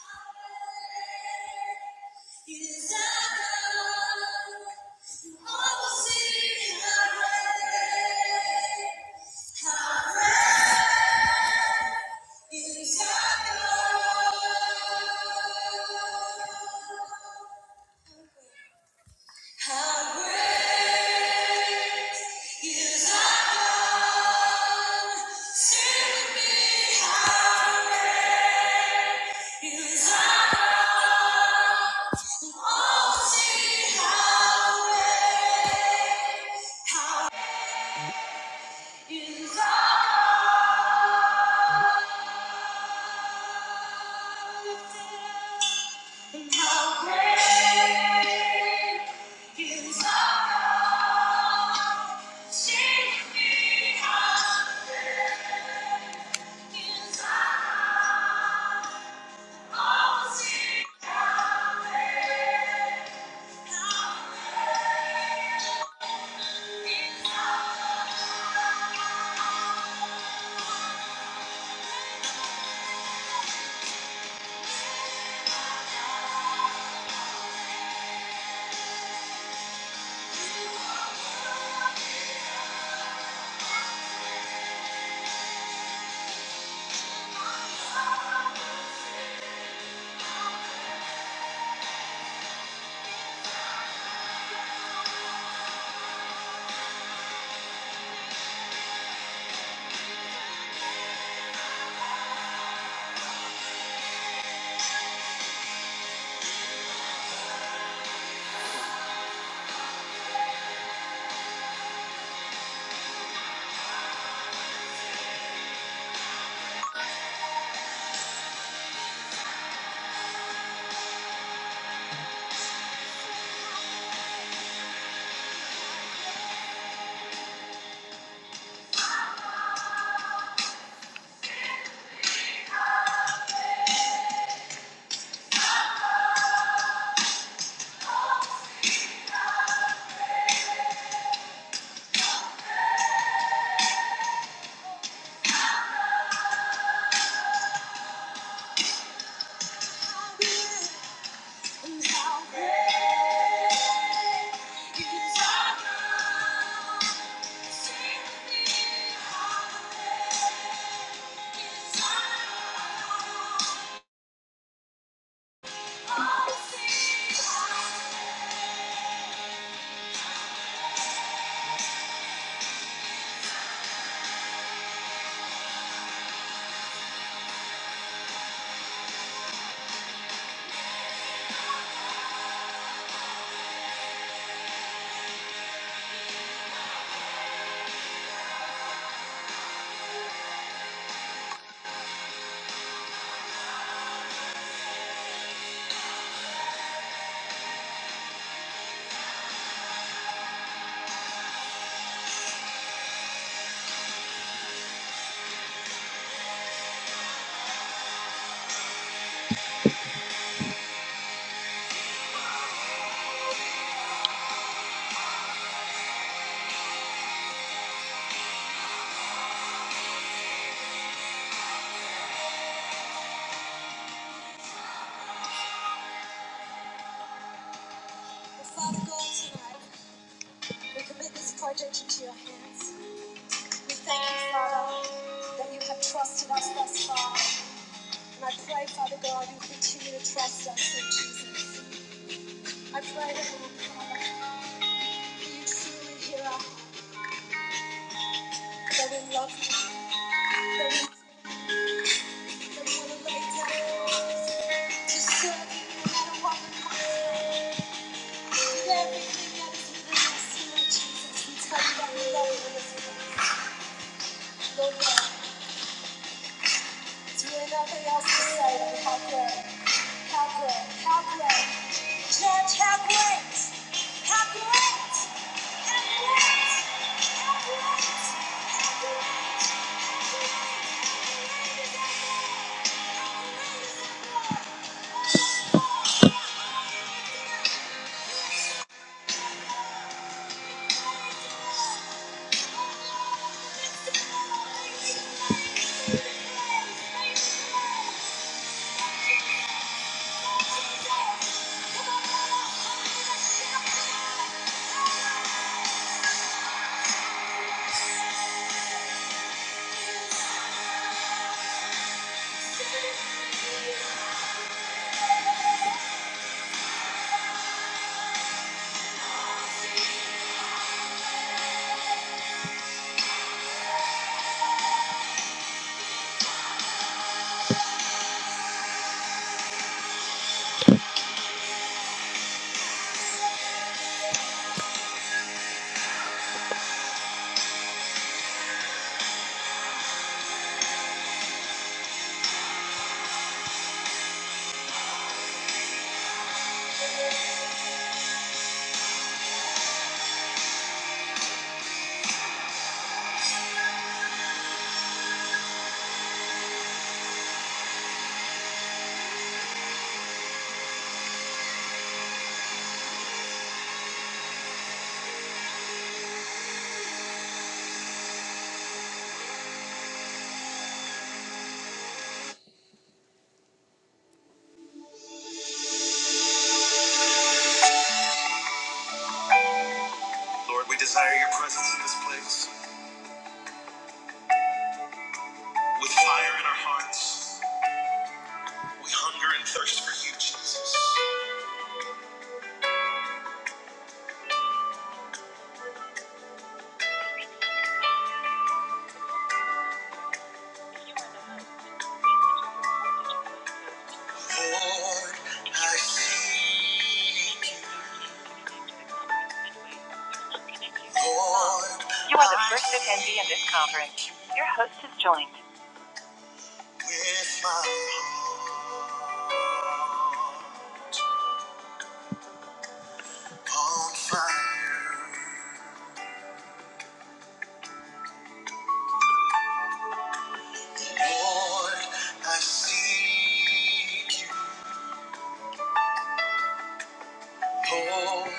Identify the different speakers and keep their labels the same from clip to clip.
Speaker 1: How great is Father God, tonight we commit this project into your hands. We thank you, Father, that you have trusted us thus far. And I pray, Father God, you continue to trust us, in Jesus. I pray that, Lord Father, you truly hear our hearts. that we love you, that we, that we want to lay down our lives to serve you no matter what the cost. may be. With everything that is within us, Lord Jesus, we tell you that we love you in this place. Lord God, She ain't nothing else to say than how great, how great, how great. Judge, how great, how great, how great, how great, how great. Ladies and gentlemen, how great is our God. Lord, we desire your presence in this place. With fire in our hearts, we hunger and thirst for you, Jesus. Lord, I seek you. Lord, you are the first attendee in this conference. Your host has joined. With my heart on fire, Lord, I seek you. Lord,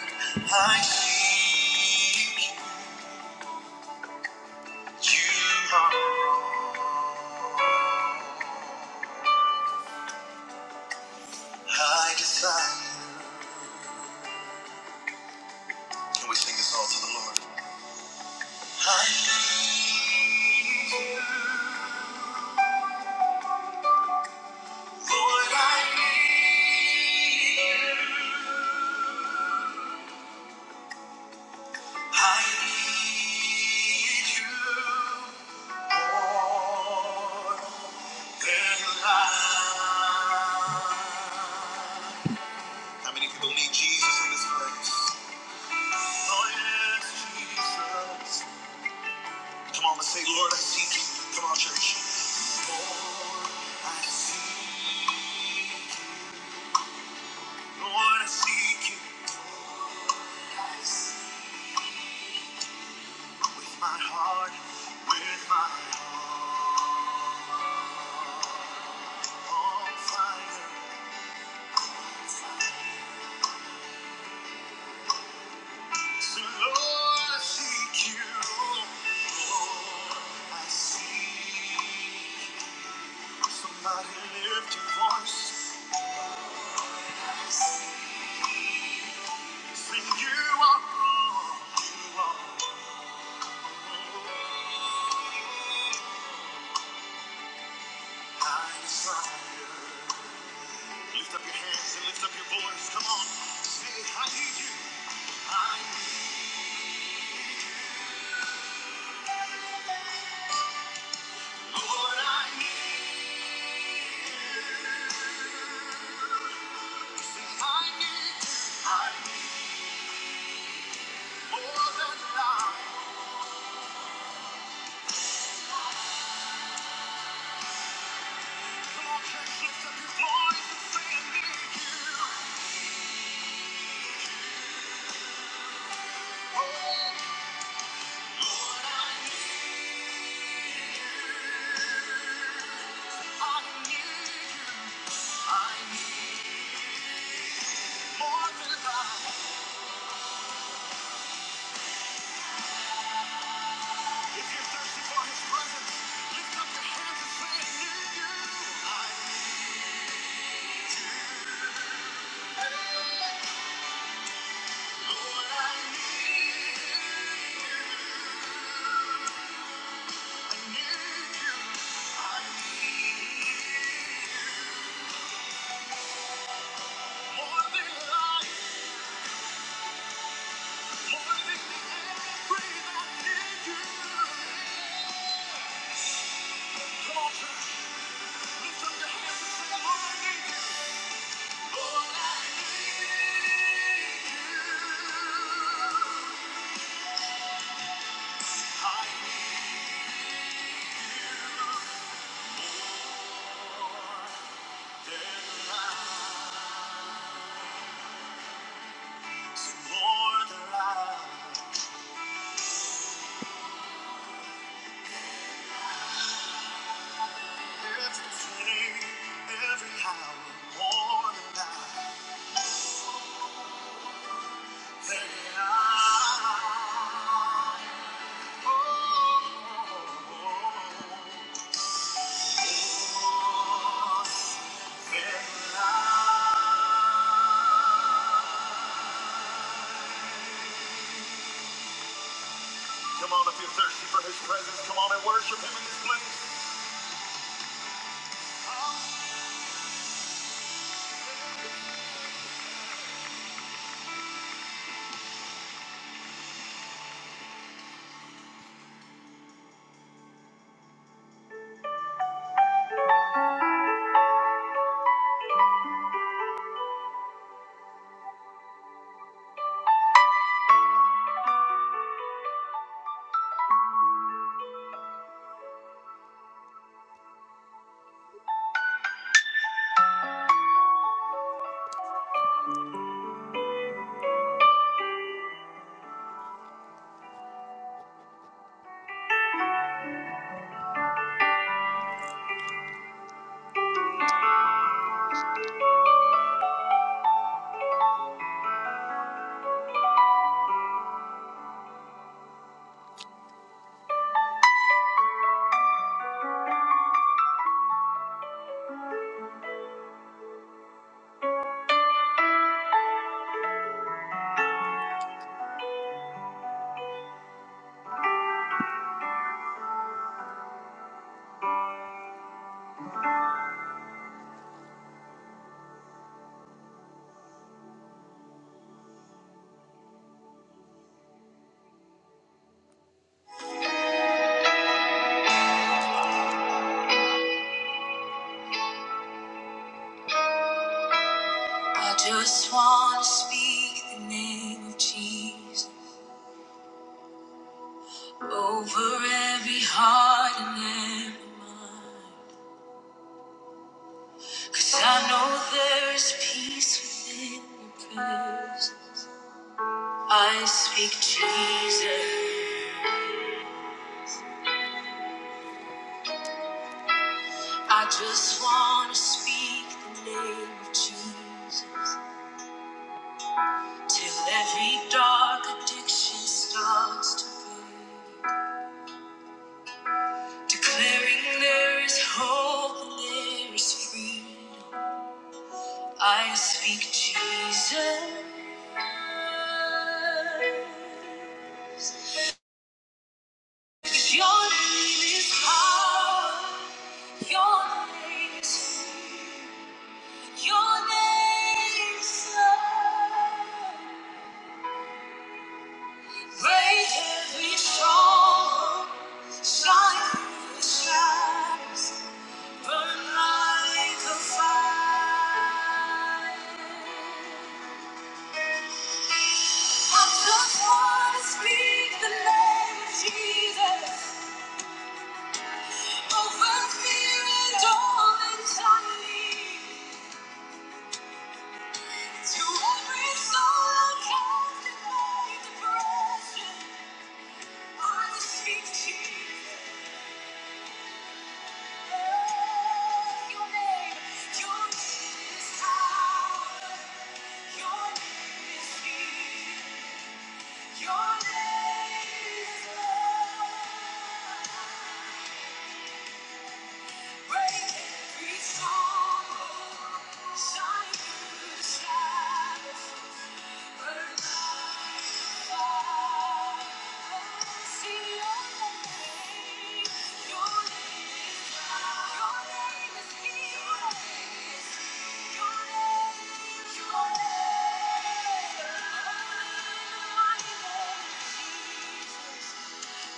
Speaker 1: I seek you. You are my desire. Can we sing this all to the Lord? I need you. Lord, I need you. I need you more than life. How many people need Jesus in this place? Oh, yes, Jesus. Come on, let say, Lord, I seek you. Come on, church. I seek you. Lord, I seek you. With my heart, with my heart on fire. So Lord, I seek you. Lord, I seek you. Somebody lift your voice. Sing you are all, you are all I desire. Lift up your hands and lift up your voice. Come on. Say, I need you. I need you. Lord, I need I I need more than life. Come on, church, lift up your voice and say, I need you. Oh, Lord, I need you. I need you. I need more than life. If you're thirsty for His presence, lift up your hands and say, I need you. I need you. I need you. more Come on, if you're thirsty for his presence, come on and worship him in this place. I just want to speak the name of Jesus. Over every heart and every mind. Cause I know there is peace within your presence. I speak Jesus. I just wanna speak the name of Jesus. Till every dark addiction starts to break. Declaring there is hope and there is freedom. I speak Jesus. 'Cause Your name is power. Your name is healing. Your name is love. Break every stronghold. Shine through the shadows. Burn like a fire. I just wanna speak the name of Jesus over fear and all anxiety. To every soul cast by depression, I speak Jesus. Your name, your name is power. Your name is healing. Your name is love. Thank you.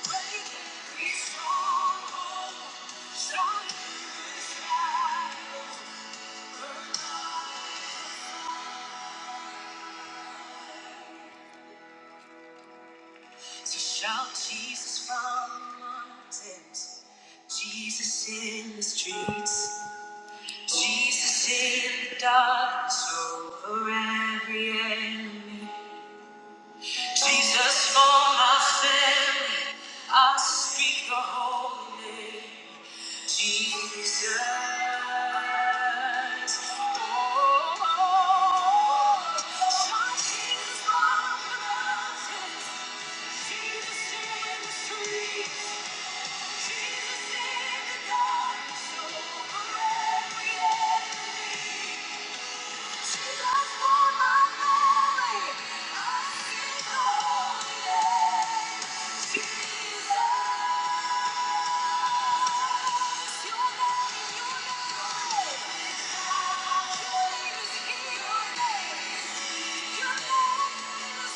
Speaker 1: To shout Jesus from the mountains, Jesus in the streets, Jesus in the darkness over every enemy, Jesus for my family, I speak the holy name. Jesus, oh, something is wrong with Jesus in the streets, Jesus in the darkness, over every Jesus for my glory, I see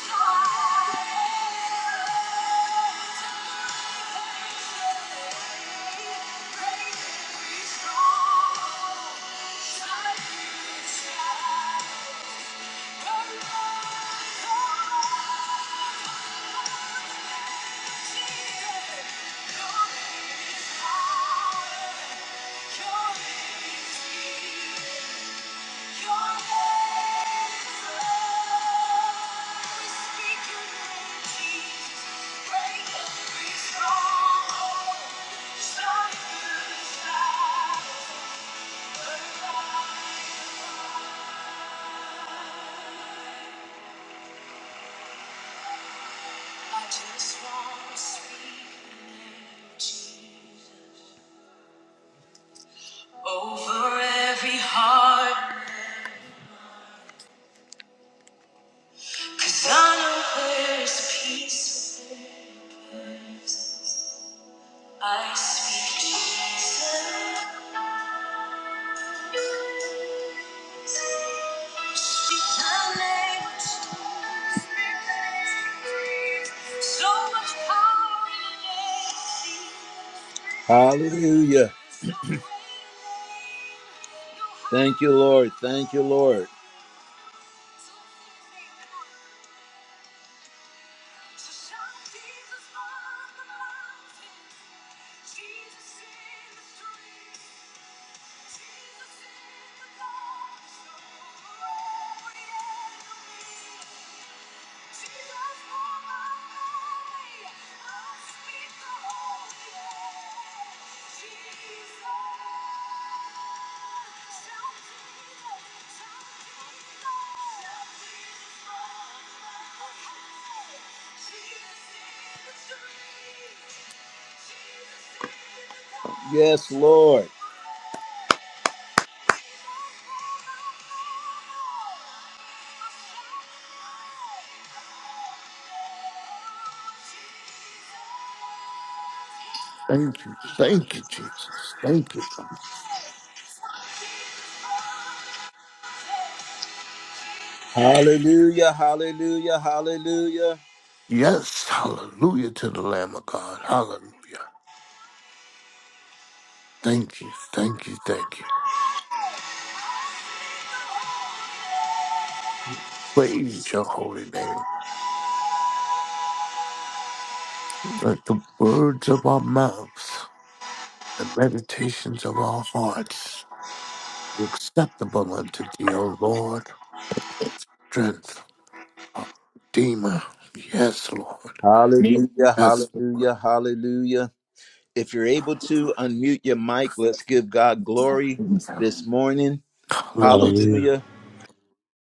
Speaker 1: your Come on, come on, Jesus, come in His power. Over every heart, 'cause I know there's peace. I speak peace. Hallelujah. Thank you, Lord. Thank you, Lord. Yes, Lord.
Speaker 2: Thank you. Thank you, Jesus. Thank you.
Speaker 1: Hallelujah, hallelujah, hallelujah.
Speaker 2: Yes. Hallelujah to the Lamb of God. Hallelujah. Thank you. Thank you. Thank you. Praise your holy name. Let the words of our mouths, and meditations of our hearts be acceptable unto thee, O Lord. Strength, our Redeemer. Yes, Lord.
Speaker 1: Hallelujah,
Speaker 2: Yes.
Speaker 1: hallelujah, hallelujah. If you're able to unmute your mic, let's give God glory this morning.
Speaker 2: Hallelujah.
Speaker 3: Hallelujah.
Speaker 1: Hallelujah.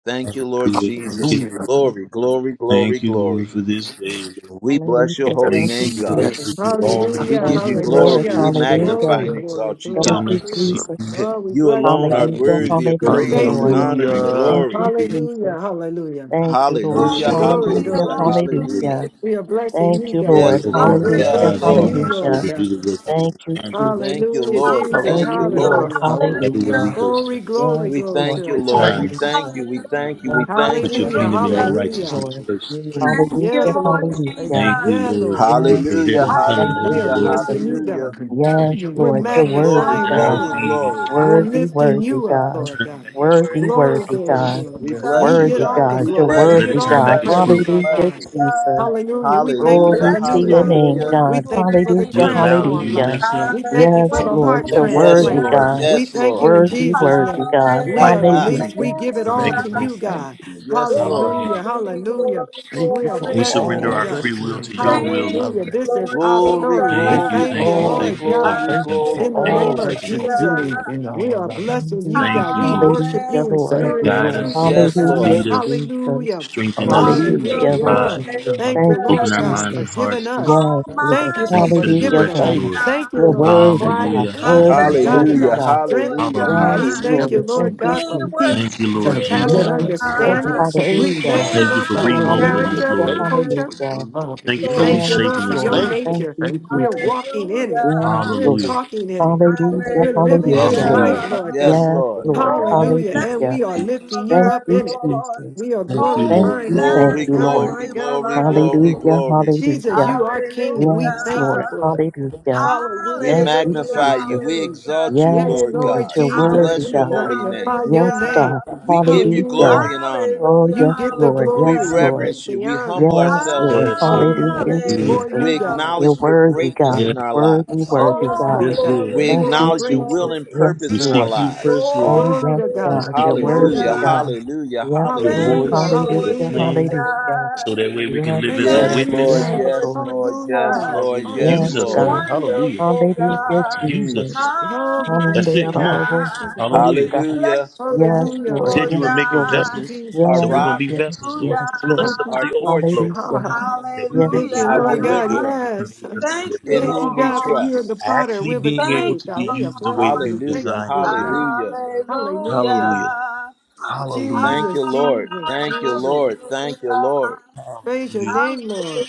Speaker 1: Thank you, Lord
Speaker 3: Hallelujah. Thank you.
Speaker 1: Jesus.
Speaker 3: Lord.
Speaker 1: Glory, glory, glory,
Speaker 3: Thank you, Lord,
Speaker 1: glory.
Speaker 3: for this day. Lord.
Speaker 1: We
Speaker 4: Hallelujah.
Speaker 1: bless your
Speaker 4: Thank
Speaker 1: holy
Speaker 3: Thank
Speaker 4: you,
Speaker 3: you,
Speaker 1: name,
Speaker 2: Yes.
Speaker 1: God.
Speaker 3: Lord, for
Speaker 4: Jesus.
Speaker 3: you already
Speaker 1: We
Speaker 5: Hallelujah,
Speaker 4: Thank
Speaker 1: give you
Speaker 3: risen
Speaker 4: you,
Speaker 3: with our
Speaker 4: Lord.
Speaker 1: glory. We
Speaker 5: hallelujah.
Speaker 3: spirits,
Speaker 4: Hallelujah.
Speaker 3: Lord.
Speaker 1: magnify
Speaker 5: Glory,
Speaker 1: and
Speaker 2: Yes.
Speaker 5: glory,
Speaker 1: exalt you,
Speaker 4: Thank
Speaker 5: glory.
Speaker 1: God.
Speaker 3: Getting
Speaker 4: you,
Speaker 3: us to
Speaker 6: Hallelujah.
Speaker 3: see
Speaker 4: Jesus.
Speaker 3: you.
Speaker 5: Oh, we
Speaker 1: You
Speaker 5: bless you,
Speaker 1: alone are
Speaker 5: God.
Speaker 4: Hallelujah.
Speaker 3: Hallelujah.
Speaker 1: worthy
Speaker 3: To
Speaker 1: of
Speaker 5: We
Speaker 4: Hallelujah,
Speaker 1: praise
Speaker 5: thank
Speaker 3: recognize
Speaker 1: and
Speaker 5: you,
Speaker 4: Lord.
Speaker 6: Hallelujah.
Speaker 5: Lord.
Speaker 1: honor
Speaker 3: you.
Speaker 1: and
Speaker 3: Lord.
Speaker 2: Hallelujah.
Speaker 4: Thank
Speaker 1: glory.
Speaker 4: you,
Speaker 3: Hallelujah.
Speaker 4: Jesus.
Speaker 5: Hallelujah, hallelujah.
Speaker 4: Thank you, Lord.
Speaker 5: Glory,
Speaker 1: Hallelujah,
Speaker 3: Fellowship with
Speaker 6: Hallelujah.
Speaker 3: our
Speaker 5: glory,
Speaker 6: Hallelujah.
Speaker 3: brothers
Speaker 4: Hallelujah.
Speaker 1: hallelujah,
Speaker 5: glory.
Speaker 3: and sisters, Lord.
Speaker 1: hallelujah.
Speaker 4: Hallelujah.
Speaker 5: We are blessing
Speaker 4: Thank
Speaker 5: you,
Speaker 4: you,
Speaker 5: God.
Speaker 3: Lord,
Speaker 4: Lord.
Speaker 1: Yes,
Speaker 3: opening
Speaker 1: Lord.
Speaker 5: We're
Speaker 1: Yes,
Speaker 3: our
Speaker 4: Hallelujah.
Speaker 6: Hallelujah.
Speaker 3: eyes and
Speaker 5: praising
Speaker 1: Lord.
Speaker 3: our
Speaker 5: you,
Speaker 3: hearts, Lord,
Speaker 5: Lord
Speaker 4: Hallelujah.
Speaker 3: to
Speaker 5: God.
Speaker 3: do the work of
Speaker 4: Thank
Speaker 3: the
Speaker 4: you,
Speaker 3: evangelist. in
Speaker 1: Thank
Speaker 4: Jesus.
Speaker 1: you,
Speaker 3: the
Speaker 5: Hallelujah,
Speaker 3: spirit,
Speaker 1: Lord.
Speaker 3: Lord.
Speaker 5: Jesus.
Speaker 4: Thank
Speaker 1: Thank you,
Speaker 4: you,
Speaker 6: Hallelujah.
Speaker 1: Lord.
Speaker 2: Hallelujah.
Speaker 4: Lord.
Speaker 5: Hallelujah.
Speaker 2: Hallelujah.
Speaker 3: Everywhere
Speaker 6: Hallelujah.
Speaker 3: we
Speaker 4: Hallelujah.
Speaker 3: go,
Speaker 5: Glory,
Speaker 2: Hallelujah.
Speaker 3: set
Speaker 5: glory,
Speaker 4: Yes,
Speaker 3: aside
Speaker 1: We
Speaker 5: glory
Speaker 4: Lord.
Speaker 1: thank
Speaker 5: to
Speaker 1: you,
Speaker 5: our
Speaker 3: the
Speaker 1: Lord.
Speaker 5: King.
Speaker 1: We
Speaker 3: time
Speaker 2: Thank
Speaker 3: to
Speaker 2: you
Speaker 6: Oh,
Speaker 1: thank
Speaker 4: Hallelujah.
Speaker 2: for
Speaker 1: you. We
Speaker 2: the new
Speaker 1: thank you.
Speaker 6: hallelujah.
Speaker 1: We
Speaker 4: Thank
Speaker 2: grace.
Speaker 4: you,
Speaker 1: thank
Speaker 3: put your
Speaker 1: you.
Speaker 4: thank
Speaker 5: Hallelujah,
Speaker 3: kingdom
Speaker 4: you,
Speaker 3: and your
Speaker 6: Hallelujah.
Speaker 2: Thank
Speaker 4: thank
Speaker 2: you
Speaker 4: you,
Speaker 3: righteousness
Speaker 2: for
Speaker 5: hallelujah.
Speaker 2: the
Speaker 4: Lord.
Speaker 2: new
Speaker 3: first.
Speaker 1: Mm.
Speaker 2: grace.
Speaker 6: Thank you,
Speaker 4: Hallelujah.
Speaker 5: Yes,
Speaker 6: Lord
Speaker 5: Lord.
Speaker 2: Thank you.
Speaker 4: Hallelujah.
Speaker 3: Thank
Speaker 6: Jesus.
Speaker 3: you,
Speaker 5: Yeah,
Speaker 2: Thank
Speaker 3: Lord,
Speaker 2: you.
Speaker 5: Lord.
Speaker 3: for
Speaker 2: Thank
Speaker 4: Yes,
Speaker 2: you
Speaker 1: Hallelujah,
Speaker 3: provision
Speaker 4: Lord.
Speaker 3: coming
Speaker 4: Thank
Speaker 2: for
Speaker 4: you,
Speaker 5: We
Speaker 2: your
Speaker 5: are
Speaker 3: along,
Speaker 1: hallelujah,
Speaker 3: Lord.
Speaker 4: Jesus.
Speaker 5: blessing
Speaker 2: unconditional
Speaker 5: you,
Speaker 2: and
Speaker 1: hallelujah.
Speaker 5: God.
Speaker 6: Hallelujah.
Speaker 4: Yes,
Speaker 5: We're
Speaker 4: Lord,
Speaker 2: continuing
Speaker 4: you're
Speaker 2: love.
Speaker 3: Lord,
Speaker 1: Glory,
Speaker 4: worthy,
Speaker 3: let
Speaker 5: magnifying
Speaker 3: our
Speaker 5: you,
Speaker 4: God.
Speaker 1: glory,
Speaker 5: Lord.
Speaker 2: Hallelujah.
Speaker 3: leaves
Speaker 1: glory.
Speaker 5: We're
Speaker 2: Lord.
Speaker 6: Hallelujah.
Speaker 4: Worthy,
Speaker 5: lifting
Speaker 4: worthy,
Speaker 5: you up,
Speaker 4: God.
Speaker 5: Lord
Speaker 3: turn back
Speaker 5: God.
Speaker 3: its fruit,
Speaker 4: Worthy,
Speaker 6: Thank
Speaker 3: Lord.
Speaker 5: Glory,
Speaker 6: you,
Speaker 4: worthy,
Speaker 2: Yes,
Speaker 3: Hallelujah.
Speaker 6: Lord
Speaker 5: glory,
Speaker 4: God.
Speaker 2: yes,
Speaker 5: glory.
Speaker 1: We
Speaker 2: yes,
Speaker 6: Jesus.
Speaker 1: bless
Speaker 5: You
Speaker 1: you,
Speaker 2: Lord.
Speaker 5: get
Speaker 4: Worthy,
Speaker 1: God.
Speaker 5: all the
Speaker 4: God.
Speaker 1: We
Speaker 2: Yes,
Speaker 4: You're
Speaker 5: glory.
Speaker 1: bless
Speaker 5: You
Speaker 2: Lord.
Speaker 1: you,
Speaker 3: Let
Speaker 5: get
Speaker 3: it
Speaker 4: worthy,
Speaker 1: we
Speaker 5: all
Speaker 6: Thank
Speaker 2: Yes,
Speaker 3: turn
Speaker 5: the
Speaker 4: God.
Speaker 3: back
Speaker 6: you,
Speaker 3: its
Speaker 1: bless you, we
Speaker 2: yes,
Speaker 3: fruit.
Speaker 5: praises,
Speaker 6: Lord
Speaker 5: our
Speaker 2: Lord.
Speaker 1: bless
Speaker 4: Hallelujah,
Speaker 5: God.
Speaker 1: you.
Speaker 4: Jesus.
Speaker 6: Jesus.
Speaker 5: Hallelujah. We thank you for
Speaker 1: Hallelujah,
Speaker 4: Glory
Speaker 5: the
Speaker 4: to
Speaker 6: Bless
Speaker 5: new
Speaker 4: your
Speaker 6: your
Speaker 5: life.
Speaker 4: name,
Speaker 1: hallelujah.
Speaker 5: We
Speaker 4: God.
Speaker 6: wonderful
Speaker 5: thank you for the
Speaker 3: We
Speaker 4: Hallelujah,
Speaker 6: name.
Speaker 3: allow
Speaker 5: transformed
Speaker 3: you
Speaker 1: Mm.
Speaker 3: in
Speaker 4: hallelujah.
Speaker 5: life.
Speaker 3: ourselves
Speaker 5: We
Speaker 3: this
Speaker 5: thank you
Speaker 3: day,
Speaker 5: for
Speaker 4: Yes,
Speaker 6: Hallelujah.
Speaker 5: the
Speaker 4: Lord,
Speaker 2: Hallelujah.
Speaker 5: heart
Speaker 3: Lord,
Speaker 4: you're
Speaker 3: because
Speaker 1: Yes,
Speaker 3: we
Speaker 4: worthy,
Speaker 3: know
Speaker 5: transplant.
Speaker 3: what
Speaker 1: Lord,
Speaker 3: it is
Speaker 4: God.
Speaker 5: We
Speaker 3: that
Speaker 1: yes,
Speaker 5: thank
Speaker 3: you're
Speaker 1: Lord.
Speaker 5: you
Speaker 3: doing
Speaker 5: in
Speaker 3: in us.
Speaker 2: Hallelujah.
Speaker 4: Worthy,
Speaker 5: Jesus'
Speaker 4: worthy,
Speaker 5: name.
Speaker 3: We're not
Speaker 4: God.
Speaker 5: We are
Speaker 3: fighting
Speaker 1: yes,
Speaker 3: you,
Speaker 2: Thank
Speaker 5: released. We
Speaker 2: you.
Speaker 4: Hallelujah.
Speaker 5: give it
Speaker 3: we're
Speaker 5: all to
Speaker 2: Thank
Speaker 3: making
Speaker 6: Hallelujah.
Speaker 2: you.
Speaker 3: room.
Speaker 5: you,
Speaker 2: Thank
Speaker 5: God.
Speaker 2: you.
Speaker 1: Lord.
Speaker 3: Hallelujah.
Speaker 5: Hallelujah.
Speaker 6: Glory,
Speaker 5: Hallelujah.
Speaker 6: glory,
Speaker 2: Thank
Speaker 5: We
Speaker 2: you
Speaker 5: are
Speaker 2: for
Speaker 3: We
Speaker 6: glory.
Speaker 5: blessing
Speaker 3: surrender
Speaker 5: you,
Speaker 2: all
Speaker 3: our
Speaker 5: God.
Speaker 3: free
Speaker 2: that you
Speaker 3: will
Speaker 2: have
Speaker 3: to your
Speaker 2: done,
Speaker 3: will,
Speaker 6: Thank
Speaker 3: Lord.
Speaker 5: Hallelujah.
Speaker 6: you,
Speaker 2: Father.
Speaker 5: This is
Speaker 6: Lord
Speaker 5: our
Speaker 1: Glory,
Speaker 5: story. We
Speaker 3: Thank
Speaker 2: Thank
Speaker 3: you,
Speaker 1: glory,
Speaker 2: you
Speaker 6: Jesus.
Speaker 5: thank
Speaker 3: thank
Speaker 5: you,
Speaker 3: you,
Speaker 1: glory,
Speaker 5: Lord
Speaker 3: thank
Speaker 2: all.
Speaker 3: you,
Speaker 5: God.
Speaker 3: thank
Speaker 1: glory,
Speaker 3: you,
Speaker 2: Thank you
Speaker 3: thank you.
Speaker 2: for
Speaker 1: glory,
Speaker 5: In the
Speaker 3: Thank you
Speaker 2: all
Speaker 5: name
Speaker 3: for
Speaker 5: of
Speaker 1: glory.
Speaker 2: that
Speaker 3: taking
Speaker 2: you're
Speaker 3: over,
Speaker 6: Hallelujah.
Speaker 5: Jesus,
Speaker 3: Lord.
Speaker 2: doing in
Speaker 5: we
Speaker 2: our
Speaker 5: are blessing
Speaker 2: lives.
Speaker 5: you,
Speaker 4: Hallelujah,
Speaker 3: Thank
Speaker 5: God.
Speaker 3: you,
Speaker 5: We
Speaker 3: Lord.
Speaker 4: hallelujah,
Speaker 5: worship you in
Speaker 4: Lord.
Speaker 2: Thank
Speaker 5: spirit
Speaker 2: you,
Speaker 5: and
Speaker 3: Guide
Speaker 2: Lord,
Speaker 5: truth,
Speaker 3: us,
Speaker 2: for the
Speaker 5: Lord
Speaker 1: Yes,
Speaker 5: God.
Speaker 1: Lord.
Speaker 4: Hallelujah,
Speaker 3: lead
Speaker 6: Hallelujah.
Speaker 2: future.
Speaker 3: us,
Speaker 4: Jesus.
Speaker 5: Hallelujah.
Speaker 3: strengthen us,
Speaker 2: Hallelujah.
Speaker 4: Hallelujah,
Speaker 6: Wonderful
Speaker 4: Lord.
Speaker 3: provide,
Speaker 5: Hallelujah.
Speaker 2: Hallelujah.
Speaker 5: Thank
Speaker 2: Hallelujah.
Speaker 5: you,
Speaker 4: Thank you,
Speaker 3: open
Speaker 5: Lord
Speaker 3: our
Speaker 6: Savior.
Speaker 5: God,
Speaker 3: minds
Speaker 5: for
Speaker 3: and
Speaker 4: Jesus.
Speaker 5: giving
Speaker 3: hearts.
Speaker 5: us.
Speaker 4: Yes, Lord.
Speaker 5: Thank you for
Speaker 3: Thank you
Speaker 6: Almighty,
Speaker 3: for the
Speaker 4: Hallelujah,
Speaker 5: forgiving us.
Speaker 6: mighty
Speaker 3: direction,
Speaker 4: God.
Speaker 3: Lord.
Speaker 2: Thank you.
Speaker 5: Thank
Speaker 6: God.
Speaker 5: you,
Speaker 4: You're
Speaker 5: Lord. And
Speaker 4: worthy,
Speaker 2: Hallelujah.
Speaker 5: quiet
Speaker 4: God.
Speaker 5: and
Speaker 3: Hallelujah,
Speaker 6: We
Speaker 4: Worthy,
Speaker 5: confidence,
Speaker 3: hallelujah,
Speaker 6: bless
Speaker 5: God, is
Speaker 4: worthy,
Speaker 6: your
Speaker 1: Hallelujah,
Speaker 5: our
Speaker 6: name,
Speaker 4: God.
Speaker 5: strength.
Speaker 6: Lord
Speaker 1: hallelujah,
Speaker 3: hallelujah.
Speaker 5: We
Speaker 4: Yes,
Speaker 6: God.
Speaker 2: You
Speaker 5: thank
Speaker 4: Lord.
Speaker 2: never
Speaker 5: you,
Speaker 1: hallelujah.
Speaker 4: Thank
Speaker 5: Lord
Speaker 4: you,
Speaker 5: God,
Speaker 2: change.
Speaker 6: We
Speaker 5: for
Speaker 2: You
Speaker 4: Jesus.
Speaker 5: peace,
Speaker 3: Thank
Speaker 6: worship
Speaker 3: you, Lord
Speaker 2: have
Speaker 6: you,
Speaker 5: surpassing
Speaker 3: Jesus.
Speaker 6: Lord
Speaker 2: never,
Speaker 4: Yes, Lord.
Speaker 2: ever
Speaker 5: understanding.
Speaker 6: God.
Speaker 5: We
Speaker 2: changed
Speaker 6: We
Speaker 4: Hallelujah.
Speaker 5: thank
Speaker 2: on
Speaker 5: you,
Speaker 3: Thank you
Speaker 5: Lord,
Speaker 2: us.
Speaker 3: for
Speaker 5: for your
Speaker 3: remolding
Speaker 2: Hallelujah.
Speaker 3: us,
Speaker 5: character,
Speaker 4: Hallelujah,
Speaker 5: the
Speaker 3: Lord.
Speaker 2: Thank
Speaker 6: honor
Speaker 2: you
Speaker 6: you,
Speaker 5: culture.
Speaker 2: for your
Speaker 4: hallelujah.
Speaker 2: love and
Speaker 3: Thank
Speaker 5: We
Speaker 3: you for
Speaker 6: Lord
Speaker 5: thank you,
Speaker 4: Yes,
Speaker 5: Lord,
Speaker 2: patience.
Speaker 3: reshaping
Speaker 5: for
Speaker 3: us,
Speaker 4: Lord.
Speaker 5: your
Speaker 3: Lord.
Speaker 6: God.
Speaker 2: Thank you.
Speaker 4: Thank
Speaker 5: nature.
Speaker 4: you,
Speaker 2: Thank you.
Speaker 5: We're
Speaker 4: Jesus.
Speaker 5: walking in it.
Speaker 4: Yes,
Speaker 6: Hallelujah.
Speaker 5: We're
Speaker 4: Lord.
Speaker 3: Hallelujah,
Speaker 5: talking in it.
Speaker 4: Hallelujah,
Speaker 5: We're living
Speaker 1: Yes,
Speaker 5: this
Speaker 2: Thank
Speaker 4: hallelujah.
Speaker 2: you.
Speaker 5: life,
Speaker 3: hallelujah.
Speaker 1: Lord.
Speaker 6: Hallelujah.
Speaker 5: Lord
Speaker 2: Thank
Speaker 1: Yes,
Speaker 5: God.
Speaker 2: you.
Speaker 4: Yes,
Speaker 1: Lord.
Speaker 2: Lord.
Speaker 4: Lord.
Speaker 2: Thank
Speaker 3: Thank
Speaker 6: Oh,
Speaker 5: Hallelujah.
Speaker 2: you.
Speaker 3: you,
Speaker 6: bless
Speaker 5: And
Speaker 3: Lord
Speaker 4: Hallelujah.
Speaker 5: we
Speaker 6: the
Speaker 5: are
Speaker 6: name
Speaker 3: Jesus.
Speaker 5: lifting
Speaker 6: of
Speaker 5: you
Speaker 4: Thank
Speaker 6: our
Speaker 5: up
Speaker 4: you,
Speaker 5: in it.
Speaker 6: Lord.
Speaker 4: Jesus.
Speaker 5: We are
Speaker 3: Thank you,
Speaker 4: Thank
Speaker 3: Lord.
Speaker 6: Oh,
Speaker 4: you,
Speaker 5: glorifying you,
Speaker 4: thank
Speaker 5: my
Speaker 1: Glory,
Speaker 6: bless
Speaker 4: you,
Speaker 6: the
Speaker 5: God,
Speaker 1: glory,
Speaker 4: Lord.
Speaker 5: my
Speaker 6: name of
Speaker 5: God,
Speaker 1: glory,
Speaker 5: my
Speaker 6: our
Speaker 5: God.
Speaker 1: glory,
Speaker 6: Lord.
Speaker 4: Hallelujah,
Speaker 1: glory.
Speaker 5: Jesus,
Speaker 4: hallelujah.
Speaker 5: you are King. We
Speaker 4: Yes,
Speaker 5: thank you
Speaker 4: Lord,
Speaker 6: Hallelujah.
Speaker 5: for it.
Speaker 4: hallelujah.
Speaker 1: We
Speaker 5: Hallelujah.
Speaker 4: Thank you,
Speaker 5: We
Speaker 6: Hallelujah,
Speaker 1: magnify you.
Speaker 4: Jesus.
Speaker 1: We
Speaker 5: extol
Speaker 6: hallelujah.
Speaker 1: exalt you,
Speaker 4: Yes,
Speaker 5: Yeah,
Speaker 1: Lord
Speaker 4: Lord,
Speaker 5: Lord
Speaker 1: God.
Speaker 4: you're
Speaker 1: We
Speaker 5: Jesus,
Speaker 4: worthy,
Speaker 1: bless
Speaker 5: we
Speaker 6: Hallelujah,
Speaker 1: your
Speaker 4: God.
Speaker 1: holy name.
Speaker 5: magnify your
Speaker 4: Yes,
Speaker 5: name.
Speaker 4: God,
Speaker 1: We
Speaker 6: hallelujah.
Speaker 1: give you
Speaker 4: hallelujah.
Speaker 5: Hallelujah.
Speaker 1: glory and honor.
Speaker 4: Oh,
Speaker 6: Hallelujah,
Speaker 5: You
Speaker 4: yes,
Speaker 5: get the
Speaker 4: Lord,
Speaker 1: We
Speaker 4: yes,
Speaker 5: glory.
Speaker 6: hallelujah.
Speaker 5: You
Speaker 4: Lord.
Speaker 5: get
Speaker 1: reverence you.
Speaker 5: the
Speaker 1: We
Speaker 5: honor.
Speaker 1: humble
Speaker 4: Yes,
Speaker 1: ourselves
Speaker 4: Lord,
Speaker 3: Yes,
Speaker 1: before
Speaker 3: Lord.
Speaker 1: you.
Speaker 5: Hallelujah.
Speaker 4: hallelujah,
Speaker 6: Hallelujah,
Speaker 3: Hallelujah.
Speaker 5: Before
Speaker 4: Jesus.
Speaker 1: We
Speaker 5: you, God.
Speaker 4: You're
Speaker 1: acknowledge
Speaker 6: hallelujah.
Speaker 1: your
Speaker 4: worthy,
Speaker 1: greatness
Speaker 4: God,
Speaker 3: Yes,
Speaker 1: in
Speaker 5: It-
Speaker 1: our
Speaker 4: worthy,
Speaker 1: lives.
Speaker 5: oh,
Speaker 4: worthy,
Speaker 5: yes,
Speaker 6: Oh,
Speaker 4: God.
Speaker 5: Lord
Speaker 3: yes,
Speaker 5: God.
Speaker 3: Lord.
Speaker 6: glory,
Speaker 1: We
Speaker 4: Thank
Speaker 5: You are
Speaker 4: you,
Speaker 6: glory,
Speaker 1: acknowledge your
Speaker 4: Jesus.
Speaker 1: will
Speaker 5: gracious.
Speaker 1: and
Speaker 6: glory.
Speaker 4: Yes,
Speaker 3: We
Speaker 1: purpose in our
Speaker 4: Lord.
Speaker 3: seek you
Speaker 1: lives.
Speaker 3: first, Lord.
Speaker 4: Oh,
Speaker 5: Glory
Speaker 4: yes,
Speaker 5: to
Speaker 6: Glory,
Speaker 3: We
Speaker 4: God,
Speaker 5: God.
Speaker 4: you're
Speaker 3: seek you
Speaker 5: Glory
Speaker 3: first,
Speaker 4: worthy,
Speaker 1: Hallelujah,
Speaker 5: to
Speaker 3: Lord.
Speaker 6: hallelujah.
Speaker 5: God.
Speaker 4: God.
Speaker 1: hallelujah,
Speaker 4: Yes,
Speaker 3: Your
Speaker 4: Lord,
Speaker 1: hallelujah.
Speaker 6: Thank
Speaker 5: Hallelujah.
Speaker 3: voice,
Speaker 6: you,
Speaker 3: your
Speaker 6: Lord
Speaker 4: hallelujah,
Speaker 5: Hallelujah.
Speaker 6: Jesus.
Speaker 3: plan,
Speaker 4: hallelujah.
Speaker 3: so that way we can live
Speaker 5: Thank
Speaker 4: Yes,
Speaker 3: as
Speaker 5: you,
Speaker 3: a
Speaker 1: Yes,
Speaker 4: Lord.
Speaker 6: Thank you,
Speaker 3: witness.
Speaker 1: Lord,
Speaker 4: Yes,
Speaker 5: Jesus.
Speaker 6: Lord
Speaker 1: yes,
Speaker 4: Lord.
Speaker 1: Lord,
Speaker 6: Jesus.
Speaker 1: yes,
Speaker 5: Hallelujah.
Speaker 1: Lord,
Speaker 3: Hallelujah.
Speaker 1: yes,
Speaker 3: Use
Speaker 4: Yes,
Speaker 3: us,
Speaker 1: Lord.
Speaker 5: Hallelujah.
Speaker 3: Lord.
Speaker 4: God.
Speaker 3: Hallelujah.
Speaker 6: Wonderful
Speaker 4: Hallelujah,
Speaker 6: God,
Speaker 3: Use
Speaker 1: Mm.
Speaker 4: Jesus.
Speaker 3: us.
Speaker 5: Lord, we
Speaker 6: mighty
Speaker 3: That's
Speaker 5: bless
Speaker 3: it.
Speaker 4: Hallelujah.
Speaker 3: Come
Speaker 5: you.
Speaker 3: on.
Speaker 5: Bless you,
Speaker 6: God.
Speaker 5: God.
Speaker 4: Yes,
Speaker 3: Hallelujah.
Speaker 4: God.
Speaker 1: Hallelujah.
Speaker 6: Bless your
Speaker 4: Yes,
Speaker 6: name,
Speaker 5: Hallelujah,
Speaker 3: You
Speaker 4: Lord.
Speaker 3: said
Speaker 5: Lord
Speaker 6: Lord
Speaker 3: you
Speaker 4: Yes,
Speaker 3: were
Speaker 5: God.
Speaker 3: making
Speaker 4: Lord.
Speaker 5: Thank
Speaker 6: God.
Speaker 5: you,
Speaker 3: vessels,
Speaker 5: Jesus.
Speaker 1: Our
Speaker 3: so we're
Speaker 4: Yes,
Speaker 3: going
Speaker 1: rock,
Speaker 3: to be
Speaker 4: yes,
Speaker 3: vessels, Lord.
Speaker 4: yes,
Speaker 6: Hallelujah.
Speaker 3: Fill
Speaker 4: Lord.
Speaker 3: us
Speaker 5: Thank
Speaker 3: up
Speaker 5: you,
Speaker 3: to
Speaker 1: our
Speaker 3: the
Speaker 5: Jesus.
Speaker 3: overflow
Speaker 1: fortress,
Speaker 4: Hallelujah.
Speaker 3: that we'll be
Speaker 5: Thank
Speaker 3: able
Speaker 5: you,
Speaker 4: Yes,
Speaker 3: to
Speaker 6: Hallelujah.
Speaker 1: our
Speaker 3: walk
Speaker 5: Lord
Speaker 4: Lord.
Speaker 3: the
Speaker 5: God.
Speaker 3: way you
Speaker 1: deliverer,
Speaker 3: have
Speaker 5: Yes.
Speaker 3: made us to be
Speaker 6: Thank
Speaker 3: able to
Speaker 1: in
Speaker 6: you,
Speaker 5: Thank
Speaker 3: walk.
Speaker 5: you,
Speaker 1: whom we
Speaker 5: God, for you are
Speaker 6: Lord.
Speaker 5: the
Speaker 1: trust.
Speaker 5: potter.
Speaker 3: Actually
Speaker 5: We're the
Speaker 3: being able
Speaker 6: Thank
Speaker 5: clay,
Speaker 3: to be
Speaker 5: God.
Speaker 6: you,
Speaker 5: We are
Speaker 3: used the way
Speaker 5: blessing
Speaker 6: Lord.
Speaker 3: you
Speaker 5: you. Thank
Speaker 1: Hallelujah,
Speaker 5: you
Speaker 3: designed
Speaker 5: for
Speaker 3: us,
Speaker 5: it,
Speaker 3: Lord.
Speaker 5: God.
Speaker 1: hallelujah.
Speaker 5: Hallelujah.
Speaker 3: Hallelujah.
Speaker 6: Hallelujah.
Speaker 3: Hallelujah.
Speaker 1: Thank you,
Speaker 5: Jesus,
Speaker 1: Lord.
Speaker 5: Jesus,
Speaker 1: Thank you,
Speaker 5: Jesus.
Speaker 1: Lord. Thank you,
Speaker 6: Hallelujah.
Speaker 1: Lord.
Speaker 5: Praise your
Speaker 3: Hallelujah.
Speaker 5: name, Lord.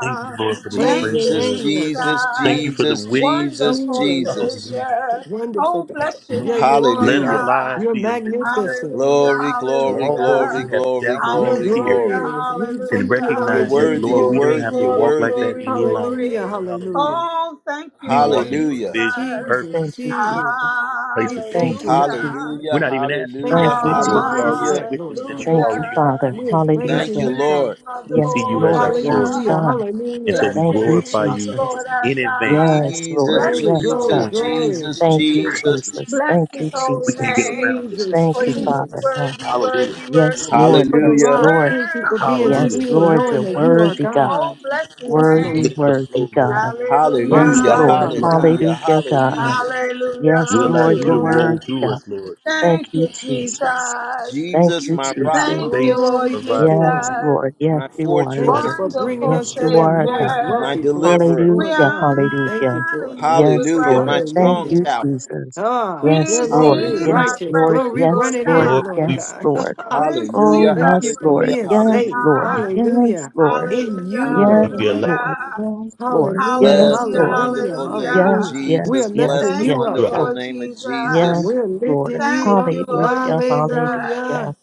Speaker 3: Thank you, Lord, for this
Speaker 6: Thank
Speaker 5: Praise your
Speaker 3: first
Speaker 6: you,
Speaker 1: Jesus,
Speaker 3: Lord.
Speaker 5: name, Lord God.
Speaker 1: Jesus,
Speaker 3: Thank
Speaker 6: Jesus.
Speaker 3: you for the
Speaker 1: Jesus,
Speaker 3: witness.
Speaker 1: Jesus,
Speaker 6: Wonderful
Speaker 5: Jesus,
Speaker 1: Jesus.
Speaker 3: Hallelujah.
Speaker 6: Savior.
Speaker 5: wonderful
Speaker 6: Oh,
Speaker 5: God.
Speaker 3: Thank
Speaker 6: bless
Speaker 3: you,
Speaker 6: your
Speaker 3: Lord.
Speaker 5: Yeah, you
Speaker 6: name,
Speaker 5: are,
Speaker 6: Lord
Speaker 3: Let our
Speaker 5: Lord.
Speaker 1: Hallelujah.
Speaker 3: lives
Speaker 6: God.
Speaker 5: You're
Speaker 3: be a living
Speaker 5: magnificent.
Speaker 6: Hallelujah,
Speaker 3: testimony
Speaker 1: Glory,
Speaker 3: to
Speaker 1: glory,
Speaker 3: all those
Speaker 1: glory,
Speaker 3: who
Speaker 6: hallelujah.
Speaker 3: have
Speaker 1: glory,
Speaker 3: doubt and
Speaker 5: You're
Speaker 3: in
Speaker 1: glory,
Speaker 3: fear
Speaker 6: Hallelujah,
Speaker 1: glory.
Speaker 5: glorious. We
Speaker 3: and
Speaker 5: thank you,
Speaker 6: hallelujah.
Speaker 1: You're
Speaker 5: Lord
Speaker 3: recognize that,
Speaker 1: worthy,
Speaker 5: Jesus.
Speaker 1: you're
Speaker 3: Lord, we don't
Speaker 6: Glory,
Speaker 3: have
Speaker 1: worthy,
Speaker 3: to
Speaker 1: you're
Speaker 6: glory,
Speaker 3: walk like that
Speaker 1: worthy.
Speaker 6: glory,
Speaker 3: any longer,
Speaker 5: Hallelujah,
Speaker 6: glory.
Speaker 3: Lord. Hallelujah.
Speaker 5: hallelujah.
Speaker 6: Oh, thank you,
Speaker 3: We walk
Speaker 6: Lord
Speaker 3: in
Speaker 1: Hallelujah.
Speaker 5: Jesus,
Speaker 3: provision,
Speaker 4: Lord,
Speaker 6: Jesus.
Speaker 5: Jesus,
Speaker 4: Thank
Speaker 3: purpose,
Speaker 4: you,
Speaker 5: Jesus.
Speaker 4: Jesus.
Speaker 3: place
Speaker 5: We
Speaker 3: of
Speaker 4: Thank
Speaker 5: thank
Speaker 3: peace.
Speaker 5: you,
Speaker 4: you,
Speaker 5: God.
Speaker 6: Hallelujah.
Speaker 4: Jesus.
Speaker 3: We're
Speaker 1: Hallelujah,
Speaker 3: not even asking for
Speaker 5: Thank
Speaker 4: Thank
Speaker 5: you
Speaker 1: hallelujah,
Speaker 5: for
Speaker 4: you,
Speaker 3: anything,
Speaker 5: the
Speaker 3: Lord.
Speaker 6: Hallelujah.
Speaker 3: We
Speaker 4: Jesus.
Speaker 3: already
Speaker 1: hallelujah.
Speaker 5: mindset, Lord
Speaker 3: witnessed that
Speaker 5: God.
Speaker 3: you
Speaker 4: Thank you,
Speaker 3: already are
Speaker 4: Father.
Speaker 5: We
Speaker 3: everything
Speaker 5: are
Speaker 3: that we need.
Speaker 6: Bless
Speaker 1: Thank
Speaker 6: the
Speaker 5: praising
Speaker 1: you,
Speaker 4: Hallelujah.
Speaker 5: you,
Speaker 1: Lord.
Speaker 5: God.
Speaker 6: name of the
Speaker 3: We see
Speaker 4: Yes,
Speaker 3: you
Speaker 6: Lord
Speaker 3: as
Speaker 4: Lord.
Speaker 3: our
Speaker 6: our
Speaker 4: Yes,
Speaker 3: source.
Speaker 5: Hallelujah,
Speaker 6: God.
Speaker 4: God.
Speaker 3: And so
Speaker 5: hallelujah.
Speaker 3: we
Speaker 6: Bless
Speaker 4: Thank
Speaker 6: the
Speaker 4: you,
Speaker 6: name
Speaker 3: glorify
Speaker 6: of the
Speaker 3: you
Speaker 4: Jesus.
Speaker 6: Lord our
Speaker 3: in advance
Speaker 4: Yes,
Speaker 6: God.
Speaker 3: for
Speaker 1: Jesus,
Speaker 4: Lord.
Speaker 6: Bless
Speaker 5: Glory,
Speaker 3: everything
Speaker 6: his
Speaker 3: that's
Speaker 4: Yes,
Speaker 5: glory,
Speaker 4: God.
Speaker 1: Jesus,
Speaker 6: holy
Speaker 3: going to take
Speaker 6: name.
Speaker 5: glory.
Speaker 3: place
Speaker 1: Jesus,
Speaker 4: Thank
Speaker 3: in us,
Speaker 4: you,
Speaker 3: Lord.
Speaker 1: Jesus.
Speaker 3: Hallelujah.
Speaker 4: Jesus. Thank
Speaker 6: Bless his
Speaker 4: you,
Speaker 3: We
Speaker 6: holy
Speaker 3: can't get
Speaker 4: Jesus.
Speaker 6: name.
Speaker 3: around this,
Speaker 5: Jesus,
Speaker 3: Lord.
Speaker 4: Thank
Speaker 6: For
Speaker 4: you,
Speaker 6: he is
Speaker 4: Father
Speaker 5: Jesus.
Speaker 4: God.
Speaker 6: worthy, worthy,
Speaker 4: Yes,
Speaker 5: Thank
Speaker 6: worthy,
Speaker 5: you
Speaker 4: Lord.
Speaker 5: for the
Speaker 4: Yes,
Speaker 1: Hallelujah.
Speaker 5: rock.
Speaker 4: Lord.
Speaker 5: Thank you for
Speaker 6: worthy,
Speaker 5: being
Speaker 4: Yes,
Speaker 3: Hallelujah.
Speaker 6: worthy,
Speaker 5: still,
Speaker 4: Lord.
Speaker 5: knowing
Speaker 4: You're
Speaker 5: that you
Speaker 6: worthy.
Speaker 5: are
Speaker 4: worthy, God.
Speaker 6: Oh,
Speaker 5: God.
Speaker 6: bless his
Speaker 5: Yes,
Speaker 3: We
Speaker 4: Worthy,
Speaker 6: name.
Speaker 5: Lord.
Speaker 3: get in the flow,
Speaker 4: worthy,
Speaker 3: Lord.
Speaker 4: God.
Speaker 6: Hallelujah,
Speaker 5: My
Speaker 3: We
Speaker 4: Yes,
Speaker 1: Hallelujah.
Speaker 3: get in
Speaker 5: God,
Speaker 3: the
Speaker 4: Lord.
Speaker 5: my
Speaker 3: flow.
Speaker 6: hallelujah,
Speaker 5: God.
Speaker 1: Hallelujah.
Speaker 4: Hallelujah, God.
Speaker 1: Hallelujah.
Speaker 6: hallelujah,
Speaker 4: Yes,
Speaker 3: We allow
Speaker 5: Thank you,
Speaker 4: Lord.
Speaker 3: you
Speaker 4: You're
Speaker 3: to
Speaker 5: Lord. For,
Speaker 3: roll
Speaker 6: hallelujah.
Speaker 4: worthy,
Speaker 3: through
Speaker 4: God.
Speaker 3: us, Lord.
Speaker 4: Thank
Speaker 6: Thank
Speaker 4: you,
Speaker 6: you,
Speaker 4: Jesus.
Speaker 6: Jesus.
Speaker 4: Thank
Speaker 1: Jesus,
Speaker 4: you,
Speaker 1: my
Speaker 3: Every
Speaker 1: rock,
Speaker 4: Jesus.
Speaker 6: Thank you,
Speaker 3: space
Speaker 5: oh, we
Speaker 6: Lord
Speaker 3: of our
Speaker 5: thank you,
Speaker 4: Yes,
Speaker 5: Lord.
Speaker 6: Jesus,
Speaker 4: Lord. Yes,
Speaker 1: my
Speaker 4: you are,
Speaker 5: Thank
Speaker 3: Let-
Speaker 5: you
Speaker 4: Lord.
Speaker 1: fortress,
Speaker 5: for bringing
Speaker 6: wonderful
Speaker 5: us
Speaker 4: Yes,
Speaker 5: to
Speaker 4: you
Speaker 5: that
Speaker 4: are, God.
Speaker 5: moist,
Speaker 1: my
Speaker 6: Savior.
Speaker 5: wealthy place,
Speaker 1: deliverer.
Speaker 6: We
Speaker 5: Lord
Speaker 4: Hallelujah,
Speaker 5: God. We thank
Speaker 4: hallelujah.
Speaker 5: you
Speaker 6: honor
Speaker 5: for it, God.
Speaker 6: you
Speaker 4: Yes,
Speaker 6: with
Speaker 1: Hallelujah.
Speaker 6: our
Speaker 4: Lord.
Speaker 1: My
Speaker 6: lips
Speaker 4: Thank
Speaker 5: Hallelujah.
Speaker 1: strong
Speaker 6: this
Speaker 4: you,
Speaker 1: tower.
Speaker 6: morning.
Speaker 4: Jesus.
Speaker 5: Ah,
Speaker 4: Yes,
Speaker 5: dear Lord,
Speaker 4: Lord.
Speaker 5: we
Speaker 6: Receive
Speaker 4: Yes,
Speaker 6: our
Speaker 1: Hallelujah.
Speaker 5: righteous.
Speaker 4: Lord.
Speaker 6: praise,
Speaker 5: Glory we
Speaker 4: Yes,
Speaker 6: Lord
Speaker 5: running
Speaker 4: Lord.
Speaker 5: in,
Speaker 3: Lord,
Speaker 6: God.
Speaker 5: Lord
Speaker 3: we
Speaker 4: Yes,
Speaker 5: God.
Speaker 4: Lord. Oh,
Speaker 6: Receive
Speaker 1: Hallelujah.
Speaker 5: Thank
Speaker 6: our
Speaker 5: you
Speaker 4: yes,
Speaker 5: for
Speaker 4: Lord.
Speaker 6: praise,
Speaker 1: Hallelujah.
Speaker 5: being
Speaker 6: Lord
Speaker 4: Yes,
Speaker 5: safe.
Speaker 1: Hallelujah.
Speaker 4: Lord.
Speaker 3: we
Speaker 6: God.
Speaker 4: Yes,
Speaker 5: Hallelujah.
Speaker 4: Lord.
Speaker 5: In
Speaker 6: Hallelujah,
Speaker 5: you,
Speaker 1: Mm.
Speaker 4: Yes,
Speaker 3: and
Speaker 5: Lord
Speaker 3: we
Speaker 5: God.
Speaker 3: allow
Speaker 4: Lord.
Speaker 6: hallelujah,
Speaker 4: Yes, Lord.
Speaker 5: Hallelujah.
Speaker 4: Yes,
Speaker 1: Bless
Speaker 6: hallelujah,
Speaker 1: the
Speaker 4: Lord.
Speaker 5: Hallelujah.
Speaker 1: wonderful name of
Speaker 4: Yes,
Speaker 5: Hallelujah.
Speaker 6: hallelujah.
Speaker 5: We
Speaker 4: yes,
Speaker 5: are
Speaker 1: Jesus.
Speaker 4: yes,
Speaker 1: Bless
Speaker 5: lifting
Speaker 1: the
Speaker 4: yes,
Speaker 6: Thank
Speaker 5: you
Speaker 6: you,
Speaker 5: up,
Speaker 3: your
Speaker 1: wonderful
Speaker 4: Lord.
Speaker 3: outward
Speaker 6: Lord
Speaker 5: God.
Speaker 1: name of
Speaker 6: Jesus.
Speaker 4: Yes,
Speaker 1: Jesus.
Speaker 5: We're
Speaker 4: Lord.
Speaker 5: lifting you
Speaker 6: Thank
Speaker 5: up.
Speaker 6: you, Lord
Speaker 4: Hallelujah,
Speaker 6: Jesus.
Speaker 4: hallelujah.
Speaker 5: Hallelujah.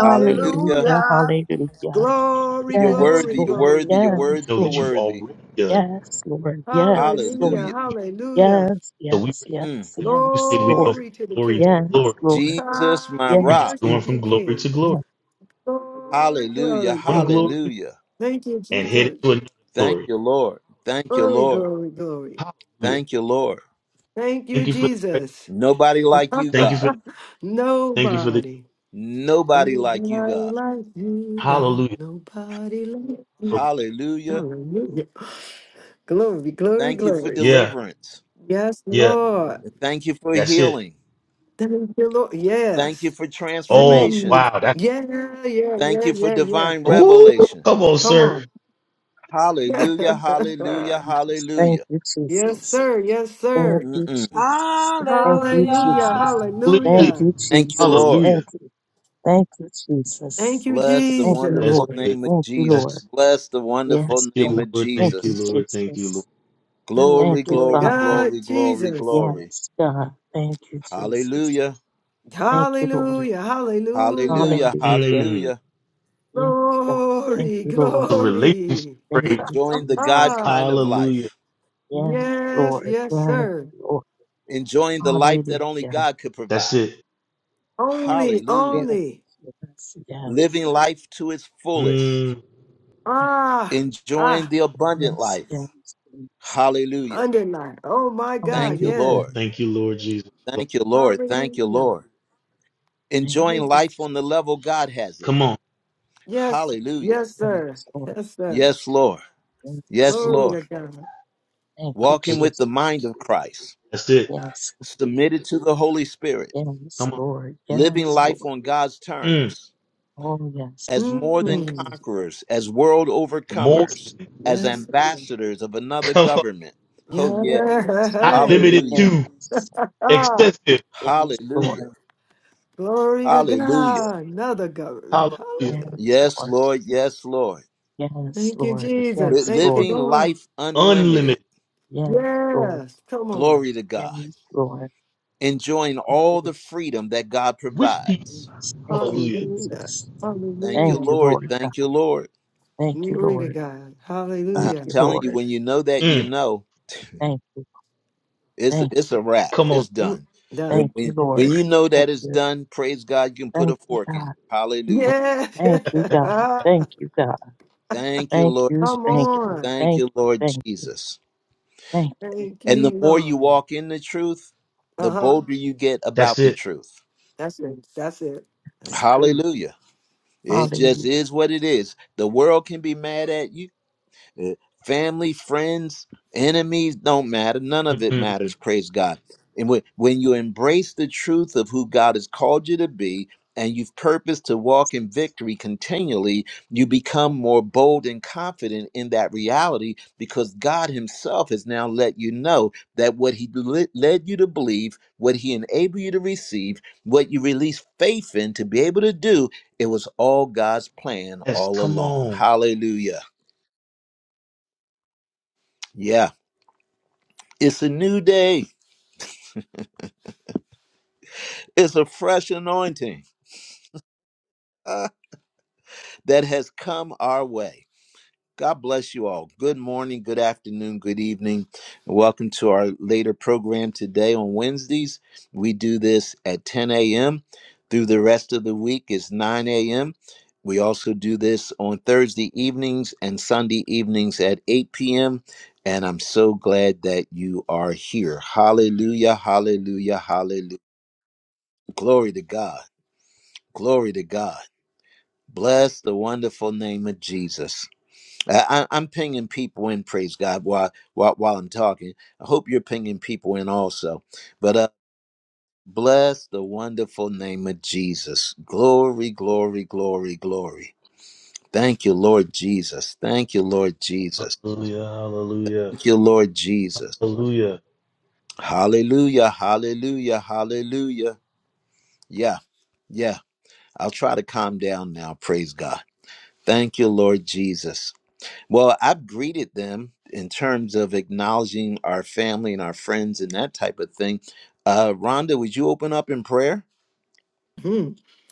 Speaker 1: Hallelujah.
Speaker 4: hallelujah.
Speaker 5: Glory,
Speaker 1: You're
Speaker 3: strength
Speaker 4: Yes,
Speaker 5: glory,
Speaker 1: worthy. You're
Speaker 4: Lord.
Speaker 1: worthy.
Speaker 5: glory,
Speaker 1: You're
Speaker 4: Yes,
Speaker 5: glory.
Speaker 3: to
Speaker 1: worthy.
Speaker 3: know
Speaker 1: You're
Speaker 3: that
Speaker 4: Lord.
Speaker 3: you've
Speaker 1: worthy.
Speaker 3: already done.
Speaker 4: Yes, Lord. Yes, Lord.
Speaker 5: Hallelujah.
Speaker 1: Hallelujah.
Speaker 5: Hallelujah.
Speaker 4: Yes,
Speaker 3: So we
Speaker 4: yes, yes,
Speaker 1: Mm.
Speaker 3: recognize that when you
Speaker 4: yes,
Speaker 3: said we go
Speaker 4: Lord.
Speaker 3: from
Speaker 5: Glory to the
Speaker 3: glory to
Speaker 4: Yes,
Speaker 5: King.
Speaker 3: glory,
Speaker 4: Lord.
Speaker 1: Jesus,
Speaker 5: Ah,
Speaker 1: my
Speaker 5: we
Speaker 3: we're
Speaker 4: Yes,
Speaker 1: rock.
Speaker 3: just
Speaker 5: worship
Speaker 3: going
Speaker 4: Lord.
Speaker 5: you,
Speaker 3: from glory
Speaker 5: King.
Speaker 3: to glory.
Speaker 4: Yes,
Speaker 5: Glory,
Speaker 3: We're sitting
Speaker 1: Hallelujah.
Speaker 5: glory,
Speaker 3: in one
Speaker 5: glory.
Speaker 3: glory
Speaker 1: Hallelujah.
Speaker 5: Thank you,
Speaker 3: and headed
Speaker 5: Jesus.
Speaker 3: to another
Speaker 1: Thank
Speaker 3: glory.
Speaker 1: you, Lord. Thank you,
Speaker 5: Glory,
Speaker 1: Lord.
Speaker 5: glory, glory.
Speaker 3: Hallelujah.
Speaker 1: Thank you, Lord.
Speaker 5: Thank you,
Speaker 3: Thank you for the right.
Speaker 5: Jesus.
Speaker 1: Nobody like you,
Speaker 3: Thank you
Speaker 1: God.
Speaker 3: for the thank you for the joy.
Speaker 5: nobody.
Speaker 1: Nobody like you,
Speaker 5: Nobody
Speaker 1: God.
Speaker 5: like you, God.
Speaker 3: Hallelujah.
Speaker 5: Nobody like you.
Speaker 3: Hallelujah.
Speaker 1: Hallelujah.
Speaker 5: Hallelujah. Glory, glory,
Speaker 1: Thank you for
Speaker 5: glories.
Speaker 3: Yeah,
Speaker 1: deliverance.
Speaker 5: Yes,
Speaker 3: yeah,
Speaker 5: Lord.
Speaker 1: Thank you for
Speaker 3: that's it.
Speaker 1: healing.
Speaker 5: Thank you, Lord.
Speaker 1: Thank you
Speaker 5: Yes.
Speaker 1: for
Speaker 3: Oh
Speaker 1: transformation.
Speaker 5: Mm.
Speaker 3: wow, that's
Speaker 5: Yeah, yeah,
Speaker 1: Thank
Speaker 5: yeah,
Speaker 1: you for
Speaker 5: yeah, yeah.
Speaker 1: divine
Speaker 3: it. ooh,
Speaker 1: revelation.
Speaker 3: come on,
Speaker 5: Come
Speaker 3: sir.
Speaker 5: on.
Speaker 1: Hallelujah. Hallelujah.
Speaker 4: Jesus. Thank
Speaker 1: Hallelujah.
Speaker 4: you,
Speaker 5: yes,
Speaker 4: Jesus.
Speaker 5: sir. Yes,
Speaker 4: Thank
Speaker 5: sir.
Speaker 4: you,
Speaker 1: Mm-mm-mm.
Speaker 4: Jesus. Thank you,
Speaker 5: Hallelujah.
Speaker 4: Jesus.
Speaker 6: Hallelujah.
Speaker 4: Thank
Speaker 3: Clearly,
Speaker 5: Hallelujah.
Speaker 4: you,
Speaker 1: Thank you,
Speaker 4: Jesus.
Speaker 1: Lord.
Speaker 4: Thank
Speaker 3: hallelujah.
Speaker 4: you. Thank you,
Speaker 5: Thank
Speaker 4: Jesus.
Speaker 5: you,
Speaker 1: Bless the
Speaker 4: Thank
Speaker 3: Oh,
Speaker 4: you,
Speaker 3: that's
Speaker 1: wonderful
Speaker 5: Jesus.
Speaker 4: Lord.
Speaker 1: name of
Speaker 4: Thank you,
Speaker 3: good.
Speaker 4: Lord.
Speaker 1: Jesus. Bless the
Speaker 3: Thank
Speaker 1: wonderful
Speaker 4: Yes,
Speaker 3: you,
Speaker 4: God.
Speaker 1: name of
Speaker 3: Lord.
Speaker 4: Thank
Speaker 3: Thank you,
Speaker 4: you,
Speaker 1: Jesus.
Speaker 3: Lord. Thank you,
Speaker 4: Jesus.
Speaker 3: Lord.
Speaker 5: Thank you,
Speaker 4: Thank
Speaker 1: Glory,
Speaker 4: you,
Speaker 5: Lord
Speaker 1: glory,
Speaker 4: Father.
Speaker 5: God,
Speaker 1: glory, glory,
Speaker 5: Jesus.
Speaker 1: glory.
Speaker 4: Yes, God. Thank you, Jesus.
Speaker 1: Hallelujah.
Speaker 4: Thank you, Lord.
Speaker 5: Hallelujah,
Speaker 1: Hallelujah.
Speaker 5: hallelujah.
Speaker 4: Hallelujah.
Speaker 3: Mm.
Speaker 1: Hallelujah.
Speaker 4: Yes, God. Thank
Speaker 5: Glory,
Speaker 4: you,
Speaker 3: The
Speaker 4: Lord.
Speaker 3: relationship
Speaker 5: glory.
Speaker 4: Thank
Speaker 3: praise.
Speaker 4: you,
Speaker 1: Enjoying the
Speaker 4: Jesus.
Speaker 1: God
Speaker 5: Ah,
Speaker 1: kind of
Speaker 3: Hallelujah.
Speaker 1: life,
Speaker 4: Yes,
Speaker 5: yes,
Speaker 4: Lord. Yes,
Speaker 5: yes, sir.
Speaker 4: Lord.
Speaker 1: enjoying the life that
Speaker 4: Hallelujah.
Speaker 1: only
Speaker 4: Yes,
Speaker 1: God could
Speaker 3: That's
Speaker 1: provide.
Speaker 3: it.
Speaker 4: yes,
Speaker 5: Only,
Speaker 4: yes,
Speaker 1: Hallelujah.
Speaker 5: only.
Speaker 1: Living
Speaker 4: yes,
Speaker 1: life to its fullest,
Speaker 3: Mm.
Speaker 5: Ah,
Speaker 1: enjoying
Speaker 5: ah,
Speaker 1: the abundant
Speaker 4: yes, yes.
Speaker 1: life.
Speaker 4: yes.
Speaker 1: Hallelujah.
Speaker 5: underline. Oh, my
Speaker 1: Thank
Speaker 5: God,
Speaker 1: you,
Speaker 5: yeah.
Speaker 4: Hallelujah.
Speaker 1: Lord.
Speaker 3: Thank you, Lord Jesus.
Speaker 1: Thank you, Lord. Thank you,
Speaker 5: Hallelujah.
Speaker 1: Lord.
Speaker 4: Thank
Speaker 1: Enjoying
Speaker 4: you,
Speaker 5: Thank you.
Speaker 1: life
Speaker 4: Jesus.
Speaker 1: on the level God has it
Speaker 3: Come on.
Speaker 5: Yes,
Speaker 1: Hallelujah.
Speaker 5: yes, sir.
Speaker 4: Yes, Lord.
Speaker 5: Yes, sir.
Speaker 1: Yes, Lord.
Speaker 4: Yes,
Speaker 1: Yes,
Speaker 5: Glory
Speaker 4: Lord.
Speaker 1: Lord.
Speaker 5: to God.
Speaker 4: Thank you,
Speaker 1: Walking
Speaker 3: Hallelujah.
Speaker 1: with
Speaker 4: Jesus.
Speaker 1: the mind of Christ,
Speaker 3: That's it.
Speaker 4: Yes,
Speaker 1: submitted to the Holy Spirit,
Speaker 4: yes,
Speaker 3: Come on.
Speaker 4: Lord.
Speaker 1: living
Speaker 4: Yes,
Speaker 1: life
Speaker 4: Lord.
Speaker 1: on God's
Speaker 3: Mm.
Speaker 1: terms,
Speaker 4: Oh, yes,
Speaker 1: as more
Speaker 4: yes,
Speaker 1: than
Speaker 5: Mm,
Speaker 1: conquerors, as world
Speaker 3: More
Speaker 4: yes,
Speaker 1: overcomers,
Speaker 3: than
Speaker 1: as
Speaker 5: yes,
Speaker 4: yes,
Speaker 1: ambassadors of another
Speaker 3: come on.
Speaker 1: government. Oh, yeah.
Speaker 5: yeah.
Speaker 3: Not
Speaker 5: Hey.
Speaker 3: limited
Speaker 1: Hallelujah.
Speaker 3: to
Speaker 5: Ah.
Speaker 3: excessive.
Speaker 4: yes, yes,
Speaker 1: Hallelujah.
Speaker 4: Lord.
Speaker 5: Glory to
Speaker 1: Hallelujah.
Speaker 4: Yes,
Speaker 5: God. Another government.
Speaker 3: Hallelujah.
Speaker 5: Hallelujah.
Speaker 4: yes,
Speaker 1: Yes,
Speaker 4: Lord.
Speaker 1: Lord. Yes, Lord.
Speaker 4: Yes,
Speaker 5: Thank you,
Speaker 4: Lord.
Speaker 5: Jesus.
Speaker 1: Li-
Speaker 4: Yes,
Speaker 5: Thank you,
Speaker 4: Lord.
Speaker 1: living
Speaker 5: Lord.
Speaker 1: life unlimited.
Speaker 3: Unlimited.
Speaker 4: Yes, Lord.
Speaker 5: Yes. Come on.
Speaker 1: Glory to God.
Speaker 4: Yes, Lord.
Speaker 1: Enjoying
Speaker 4: Thank you,
Speaker 1: all the freedom that God
Speaker 3: With peace.
Speaker 1: provides
Speaker 4: Jesus. Thank you,
Speaker 3: Hallelujah.
Speaker 5: Hallelujah.
Speaker 4: Jesus.
Speaker 1: Thank you,
Speaker 4: Thank
Speaker 5: Hallelujah.
Speaker 4: you,
Speaker 1: Lord.
Speaker 4: Lord God.
Speaker 1: Thank you, Lord.
Speaker 4: Thank you,
Speaker 5: Glory to
Speaker 4: Lord.
Speaker 5: God.
Speaker 4: Thank
Speaker 1: I'm
Speaker 5: Hallelujah.
Speaker 4: you,
Speaker 1: telling you,
Speaker 4: Lord.
Speaker 1: when you know that, you
Speaker 3: Mm.
Speaker 1: know
Speaker 4: Thank you.
Speaker 1: it's
Speaker 4: Thank
Speaker 1: it's a
Speaker 4: you.
Speaker 1: wrap.
Speaker 3: Come on.
Speaker 1: It's
Speaker 5: Mm,
Speaker 1: done. When
Speaker 4: Thank
Speaker 5: Done.
Speaker 4: you,
Speaker 1: when, when
Speaker 4: Lord.
Speaker 1: you know
Speaker 4: Thank
Speaker 1: that it's
Speaker 4: you.
Speaker 1: done, praise God, you can put
Speaker 4: Thank
Speaker 1: a
Speaker 4: you,
Speaker 1: fork in it.
Speaker 4: God.
Speaker 1: Hallelujah.
Speaker 5: Yeah.
Speaker 4: Thank you, God.
Speaker 5: Ah,
Speaker 4: Thank you, God.
Speaker 1: Thank you,
Speaker 4: Thank
Speaker 1: Lord
Speaker 4: you.
Speaker 5: Come
Speaker 4: Thank
Speaker 1: Jesus.
Speaker 4: you.
Speaker 5: on.
Speaker 1: Thank
Speaker 4: Thank
Speaker 1: you,
Speaker 4: you.
Speaker 1: Lord
Speaker 4: Thank you.
Speaker 1: Jesus.
Speaker 4: Thank you.
Speaker 5: Thank
Speaker 1: And
Speaker 5: you,
Speaker 1: the more you
Speaker 5: Lord.
Speaker 1: walk in the truth, the
Speaker 5: Uh huh.
Speaker 1: bolder you get
Speaker 3: That's
Speaker 1: about the
Speaker 3: it.
Speaker 1: truth.
Speaker 5: That's it. That's it. That's true.
Speaker 1: Hallelujah. It
Speaker 5: That's true.
Speaker 1: just
Speaker 4: Hallelujah.
Speaker 1: is what it is. The world can be mad at you. Eh, Family, friends, enemies don't matter. None of it
Speaker 3: Mm-mm.
Speaker 1: matters. Praise God. And when, when you embrace the truth of who God has called you to be, and you've purposed to walk in victory continually, you become more bold and confident in that reality because God Himself has now let you know that what He le- led you to believe, what He enabled you to receive, what you released faith in to be able to do, it was all God's plan
Speaker 3: Yes.
Speaker 1: all
Speaker 3: Come
Speaker 1: along.
Speaker 3: on.
Speaker 1: Hallelujah. Yeah. It's a new day. It's a fresh anointing uh, that has come our way. God bless you all. Good morning, good afternoon, good evening. Welcome to our later program today on Wednesdays. We do this at 10 a.m. Through the rest of the week It's 9 a.m. We also do this on Thursday evenings and Sunday evenings at 8 p.m. And I'm so glad that you are here. Hallelujah, hallelujah, hallelujah. Glory to God. Glory to God. Bless the wonderful name of Jesus. I, I- I'm pinging people in, praise God, while, while, while I'm talking. I hope you're pinging people in also. But uh, bless the wonderful name of Jesus. Glory, glory, glory, glory. Thank you, Lord Jesus. Thank you, Lord Jesus.
Speaker 3: Hallelujah. Hallelujah.
Speaker 1: Thank you, Lord Jesus.
Speaker 3: Hallelujah.
Speaker 1: Hallelujah, hallelujah, hallelujah. Yeah, yeah. I'll try to calm down now, praise God. Thank you, Lord Jesus. Well, I've greeted them in terms of acknowledging our family and our friends and that type of thing. Uh, Rhonda, would you open up in prayer?
Speaker 5: Hmm.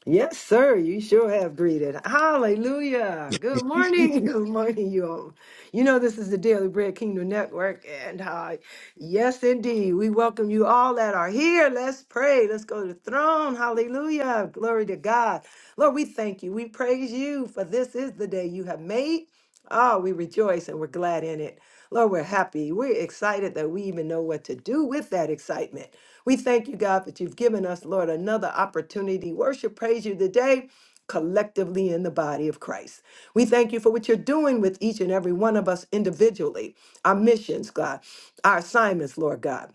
Speaker 5: Yes, sir. You sure have greeted. Hallelujah. Good morning. Good morning, you all. You know, this is the Daily Bread Kingdom Network. And uh, yes, indeed, we welcome you all that are here. Let's pray. Let's go to the throne. Hallelujah. Glory to God. Lord, we thank you. We praise you for this is the day you have made. Ah, we rejoice and we're glad in it. Lord, we're happy. We're excited that we even know what to do with that excitement. We thank you, God, that you've given us, Lord, another opportunity. Worship, praise you today. Collectively in the body of Christ. We thank you for what you're doing with each and every one of us individually, our missions, God, our assignments, Lord God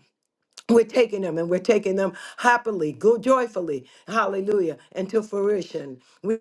Speaker 5: we're taking them and we're taking them happily, go joyfully, hallelujah, until fruition. We,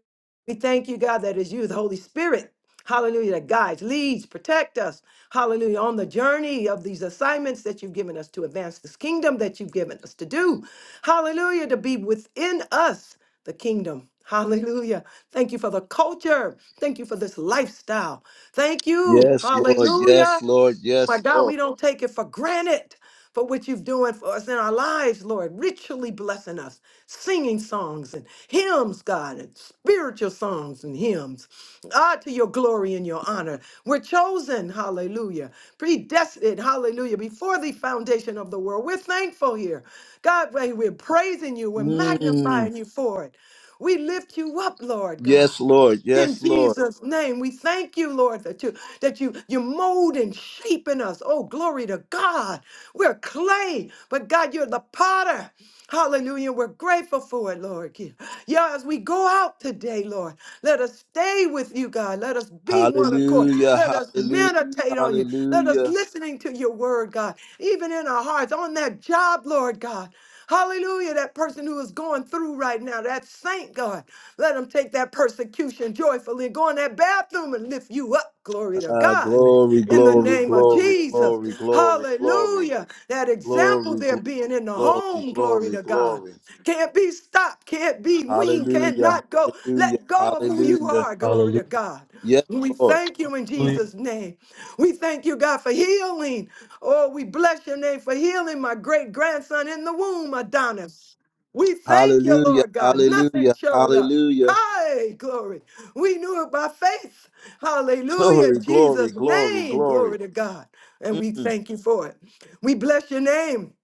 Speaker 5: we thank you, God, that is you, the Holy Spirit, hallelujah, that guides, leads, protect us, hallelujah, on the journey of these assignments that you've given us to advance this kingdom that you've given us to do, hallelujah, to be within us, the kingdom. Hallelujah. Thank you for the culture. Thank you for this lifestyle. Thank you.
Speaker 1: Yes, Lord.
Speaker 5: Hallelujah.
Speaker 1: Yes, Lord.
Speaker 5: My
Speaker 1: Yes,
Speaker 5: God,
Speaker 1: Lord.
Speaker 5: we don't take it for granted for what you've doing for us in our lives, Lord, richly blessing us, singing songs and hymns, God, and spiritual songs and hymns. Ah, to your glory and your honor. We're chosen, hallelujah, predestined, hallelujah, before the foundation of the world. We're thankful here. God, we- we're praising you, we're
Speaker 1: Mm,
Speaker 5: magnifying you for it. We lift you up, Lord God.
Speaker 1: yes, Lord.
Speaker 5: In
Speaker 1: Yes, Lord.
Speaker 5: Jesus' name, we thank you, Lord, that you that you you mold and shape in us. Oh, glory to God. We're clay, but God, you're the potter. Hallelujah. We're grateful for it, Lord. Yeah, Yeah, as we go out today, Lord, let us stay with you, God. Let us be one accord.
Speaker 1: Hallelujah.
Speaker 5: Let us
Speaker 1: Hallelujah.
Speaker 5: meditate on you. Let us
Speaker 1: Hallelujah.
Speaker 5: listening to your word, God, even in our hearts, on that job, Lord God. Hallelujah. That person who is going through right now, that saint, God, let them take that persecution joyfully. Go in that bathroom and lift you up. Glory to
Speaker 1: Uh,
Speaker 5: God.
Speaker 1: glory,
Speaker 5: In the
Speaker 1: glory,
Speaker 5: name of
Speaker 1: glory,
Speaker 5: Jesus.
Speaker 1: glory, glory, glory,
Speaker 5: Hallelujah. That example
Speaker 1: glory, glory
Speaker 5: there being in the
Speaker 1: glory,
Speaker 5: home. Glory
Speaker 1: glory,
Speaker 5: to God.
Speaker 1: glory.
Speaker 5: Can't be stopped. Can't be weaned.
Speaker 1: Hallelujah,
Speaker 5: Cannot go.
Speaker 1: hallelujah,
Speaker 5: Let go of who you
Speaker 1: hallelujah.
Speaker 5: are. Glory
Speaker 3: Hallelujah.
Speaker 5: to God.
Speaker 1: Yes,
Speaker 5: We
Speaker 1: Lord.
Speaker 5: thank you in
Speaker 3: Hallelujah.
Speaker 5: Jesus' name. We thank you, God, for healing. Oh, we bless your name for healing my great grandson in the womb, Adonis. We thank you,
Speaker 1: Hallelujah,
Speaker 5: Lord God. Nothing
Speaker 1: hallelujah,
Speaker 5: showed up.
Speaker 1: hallelujah.
Speaker 5: Hi, glory. We knew it by faith. Hallelujah.
Speaker 1: Glory,
Speaker 5: In
Speaker 1: glory,
Speaker 5: Jesus'
Speaker 1: glory,
Speaker 5: name.
Speaker 1: glory.
Speaker 5: Glory to God. And we
Speaker 1: Mm,
Speaker 5: thank you for it. We bless your name.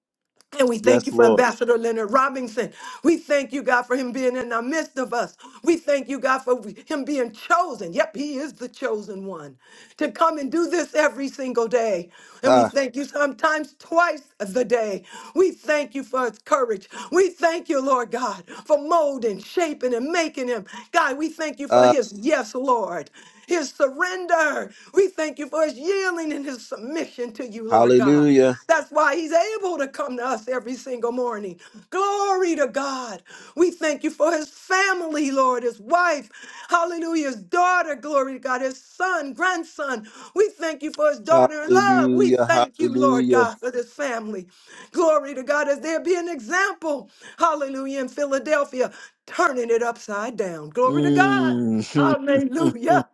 Speaker 5: And we thank
Speaker 1: yes,
Speaker 5: you for
Speaker 1: Lord.
Speaker 5: Ambassador Leonard Robinson. We thank you, God, for him being in the midst of us. We thank you, God, for him being chosen. Yep, he is the chosen one to come and do this every single day. And we
Speaker 1: Ah,
Speaker 5: thank you sometimes twice the day. We thank you for his courage. We thank you, Lord God, for molding, shaping, and making him. God, we thank you for
Speaker 1: ah,
Speaker 5: his yes, Lord his surrender. We thank you for his yielding and his submission to you, Lord God.
Speaker 1: hallelujah,
Speaker 5: That's why he's able to come to us every single morning. Glory to God. We thank you for his family, Lord, his wife, hallelujah, his daughter, glory to God, his son, grandson. We thank you for his daughter in love. We
Speaker 1: hallelujah,
Speaker 5: thank you, Lord
Speaker 1: hallelujah.
Speaker 5: God, for this family. Glory to God, as there be an example, hallelujah, in Philadelphia, turning it upside down. Glory to God.
Speaker 1: Mm.
Speaker 5: Hallelujah.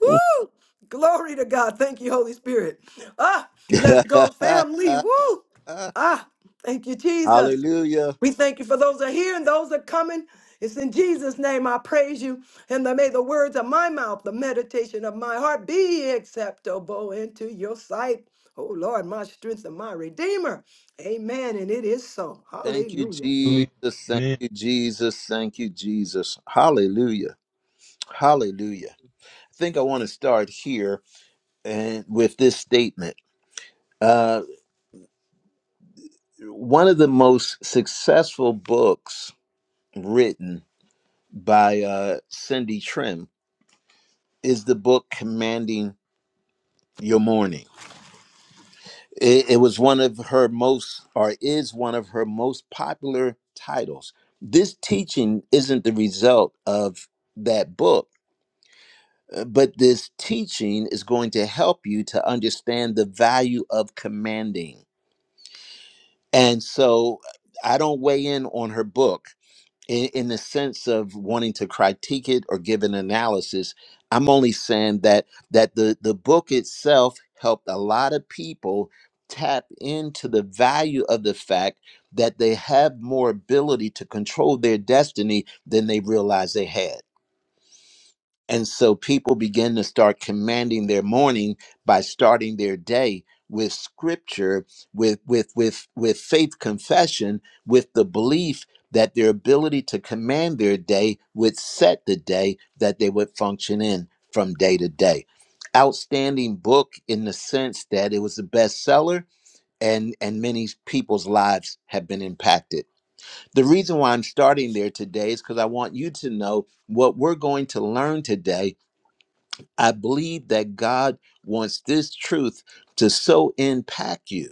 Speaker 5: Woo! Glory to God. Thank you, Holy Spirit. Ah, let's go, family. Woo! Ah, thank you, Jesus.
Speaker 1: hallelujah.
Speaker 5: We thank you for those that are here and those that are coming. It's in Jesus' name I praise you. And that may the words of my mouth, the meditation of my heart be acceptable into your sight. Oh Lord, my strength and my redeemer. Amen. And it is so.
Speaker 1: Thank you,
Speaker 5: Hallelujah.
Speaker 3: Hallelujah.
Speaker 1: Jesus. Thank
Speaker 3: Amen.
Speaker 1: you, Jesus. Thank you, Jesus. Hallelujah, hallelujah. I think I want to start here and with this statement. Uh, one of the most successful books written by uh, Cindy Trim is the book Commanding Your Morning. It, it was one of her most, or is one of her most popular titles. This teaching isn't the result of that book, uh, but this teaching is going to help you to understand the value of commanding. And so I don't weigh in on her book in, in the sense of wanting to critique it or give an analysis i'm only saying that that the the book itself helped a lot of people tap into the value of the fact that they have more ability to control their destiny than they realized they had and so people begin to start commanding their morning by starting their day with scripture, with with with with faith confession, with the belief that their ability to command their day would set the day that they would function in from day to day. Outstanding book in the sense that it was a bestseller and and many people's lives have been impacted. The reason why I'm starting there today is because I want you to know what we're going to learn today I believe that God wants this truth to so impact you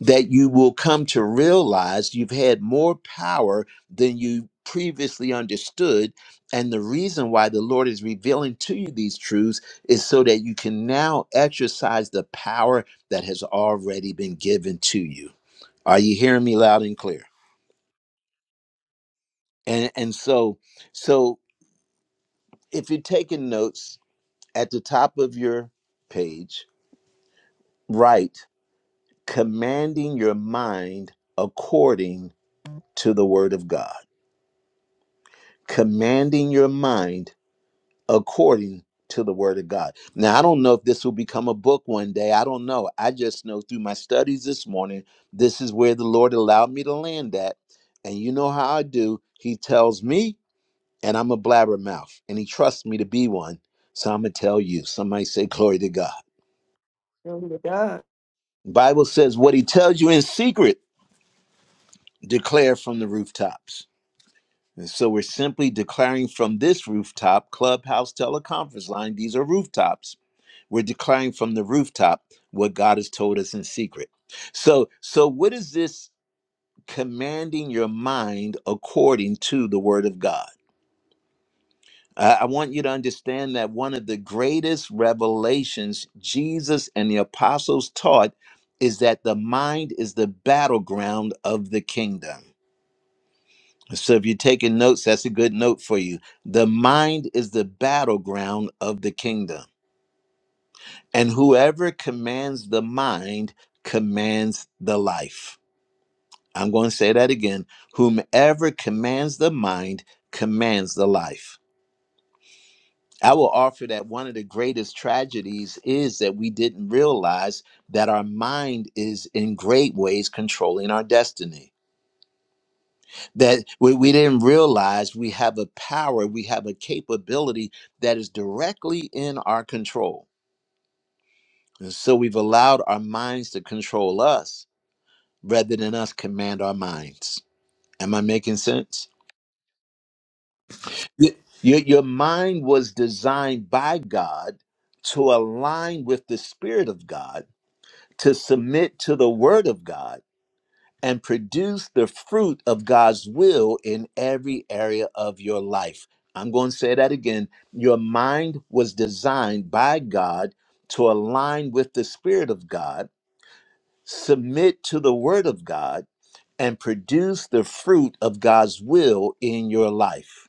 Speaker 1: that you will come to realize you've had more power than you previously understood. And the reason why the Lord is revealing to you these truths is so that you can now exercise the power that has already been given to you. Are you hearing me loud and clear? And and so so if you're taking notes at the top of your page, write commanding your mind according to the word of God. Commanding your mind according to the word of God. Now, I don't know if this will become a book one day. I don't know. I just know through my studies this morning, this is where the Lord allowed me to land at. And you know how I do. He tells me, and I'm a blabbermouth, and he trusts me to be one. So I'm going to tell you. Somebody say, Glory to God.
Speaker 5: Glory to God.
Speaker 1: Bible says, What he tells you in secret, declare from the rooftops And so we're simply declaring from this rooftop, clubhouse, teleconference line, these are rooftops. We're declaring from the rooftop what God has told us in secret. So, so what is this commanding your mind according to the word of God? I I want you to understand that one of the greatest revelations Jesus and the apostles taught is that the mind is the battleground of the kingdom. So if you're taking notes, that's a good note for you. The mind is the battleground of the kingdom. And whoever commands the mind commands the life. I'm going to say that again. Whomever commands the mind commands the life. I will offer that one of the greatest tragedies is that we didn't realize that our mind is in great ways controlling our destiny that we, we didn't realize we have a power, we have a capability that is directly in our control. And so we've allowed our minds to control us rather than us command our minds. Am I making sense? Y- Your, your mind was designed by God to align with the Spirit of God, to submit to the Word of God and produce the fruit of God's will in every area of your life. I'm going to say that again. Your mind was designed by God to align with the Spirit of God, submit to the Word of God, and produce the fruit of God's will in your life.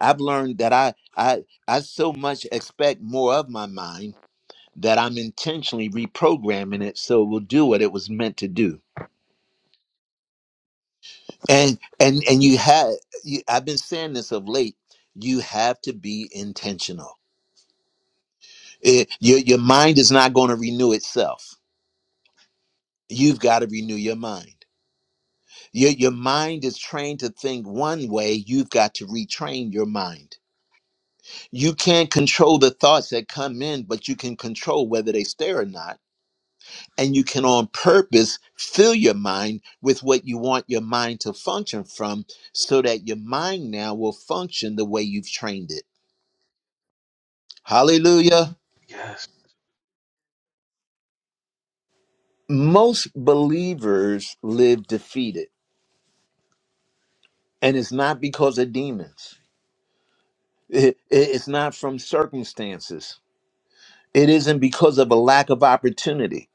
Speaker 1: I've learned that I, I, I so much expect more of my mind that I'm intentionally reprogramming it so it will do what it was meant to do. and and and you have you, i've been saying this of late you have to be intentional It- your, your mind is not going to renew itself you've got to renew your mind your, your mind is trained to think one way you've got to retrain your mind you can't control the thoughts that come in but you can control whether they stay or not and you can on purpose fill your mind with what you want your mind to function from so that your mind now will function the way you've trained it Hallelujah.
Speaker 3: Yes.
Speaker 1: Most believers live defeated, and it's not because of demons, It- it- it's not from circumstances, it isn't because of a lack of opportunity.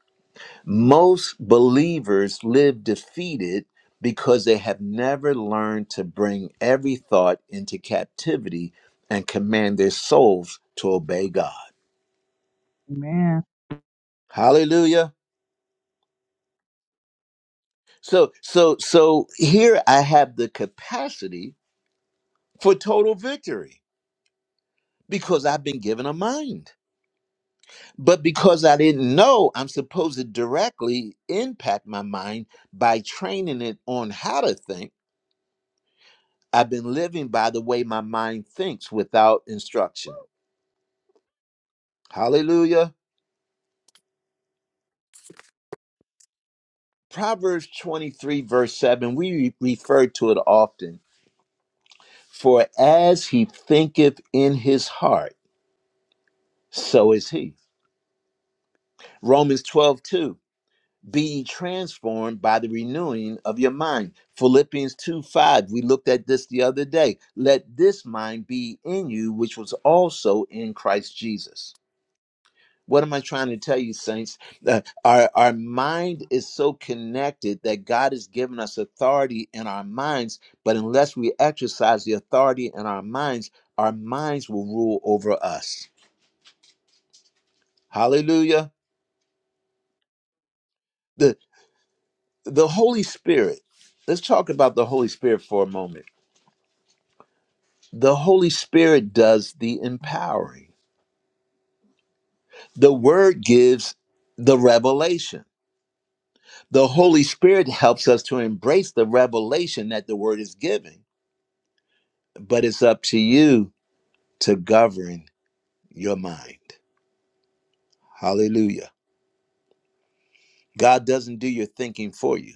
Speaker 1: Most believers live defeated because they have never learned to bring every thought into captivity and command their souls to obey God.
Speaker 7: Amen.
Speaker 1: Hallelujah. So so so here I have the capacity for total victory. because I've been given a mind. But because I didn't know, I'm supposed to directly impact my mind by training it on how to think. I've been living by the way my mind thinks without instruction. Hallelujah. Proverbs 23, verse 7, we re- refer to it often. For as he thinketh in his heart, so is he. Romans 12, 2. be ye transformed by the renewing of your mind. Philippians 2 5. We looked at this the other day. Let this mind be in you, which was also in Christ Jesus. What am I trying to tell you, saints? Uh, our, our mind is so connected that God has given us authority in our minds, but unless we exercise the authority in our minds, our minds will rule over us. Hallelujah. The, the Holy Spirit, let's talk about the Holy Spirit for a moment The Holy Spirit does the empowering. The Word gives the revelation. The Holy Spirit helps us to embrace the revelation that the Word is giving, but it's up to you to govern your mind. Hallelujah. God doesn't do your thinking for you,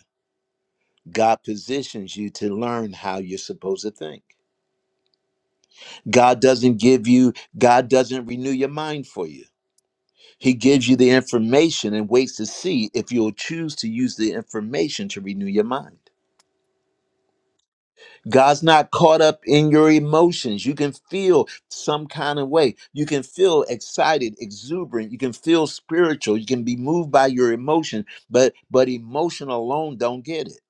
Speaker 1: God positions you to learn how you're supposed to think. God doesn't give you, God doesn't renew your mind for you. He gives you the information and waits to see if you'll choose to use the information to renew your mind. God's not caught up in your emotions. You can feel some kind of way. You can feel excited, exuberant. You can feel spiritual. You can be moved by your emotion, but but emotion alone don't get it.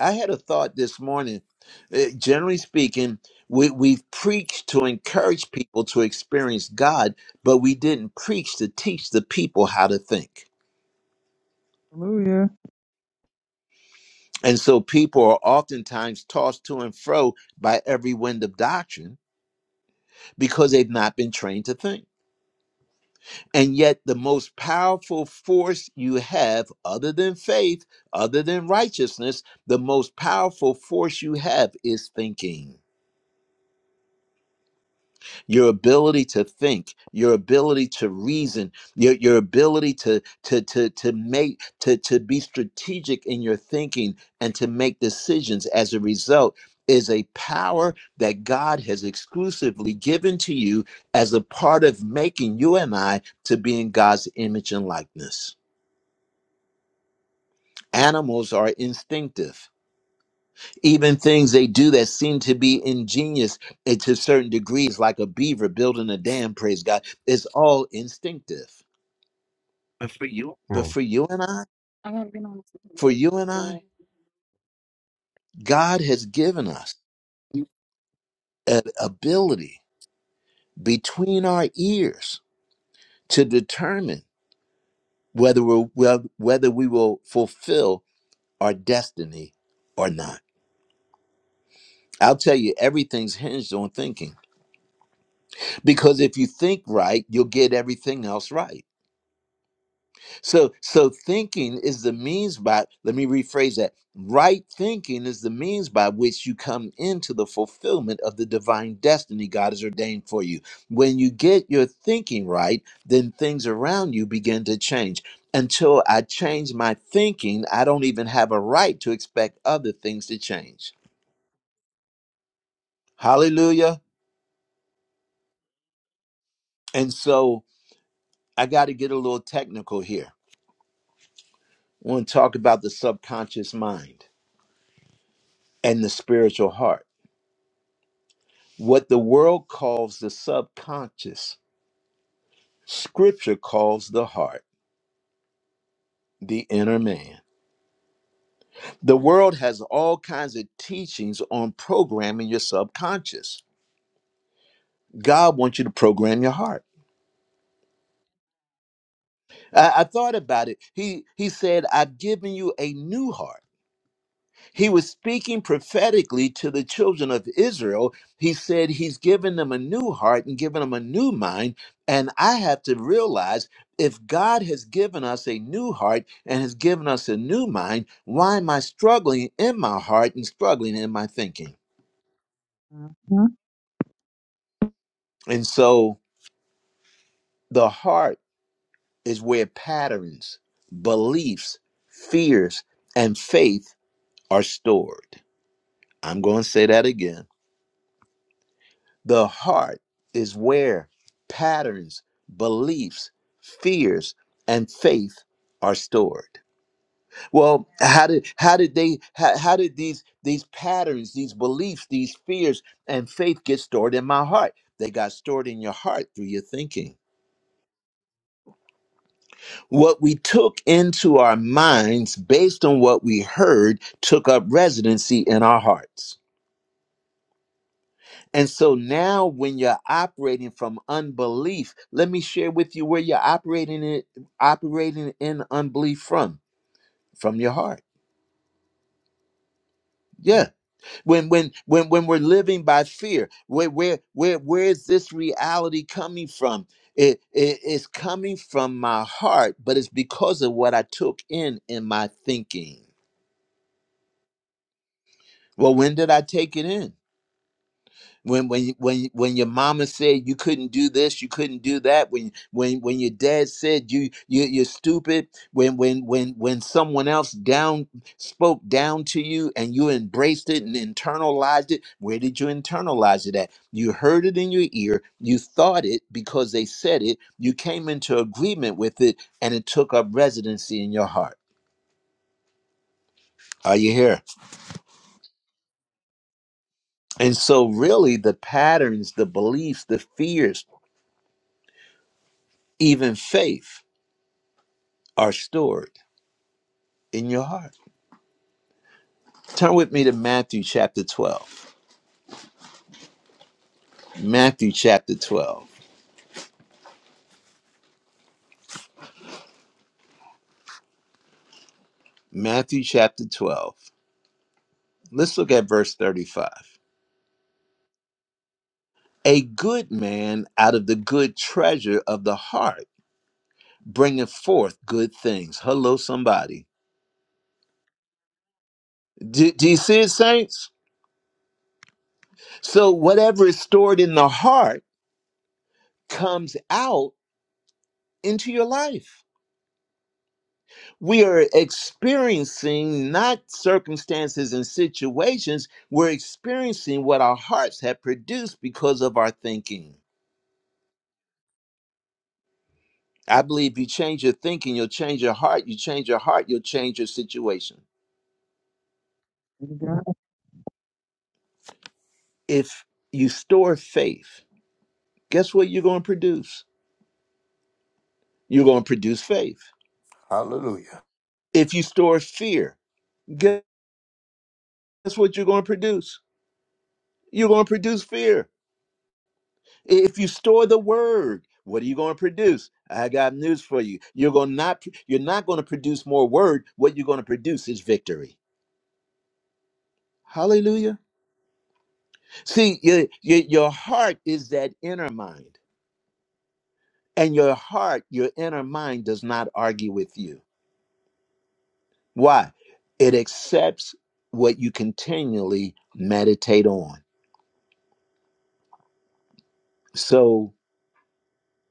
Speaker 1: I had a thought this morning. Uh, generally speaking, we we've preached to encourage people to experience God, but we didn't preach to teach the people how to think.
Speaker 7: Hallelujah.
Speaker 1: And so people are oftentimes tossed to and fro by every wind of doctrine because they've not been trained to think. And yet, the most powerful force you have, other than faith, other than righteousness, the most powerful force you have is thinking. your ability to think your ability to reason your, your ability to to to to make to to be strategic in your thinking and to make decisions as a result is a power that God has exclusively given to you as a part of making you and I to be in God's image and likeness. Animals are instinctive even things they do that seem to be ingenious eh, to certain degrees, like a beaver building a dam, praise God, it's all instinctive. But for you and I, for you and I, God has given us an ability between our ears to determine whether we whether we will fulfill our destiny or not. I'll tell you, everything's hinged on thinking. Because if you think right, you'll get everything else right So so thinking is the means by let me rephrase that. Right thinking is the means by which you come into the fulfillment of the divine destiny God has ordained for you. When you get your thinking right, then things around you begin to change. Until I change my thinking, I don't even have a right to expect other things to change. Hallelujah. And so I got to get a little technical here. I want to talk about the subconscious mind and the spiritual heart What the world calls the subconscious, scripture calls the heart, the inner man. The world has all kinds of teachings on programming your subconscious. God wants you to program your heart. I, I thought about it. He he said, I've given you a new heart. He was speaking prophetically to the children of Israel. He said he's given them a new heart and given them a new mind. And I have to realize if God has given us a new heart and has given us a new mind, why am I struggling in my heart and struggling in my thinking?
Speaker 7: Mm-hmm.
Speaker 1: And so the heart is where patterns, beliefs, fears, and faith are stored. I'm going to say that again The heart is where patterns, beliefs, fears, and faith are stored. Well, how did how did they how, how did these these patterns, these beliefs, these fears and faith get stored in my heart? They got stored in your heart through your thinking. What we took into our minds based on what we heard took up residency in our hearts. And so now, when you're operating from unbelief, let me share with you where you're operating it, operating in unbelief from from your heart. Yeah. When when when when we're living by fear, where where where where is this reality coming from? It, it it's coming from my heart, but it's because of what I took in in my thinking. Well, when did I take it in? when when when when your mama said you couldn't do this you couldn't do that when when when your dad said you, you you're stupid when when when when someone else down spoke down to you and you embraced it and internalized it where did you internalize it at you heard it in your ear you thought it because they said it you came into agreement with it and it took up residency in your heart are you here and so really the patterns the beliefs the fears even faith are stored in your heart. Turn with me to Matthew chapter 12. Matthew chapter 12. Matthew chapter 12. Let's look at verse 35. A good man out of the good treasure of the heart bringeth forth good things. Hello, somebody. Do, do you see it, saints? So, whatever is stored in the heart comes out into your life. we are experiencing not circumstances and situations, we're experiencing what our hearts have produced because of our thinking. I believe you change your thinking, you'll change your heart. You change your heart, you'll change your situation.
Speaker 7: Thank God.
Speaker 1: If you store faith, guess what you're going to produce? You're going to produce faith.
Speaker 2: Hallelujah.
Speaker 1: If you store fear, guess what you're going to produce? You're going to produce fear If you store the word, what are you going to produce? I got news for you. You're going to not you're not going to produce more word. What you're going to produce is victory. Hallelujah. See, your, your your heart is that inner mind. And your heart, your inner mind does not argue with you. Why? It accepts what you continually meditate on. So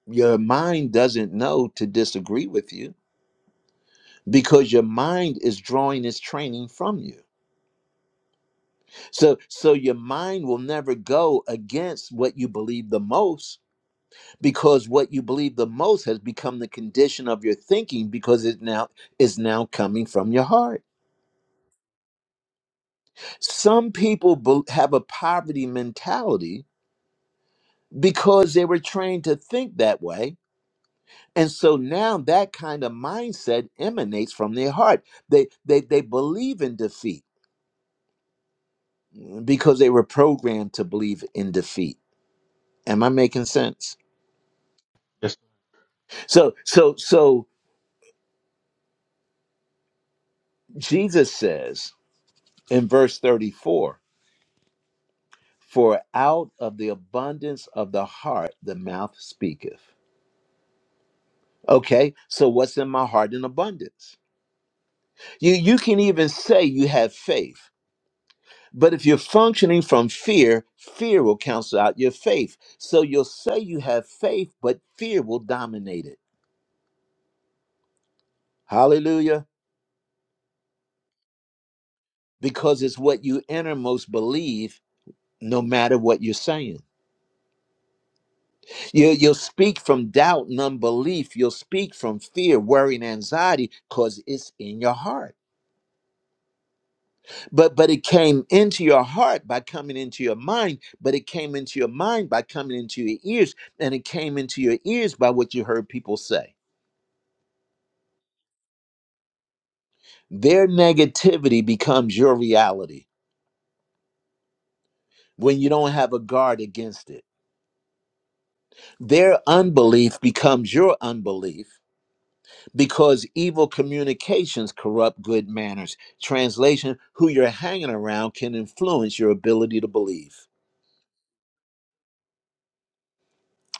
Speaker 1: your mind doesn't know to disagree with you because your mind is drawing its training from you. So so your mind will never go against what you believe the most because what you believe the most has become the condition of your thinking because it now is now coming from your heart. Some people bel- have a poverty mentality because they were trained to think that way. And so now that kind of mindset emanates from their heart. They they they believe in defeat because they were programmed to believe in defeat. Am I making sense?
Speaker 3: Yes.
Speaker 1: So so so Jesus says in verse 34 For out of the abundance of the heart the mouth speaketh. Okay, so what's in my heart in abundance? You, you can even say you have faith, but if you're functioning from fear, fear will cancel out your faith. So you'll say you have faith, but fear will dominate it. Hallelujah. Because it's what you innermost believe, no matter what you're saying. You, you'll speak from doubt and unbelief. You'll speak from fear, worry, and anxiety because it's in your heart. But but it came into your heart by coming into your mind. But it came into your mind by coming into your ears, and it came into your ears by what you heard people say. Their negativity becomes your reality when you don't have a guard against it. Their unbelief becomes your unbelief because evil communications corrupt good manners. Translation Who you're hanging around can influence your ability to believe.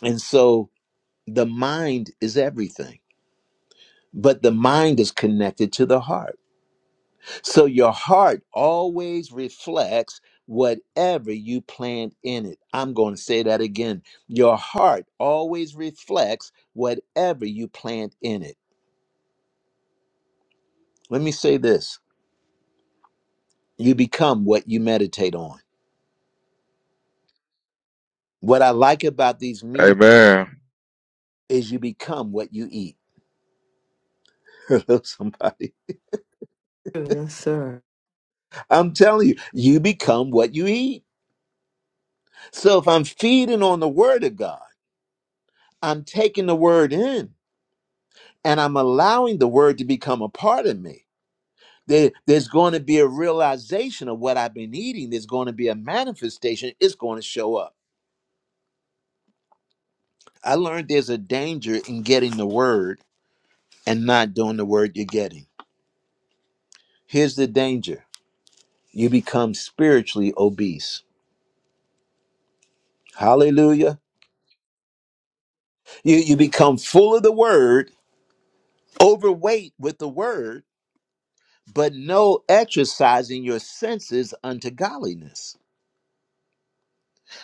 Speaker 1: And so the mind is everything, but the mind is connected to the heart. So your heart always reflects whatever you plant in it. I'm going to say that again. Your heart always reflects whatever you plant in it. Let me say this you become what you meditate on. What I like about these meetings
Speaker 8: Amen.
Speaker 1: is you become what you eat. Hello, somebody.
Speaker 5: Yes, sir.
Speaker 1: I'm telling you, you become what you eat. So if I'm feeding on the word of God, I'm taking the word in and I'm allowing the word to become a part of me. There- there's going to be a realization of what I've been eating. There's going to be a manifestation. It's going to show up. I learned there's a danger in getting the word and not doing the word you're getting. Here's the danger you become spiritually obese. Hallelujah. You you become full of the word, overweight with the word, but no exercising your senses unto godliness.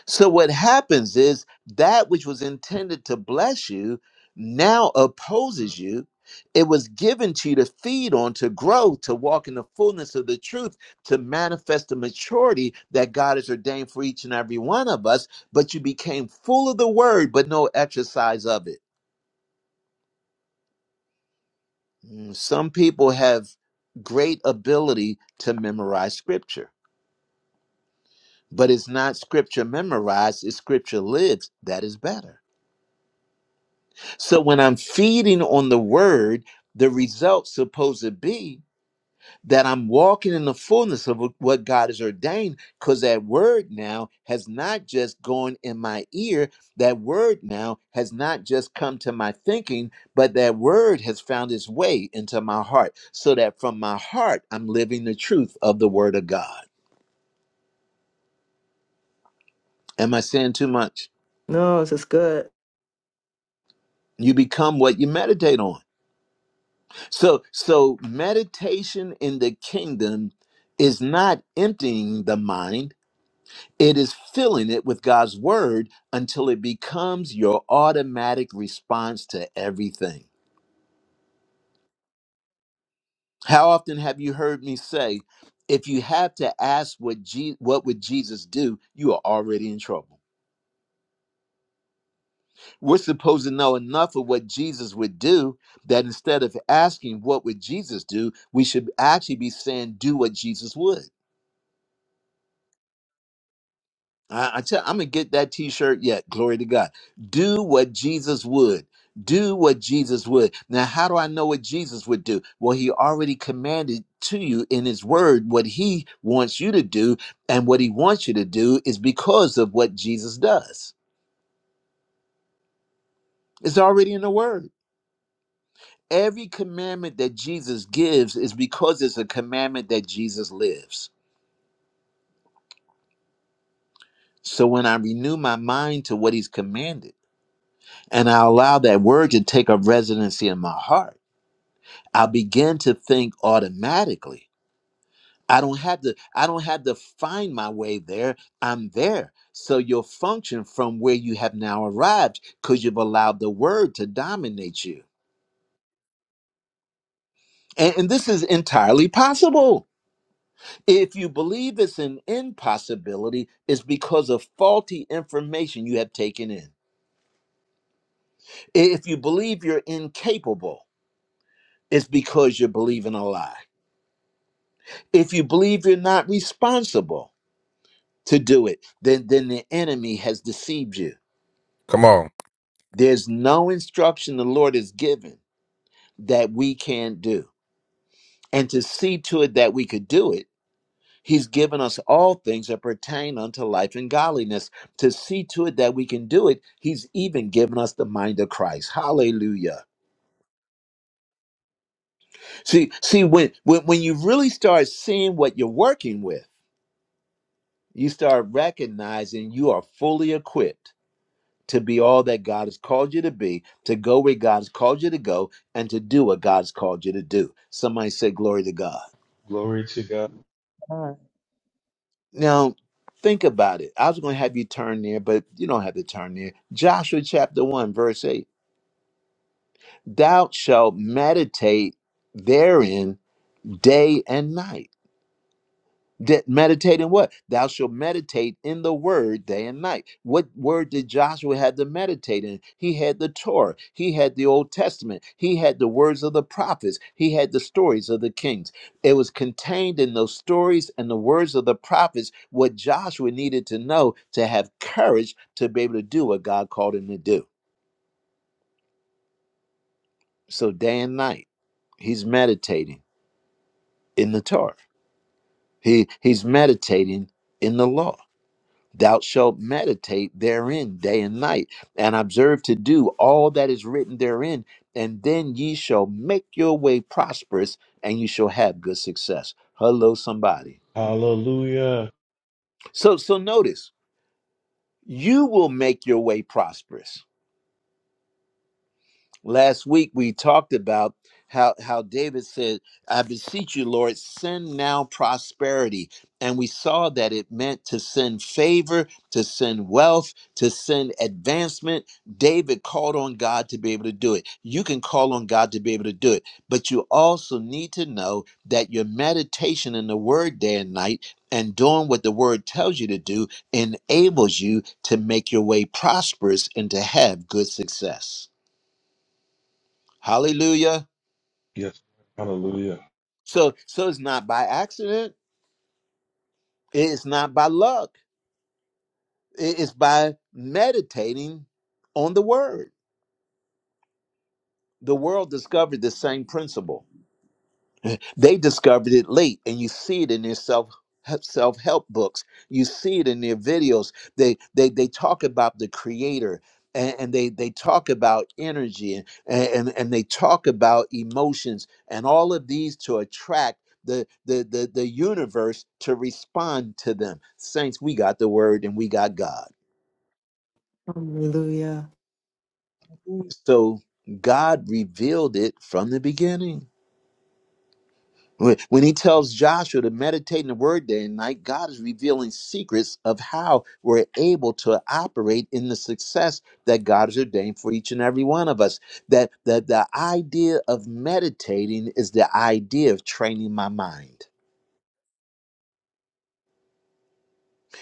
Speaker 1: So what happens is that which was intended to bless you now opposes you. It was given to you to feed on, to grow, to walk in the fullness of the truth, to manifest the maturity that God has ordained for each and every one of us. But you became full of the word, but no exercise of it. Mm, Some people have great ability to memorize scripture, but it's not scripture memorized, it's scripture lived. That is better. So when I'm feeding on the word, the result's supposed to be that I'm walking in the fullness of what God has ordained, because that word now has not just gone in my ear, that word now has not just come to my thinking, but that word has found its way into my heart, so that from my heart, I'm living the truth of the word of God. Am I saying too much?
Speaker 5: No, this is good.
Speaker 1: You become what you meditate on. So, so meditation in the kingdom is not emptying the mind It is filling it with God's word until it becomes your automatic response to everything. How often have you heard me say, if you have to ask what Je- what would Jesus do, you are already in trouble. We're supposed to know enough of what Jesus would do that instead of asking what would Jesus do, we should actually be saying do what Jesus would. I, I tell, I'm gonna get that T-shirt yet. Glory to God. Do what Jesus would. Do what Jesus would. Now, how do I know what Jesus would do? Well, He already commanded to you in His Word what He wants you to do, and what He wants you to do is because of what Jesus does. It's already in the Word. Every commandment that Jesus gives is because it's a commandment that Jesus lives. So when I renew my mind to what He's commanded, and I allow that Word to take up residency in my heart I began to think automatically. I don't have to I don't have to find my way there. I'm there. So you'll function from where you have now arrived because you've allowed the word to dominate you. And, and this is entirely possible. If you believe it's an impossibility, it's because of faulty information you have taken in. If you believe you're incapable, it's because you're believing a lie. If you believe you're not responsible, to do it, then, then the enemy has deceived you. There's no instruction the Lord has given that we can't do. And to see to it that we could do it, He's given us all things that pertain unto life and godliness. To see to it that we can do it, He's even given us the mind of Christ. Hallelujah. See, see, when when, when you really start seeing what you're working with, you start recognizing you are fully equipped to be all that God has called you to be, to go where God has called you to go, and to do what God's called you to do. Somebody say, Glory to God.
Speaker 3: Glory to God.
Speaker 4: God,
Speaker 1: Now, think about it. I was going to have you turn there, but you don't have to turn there. Joshua chapter 1, verse 8 Thou shalt meditate therein day and night That meditate in what? Thou shalt meditate in the word day and night. What word did Joshua have to meditate in? He had the Torah, he had the Old Testament, he had the words of the prophets, he had the stories of the kings. It was contained in those stories and the words of the prophets what Joshua needed to know to have courage to be able to do what God called him to do. So day and night, he's meditating in the Torah. He he's meditating in the law. Thou shalt meditate therein day and night, and observe to do all that is written therein, and then ye shall make your way prosperous, and you shall have good success. Hello, somebody.
Speaker 3: Hallelujah.
Speaker 1: So, so notice you will make your way prosperous last week we talked about how how David said, "I beseech you, Lord, send now prosperity." And we saw that it meant to send favor, to send wealth, to send advancement. David called on God to be able to do it. You can call on God to be able to do it, but you also need to know that your meditation in the word day and night and doing what the word tells you to do enables you to make your way prosperous and to have good success. Hallelujah.
Speaker 3: Yes. Hallelujah.
Speaker 1: So so it's not by accident. It's not by luck. It's by meditating on the word. The world discovered the same principle. they discovered it late and you see it in their self self-help books you see it in their videos they they they talk about the creator and, and they they talk about energy and, and and they talk about emotions and all of these to attract the, the the the universe to respond to them saints we got the word and we got god
Speaker 5: Hallelujah.
Speaker 1: so god revealed it from the beginning When when he tells Joshua to meditate in the word day and night, God is revealing secrets of how we're able to operate in the success that God has ordained for each and every one of us. That, that the idea of meditating is the idea of training my mind.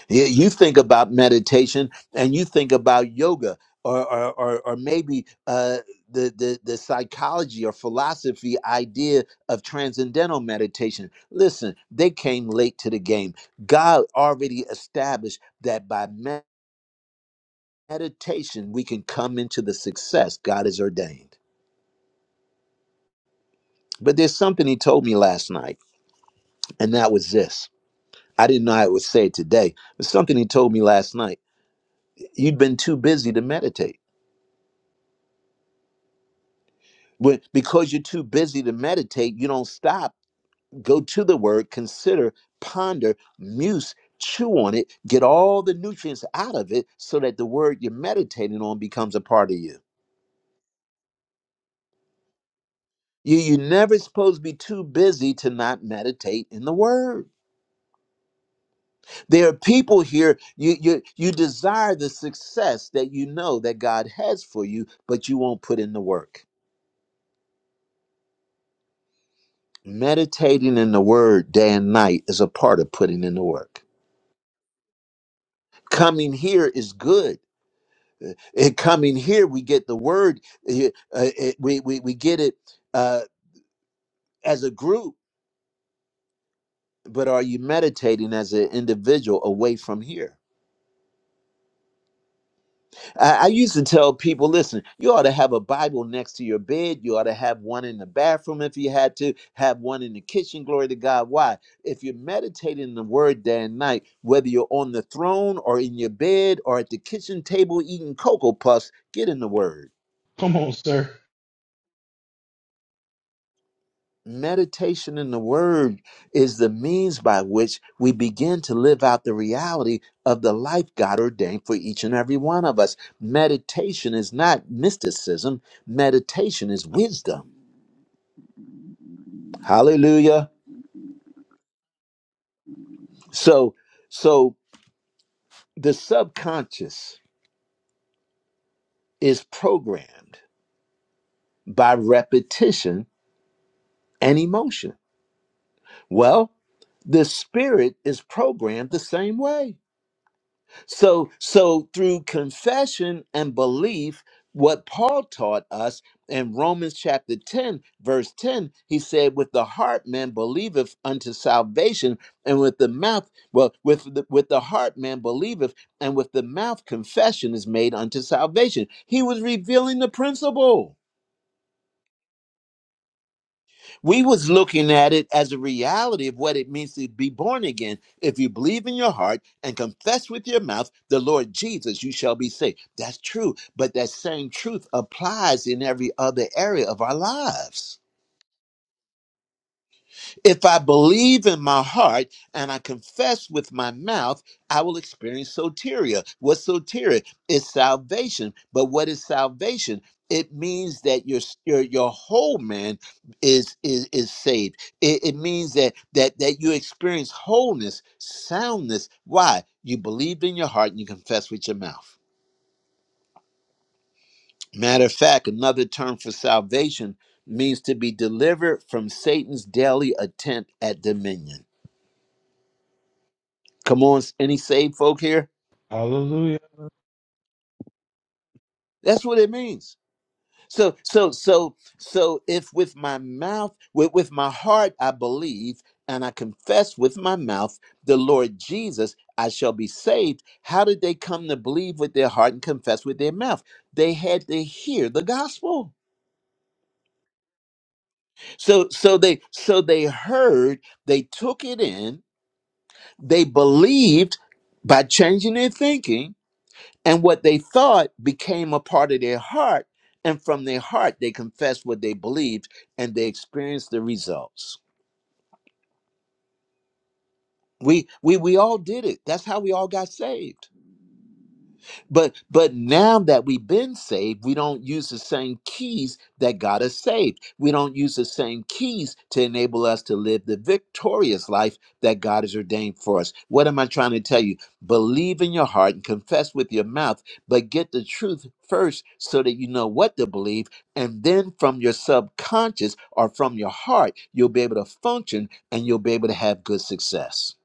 Speaker 1: Yeah, You think about meditation and you think about yoga or or or, or maybe uh the, the the psychology or philosophy idea of transcendental meditation. Listen, they came late to the game. God already established that by med- meditation we can come into the success God has ordained. But there's something he told me last night, and that was this. I didn't know I would say it today, but something he told me last night. You've been too busy to meditate. When, because you're too busy to meditate, you don't stop. Go to the word, consider, ponder, muse, chew on it, get all the nutrients out of it so that the word you're meditating on becomes a part of you. You, you're never supposed to be too busy to not meditate in the word. There are people here, you, you, you desire the success that you know that God has for you, but you won't put in the work. Meditating in the word day and night is a part of putting in the work. coming here is good. Uh, And coming here, we get the word. uh, uh, it- we, we, we get it uh, as a group, but are you meditating as an individual away from here? I, I used to tell people listen, you ought to have a Bible next to your bed. You ought to have one in the bathroom if you had to, have one in the kitchen. Glory to God. Why? If you're meditating the word day and night, whether you're on the throne or in your bed or at the kitchen table eating Cocoa Puffs, get in the word.
Speaker 3: Come on, sir.
Speaker 1: Meditation in the Word is the means by which we begin to live out the reality of the life God ordained for each and every one of us. Meditation is not mysticism, meditation is wisdom. Hallelujah. So, so the subconscious is programmed by repetition and emotion. Well, the spirit is programmed the same way So, so through confession and belief, what Paul taught us in Romans chapter 10, verse 10, he said, With the heart man believeth unto salvation, and with the mouth, well, with the, with the heart man believeth, and with the mouth confession is made unto salvation. He was revealing the principle we was looking at it as a reality of what it means to be born again if you believe in your heart and confess with your mouth the lord jesus you shall be saved that's true but that same truth applies in every other area of our lives if I believe in my heart and I confess with my mouth, I will experience soteria. What's soteria? It's salvation. But what is salvation? It means that your your, your whole man is is is saved. It, it means that that that you experience wholeness, soundness. Why? You believe in your heart and you confess with your mouth. Matter of fact, another term for salvation means to be delivered from Satan's daily attempt at dominion. Come on, any saved folk here?
Speaker 3: Hallelujah.
Speaker 1: That's what it means. So, so, so, so, if with my mouth, with, with my heart, I believe and I confess with my mouth the Lord Jesus, I shall be saved. How did they come to believe with their heart and confess with their mouth? They had to hear the gospel. So, so they, so they heard, they took it in, they believed by changing their thinking And what they thought became a part of their heart. And from their heart, they confessed what they believed and they experienced the results. We, we, we all did it. That's how we all got saved. But but now that we've been saved, we don't use the same keys that got us saved. We don't use the same keys to enable us to live the victorious life that God has ordained for us. What am I trying to tell you? Believe in your heart and confess with your mouth, but get the truth first so that you know what to believe, and then from your subconscious or from your heart, you'll be able to function and you'll be able to have good success.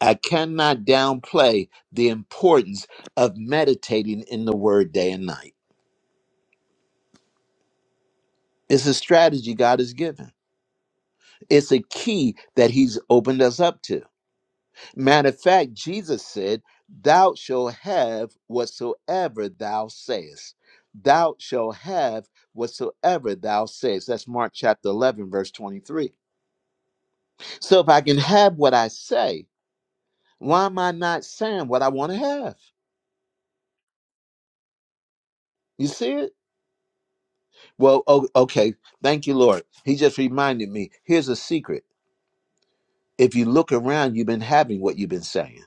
Speaker 1: I cannot downplay the importance of meditating in the word day and night. It's a strategy God has given, it's a key that He's opened us up to. Matter of fact, Jesus said, Thou shalt have whatsoever thou sayest. Thou shalt have whatsoever thou sayest. That's Mark chapter 11, verse 23. So if I can have what I say, why am I not saying what I want to have? You see it? Well, oh, okay. Thank you, Lord. He just reminded me. Here's a secret. If you look around, you've been having what you've been saying.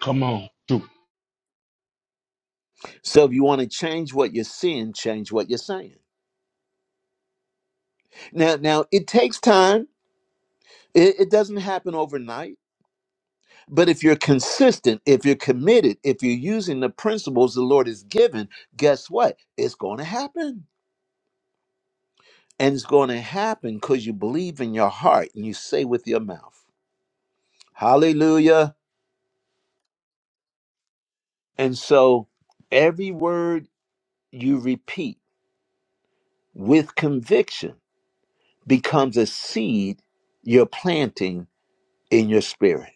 Speaker 3: Come on. Shoot.
Speaker 1: So if you want to change what you're seeing, change what you're saying. Now, now it takes time. It, it doesn't happen overnight. But if you're consistent, if you're committed, if you're using the principles the Lord has given, guess what? It's going to happen. And it's going to happen because you believe in your heart and you say with your mouth, Hallelujah. And so every word you repeat with conviction becomes a seed you're planting in your spirit.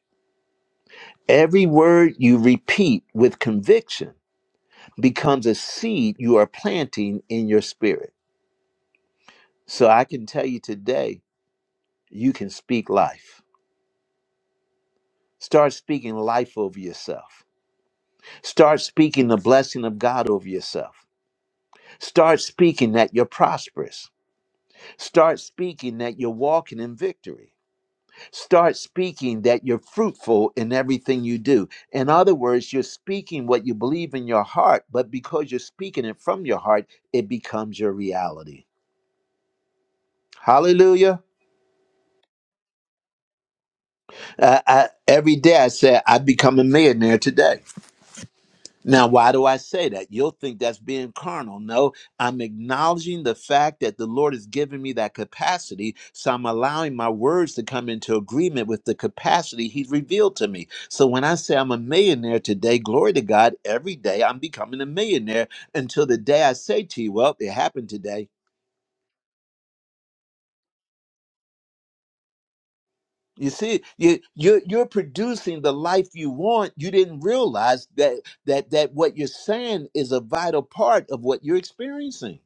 Speaker 1: Every word you repeat with conviction becomes a seed you are planting in your spirit. So I can tell you today, you can speak life. Start speaking life over yourself. Start speaking the blessing of God over yourself. Start speaking that you're prosperous. Start speaking that you're walking in victory Start speaking that you're fruitful in everything you do. In other words, you're speaking what you believe in your heart, but because you're speaking it from your heart, it becomes your reality. Hallelujah. Uh, I, every day I say, I become a millionaire today. Now, why do I say that? You'll think that's being carnal. No, I'm acknowledging the fact that the Lord has given me that capacity. So I'm allowing my words to come into agreement with the capacity He's revealed to me. So when I say I'm a millionaire today, glory to God, every day I'm becoming a millionaire until the day I say to you, well, it happened today. You see, you, you're, you're producing the life you want. You didn't realize that, that, that what you're saying is a vital part of what you're experiencing.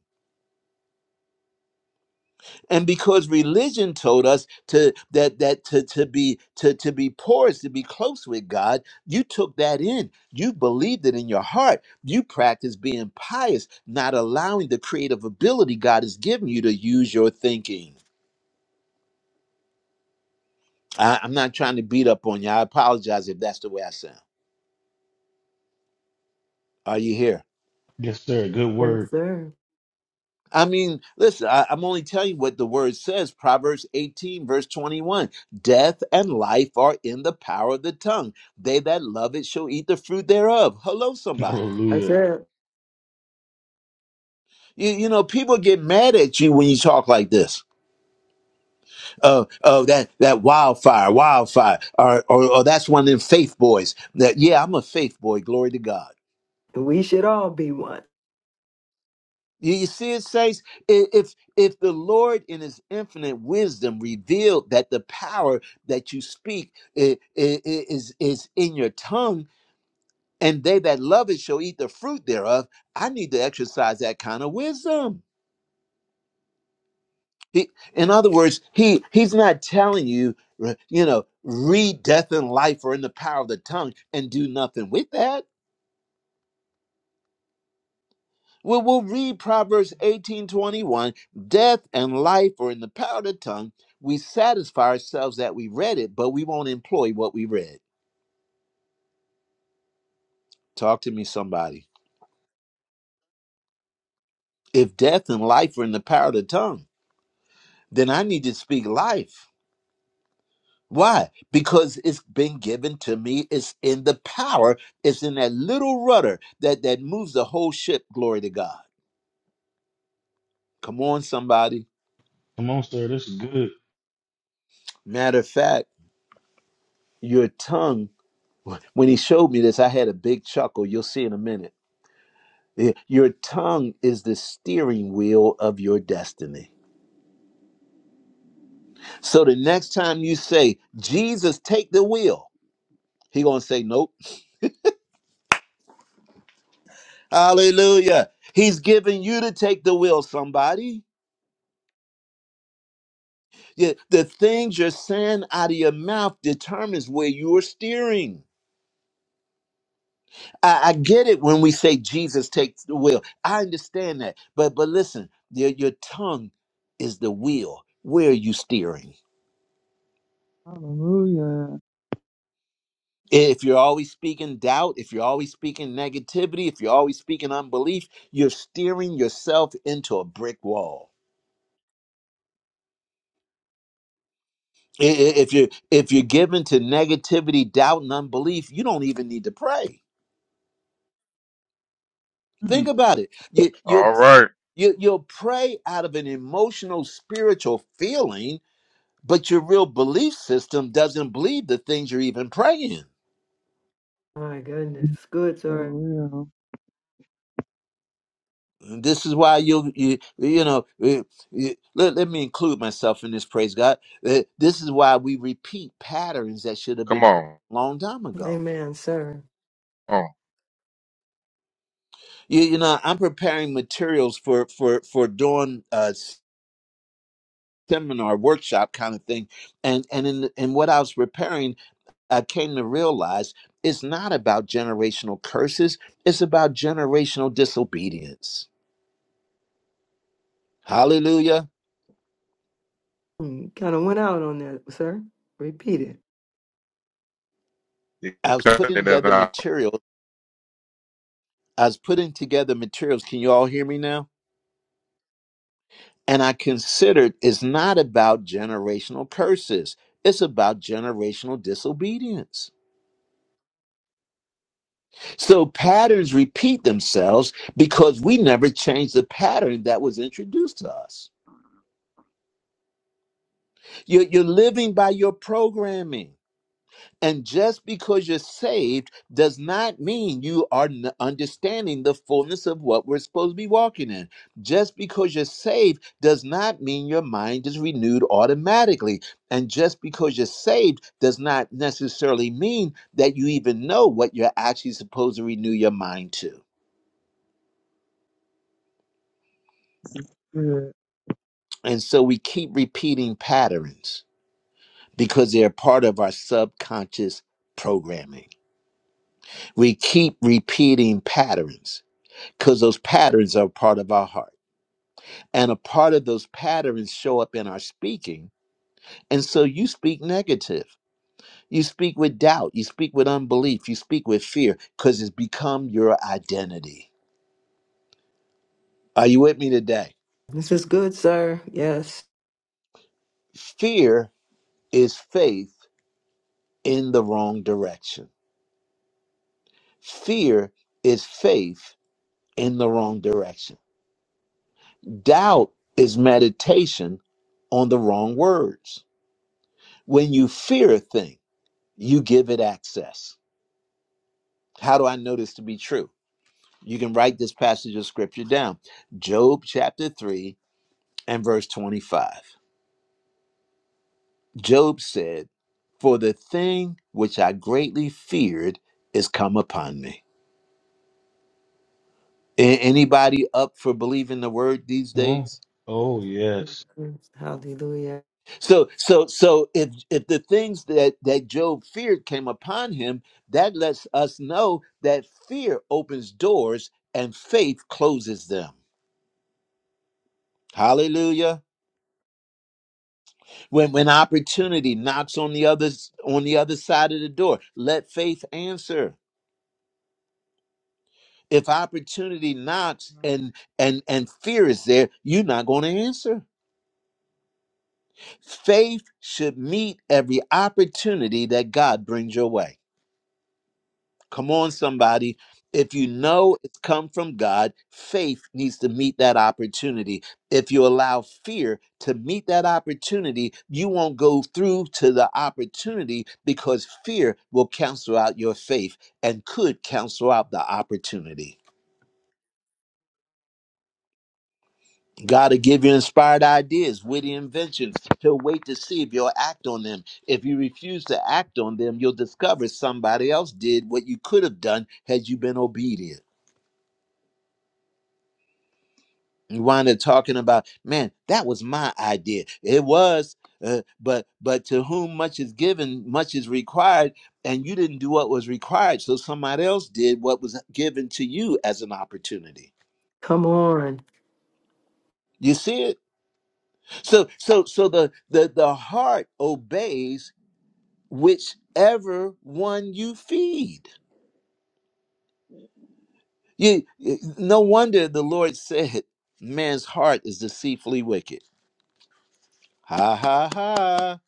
Speaker 1: and because religion told us to that that to, to be to, to be poor is to be close with god you took that in you believed it in your heart you practiced being pious not allowing the creative ability god has given you to use your thinking I, i'm not trying to beat up on you i apologize if that's the way i sound are you here
Speaker 3: Yes, sir. Good
Speaker 5: Yes,
Speaker 3: word.
Speaker 5: sir.
Speaker 1: I mean, listen, I, I'm only telling you what the word says. Proverbs 18, verse 21. Death and life are in the power of the tongue. They that love it shall eat the fruit thereof. Hello, somebody.
Speaker 5: That's
Speaker 3: Hallelujah.
Speaker 5: it.
Speaker 1: You, you know, people get mad at you when you talk like this. Oh, oh, that that wildfire, wildfire, or or, or that's one of them faith boys. That yeah, I'm a faith boy. Glory to God.
Speaker 5: We should all be one.
Speaker 1: You, you see it says i- if if the Lord in his infinite wisdom revealed that the power that you speak i- i- i- is is in your tongue and they that love it shall eat the fruit thereof, I need to exercise that kind of wisdom. He, in other words, he he's not telling you, you know, read death and life are in the power of the tongue and do nothing with that. Well, we'll read Proverbs 18 21. Death and life are in the power of the tongue. We satisfy ourselves that we read it, but we won't employ what we read. Talk to me, somebody. If death and life are in the power of the tongue, then I need to speak life. Why? Because it's been given to me. It's in the power. It's in that little rudder that, that moves the whole ship. Glory to God. Come on, somebody.
Speaker 3: Come on, sir. This is good.
Speaker 1: Matter of fact, your tongue When he showed me this, I had a big chuckle. You'll see in a minute. Yeah, Your tongue is the steering wheel of your destiny. So the next time you say, Jesus, take the wheel, he gonna say, Nope. Hallelujah. He's giving you to take the wheel, somebody. Yeah, the things you're saying out of your mouth determines where you're steering. I, I get it when we say Jesus takes the wheel. I understand that. But but listen, your, your tongue is the wheel. Where are you steering?
Speaker 7: Hallelujah.
Speaker 1: if you're always speaking doubt, if you're always speaking negativity, if you're always speaking unbelief, you're steering yourself into a brick wall. I- i- If you're if you're given to negativity, doubt, and unbelief, you don't even need to pray. Think
Speaker 7: Mm.
Speaker 1: about it. You you'll
Speaker 8: All right.
Speaker 1: you, you'll pray out of an emotional, spiritual feeling, but your real belief system doesn't believe the things you're even praying.
Speaker 5: My goodness. Good,
Speaker 7: For
Speaker 5: sir.
Speaker 7: real.
Speaker 1: This is why you you you know eh, eh, let, let me include myself in this praise God. Eh, This is why we repeat patterns that should have
Speaker 8: Come
Speaker 1: been broken
Speaker 8: on.
Speaker 1: long time ago.
Speaker 5: Amen, sir.
Speaker 8: Oh,
Speaker 1: You you know I'm preparing materials for for for doing a seminar workshop kind of thing, and and in in what I was preparing, I came to realize it's not about generational curses. It's about generational disobedience. Hallelujah.
Speaker 5: Kind of went out on that, sir. Repeat it.
Speaker 8: you
Speaker 1: I was putting
Speaker 8: cutting it
Speaker 1: together
Speaker 8: out.
Speaker 1: material I was putting together materials. Can you all hear me now? And I considered it's not about generational curses, it's about generational disobedience. So patterns repeat themselves because we never changed the pattern that was introduced to us. You're, you're living by your programming. And just because you're saved does not mean you are n- understanding the fullness of what we're supposed to be walking in. Just because you're saved does not mean your mind is renewed automatically. And just because you're saved does not necessarily mean that you even know what you're actually supposed to renew your mind to.
Speaker 7: Good.
Speaker 1: And so we keep repeating patterns because they're part of our subconscious programming. We keep repeating patterns because those patterns are part of our heart. And a part of those patterns show up in our speaking. And so you speak negative. You speak with doubt. You speak with unbelief. You speak with fear because it's become your identity. Are you with me today?
Speaker 5: This is good, sir. Yes.
Speaker 1: Fear is faith in the wrong direction. Fear is faith in the wrong direction. Doubt is meditation on the wrong words. When you fear a thing, you give it access How do I know this to be true? You can write this passage of scripture down. Job chapter 3 and verse 25. Job said, For the thing which I greatly feared is come upon me. A- Anybody up for believing the word these
Speaker 3: Come on.
Speaker 1: days?
Speaker 3: Oh, yes.
Speaker 5: Hallelujah.
Speaker 1: So so so if if the things that that Job feared came upon him, that lets us know that fear opens doors and faith closes them. Hallelujah. when when opportunity knocks on the others on the other side of the door let faith answer if opportunity knocks and and and fear is there you're not going to answer faith should meet every opportunity that god brings your way Come on, somebody. If you know it's come from God, faith needs to meet that opportunity. If you allow fear to meet that opportunity, you won't go through to the opportunity because fear will cancel out your faith and could cancel out the opportunity. God will give you inspired ideas, witty inventions. He'll wait to see if you'll act on them. If you refuse to act on them, you'll discover somebody else did what you could have done had you been obedient. You wind up talking about, man, that was my idea. It was, uh, but but to whom much is given, much is required, and you didn't do what was required, so somebody else did what was given to you as an opportunity.
Speaker 5: Come on.
Speaker 1: You see it? So so so the the the heart obeys whichever one you feed. You no wonder the Lord said, man's heart is deceitfully wicked. Ha ha ha.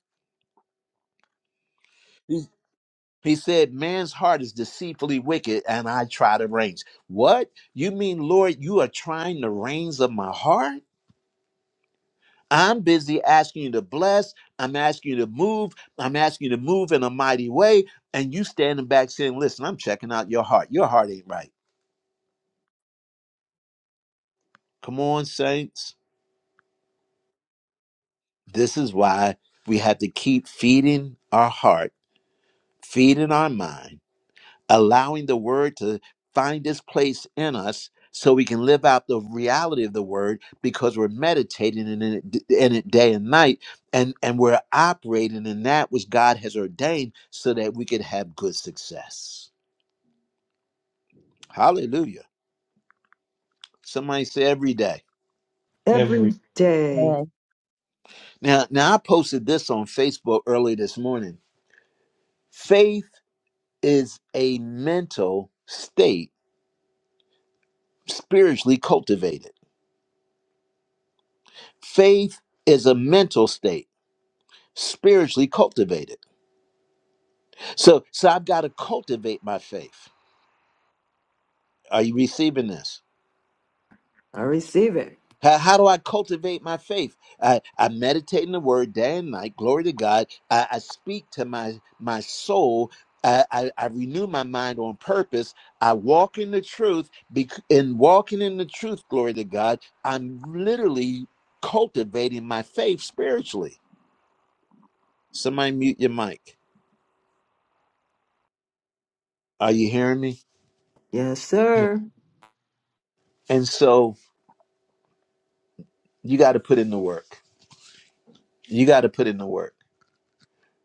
Speaker 1: He said, Man's heart is deceitfully wicked, and I try the reins. What? You mean, Lord, you are trying the reins of my heart? I'm busy asking you to bless. I'm asking you to move. I'm asking you to move in a mighty way. And you standing back saying, Listen, I'm checking out your heart. Your heart ain't right. Come on, saints. This is why we have to keep feeding our heart, feeding our mind allowing the word to find its place in us so we can live out the reality of the word because we're meditating in it, d- in it day and night and and we're operating in that which God has ordained so that we could have good success. Hallelujah. Somebody say every day.
Speaker 5: Every
Speaker 3: Every.
Speaker 5: day.
Speaker 4: thank you,
Speaker 1: Now now I posted this on Facebook early this morning. Faith is a mental state spiritually cultivated. Faith is a mental state spiritually cultivated. So, so I've got to cultivate my faith. Are you receiving this?
Speaker 5: I receive it.
Speaker 1: How, how do I cultivate my faith? I, I meditate in the word day and night. Glory to God. I, I speak to my, my soul. I, I, I renew my mind on purpose. I walk in the truth. Bec- in walking in the truth, glory to God, I'm literally cultivating my faith spiritually. Somebody mute your mic. Are you hearing me?
Speaker 5: Yes,
Speaker 3: Yes,
Speaker 5: sir.
Speaker 1: And so you got to put in the work. You got to put in the work.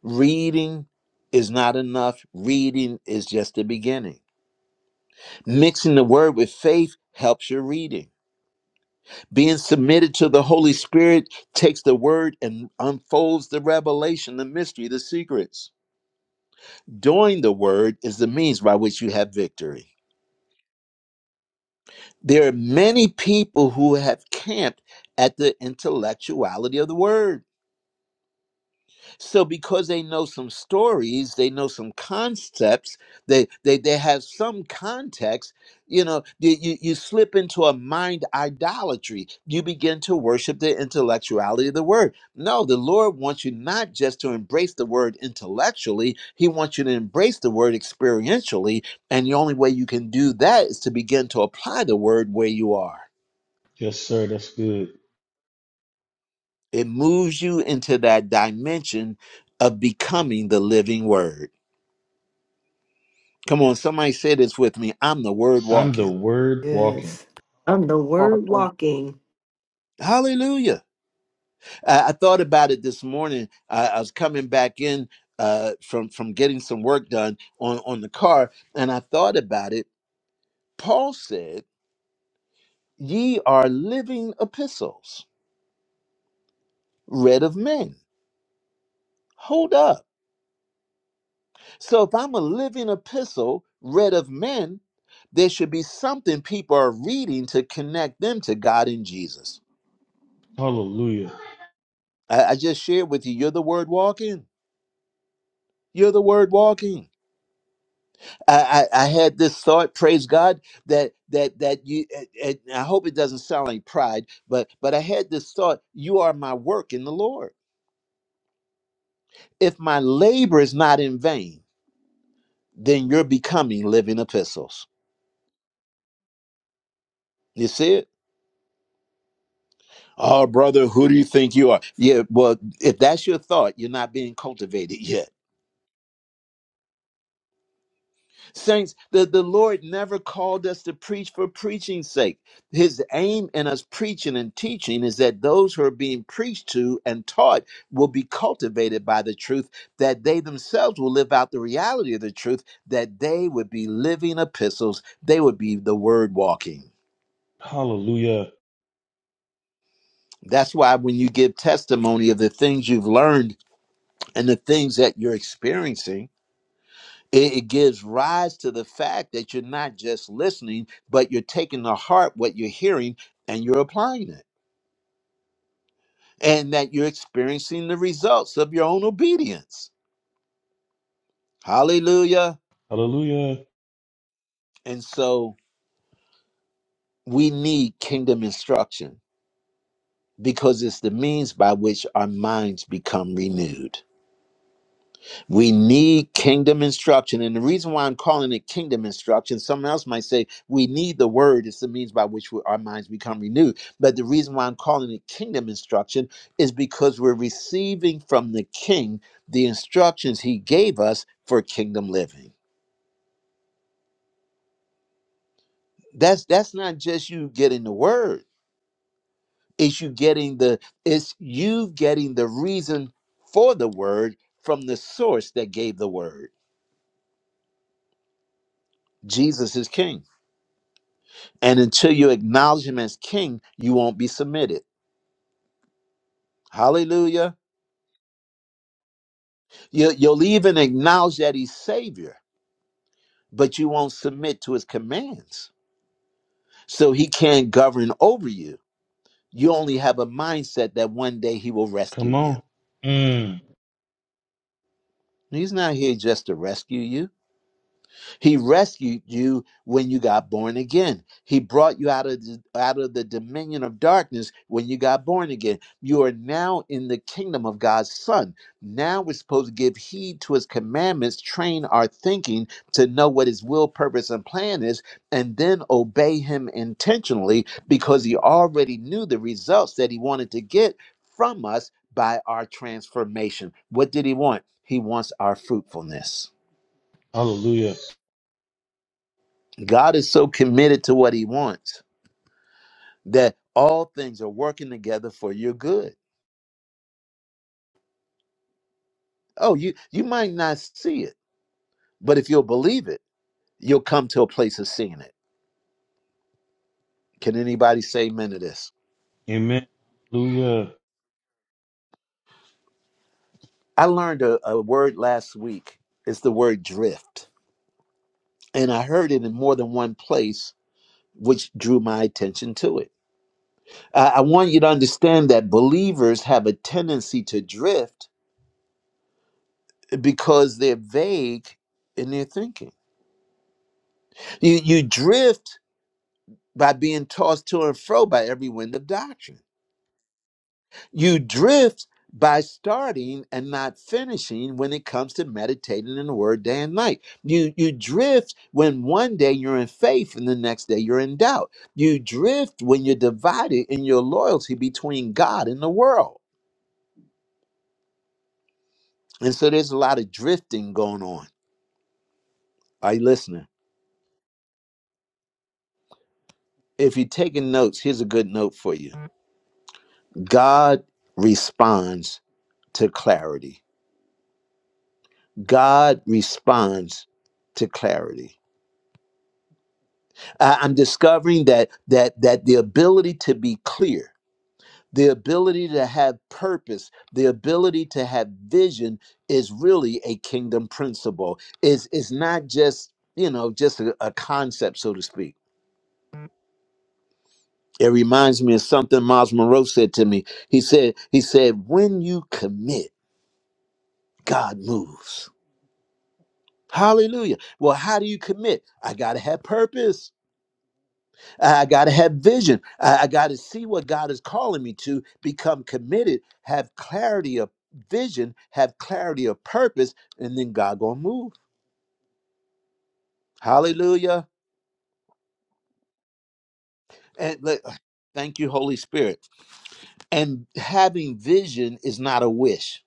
Speaker 1: Reading is not enough. Reading is just the beginning. Mixing the word with faith helps your reading. Being submitted to the Holy Spirit takes the word and unfolds the revelation, the mystery, the secrets. Doing the word is the means by which you have victory. There are many people who have camped at the intellectuality of the word. So because they know some stories, they know some concepts, they they they have some context, you know, you, you, you slip into a mind idolatry. You begin to worship the intellectuality of the word. No, the Lord wants you not just to embrace the word intellectually, he wants you to embrace the word experientially, and the only way you can do that is to begin to apply the word where you are.
Speaker 3: yes sir. That's good.
Speaker 1: It moves you into that dimension of becoming the living word. Come on, somebody say this with me. I'm the word
Speaker 3: I'm the
Speaker 1: walking.
Speaker 3: word walking.
Speaker 5: Yes. I'm the word
Speaker 4: Walking
Speaker 5: walking.
Speaker 1: Hallelujah. I, I thought about it this morning. I, I was coming back in uh, from, from getting some work done on, on the car, and I thought about it. Paul said, Ye are living epistles, read of men. Hold up. So if I'm a living epistle, read of men, there should be something people are reading to connect them to God in Jesus.
Speaker 3: Hallelujah.
Speaker 1: I, I just shared with you, you're the word walking. You're the word walking I, I I had this thought, praise God, that that that you. And and I hope it doesn't sound like pride, but but I had this thought: you are my work in the Lord. If my labor is not in vain, then you're becoming living epistles. You see it? Oh, brother, who do you think you are? Yeah, well, if that's your thought, you're not being cultivated yet. Saints, the, the Lord never called us to preach for preaching's sake. His aim in us preaching and teaching is that those who are being preached to and taught will be cultivated by the truth, that they themselves will live out the reality of the truth, that they would be living epistles, they would be the word walking.
Speaker 3: Hallelujah.
Speaker 1: That's why when you give testimony of the things you've learned and the things that you're experiencing, it, it gives rise to the fact that you're not just listening, but you're taking to heart what you're hearing and you're applying it, and that you're experiencing the results of your own obedience. Hallelujah.
Speaker 3: Hallelujah.
Speaker 1: And so we need kingdom instruction because it's the means by which our minds become renewed. We need kingdom instruction. And the reason why I'm calling it kingdom instruction, someone else might say we need the word. It's the means by which we, our minds become renewed. But the reason why I'm calling it kingdom instruction is because we're receiving from the king the instructions he gave us for kingdom living. That's that's not just you getting the word. It's you getting the it's you getting the reason for the word from the source that gave the word. Jesus is king. And until you acknowledge him as king, you won't be submitted. Hallelujah. You, you'll even acknowledge that he's savior, but you won't submit to his commands. So he can't govern over you. You only have a mindset that one day he will rescue
Speaker 3: Come
Speaker 1: you.
Speaker 3: on. Mm.
Speaker 1: He's not here just to rescue you. He rescued you when you got born again. He brought you out of the, out of the dominion of darkness when you got born again. You are now in the kingdom of God's Son. Now we're supposed to give heed to his commandments, train our thinking to know what his will, purpose, and plan is, and then obey him intentionally because he already knew the results that he wanted to get from us by our transformation. What did he want? He wants our fruitfulness.
Speaker 3: Hallelujah.
Speaker 1: God is so committed to what he wants that all things are working together for your good. Oh, you you might not see it, but if you'll believe it, you'll come to a place of seeing it. Can anybody say amen to this?
Speaker 3: Amen. Hallelujah.
Speaker 1: I learned a, a word last week. It's the word drift. And I heard it in more than one place, which drew my attention to it. I, I want you to understand that believers have a tendency to drift because they're vague in their thinking. You you drift by being tossed to and fro by every wind of doctrine. You drift by starting and not finishing when it comes to meditating in the word day and night. You you drift when one day you're in faith and the next day you're in doubt. You drift when you're divided in your loyalty between God and the world. And so there's a lot of drifting going on. Are you listening? If you're taking notes, here's a good note for you. God responds to clarity. God responds to clarity. I- I'm discovering that that that the ability to be clear, the ability to have purpose, the ability to have vision is really a kingdom principle. Is is not just you know just a, a concept, so to speak. It reminds me of something Miles Monroe said to me. He said he said when you commit, God moves. Hallelujah. Well, how do you commit? I got to have purpose. I got to have vision. I, I got to see what God is calling me to, become committed, have clarity of vision, have clarity of purpose, and then God going to move. Hallelujah. And let- thank you, Holy Spirit. And having vision is not a wish.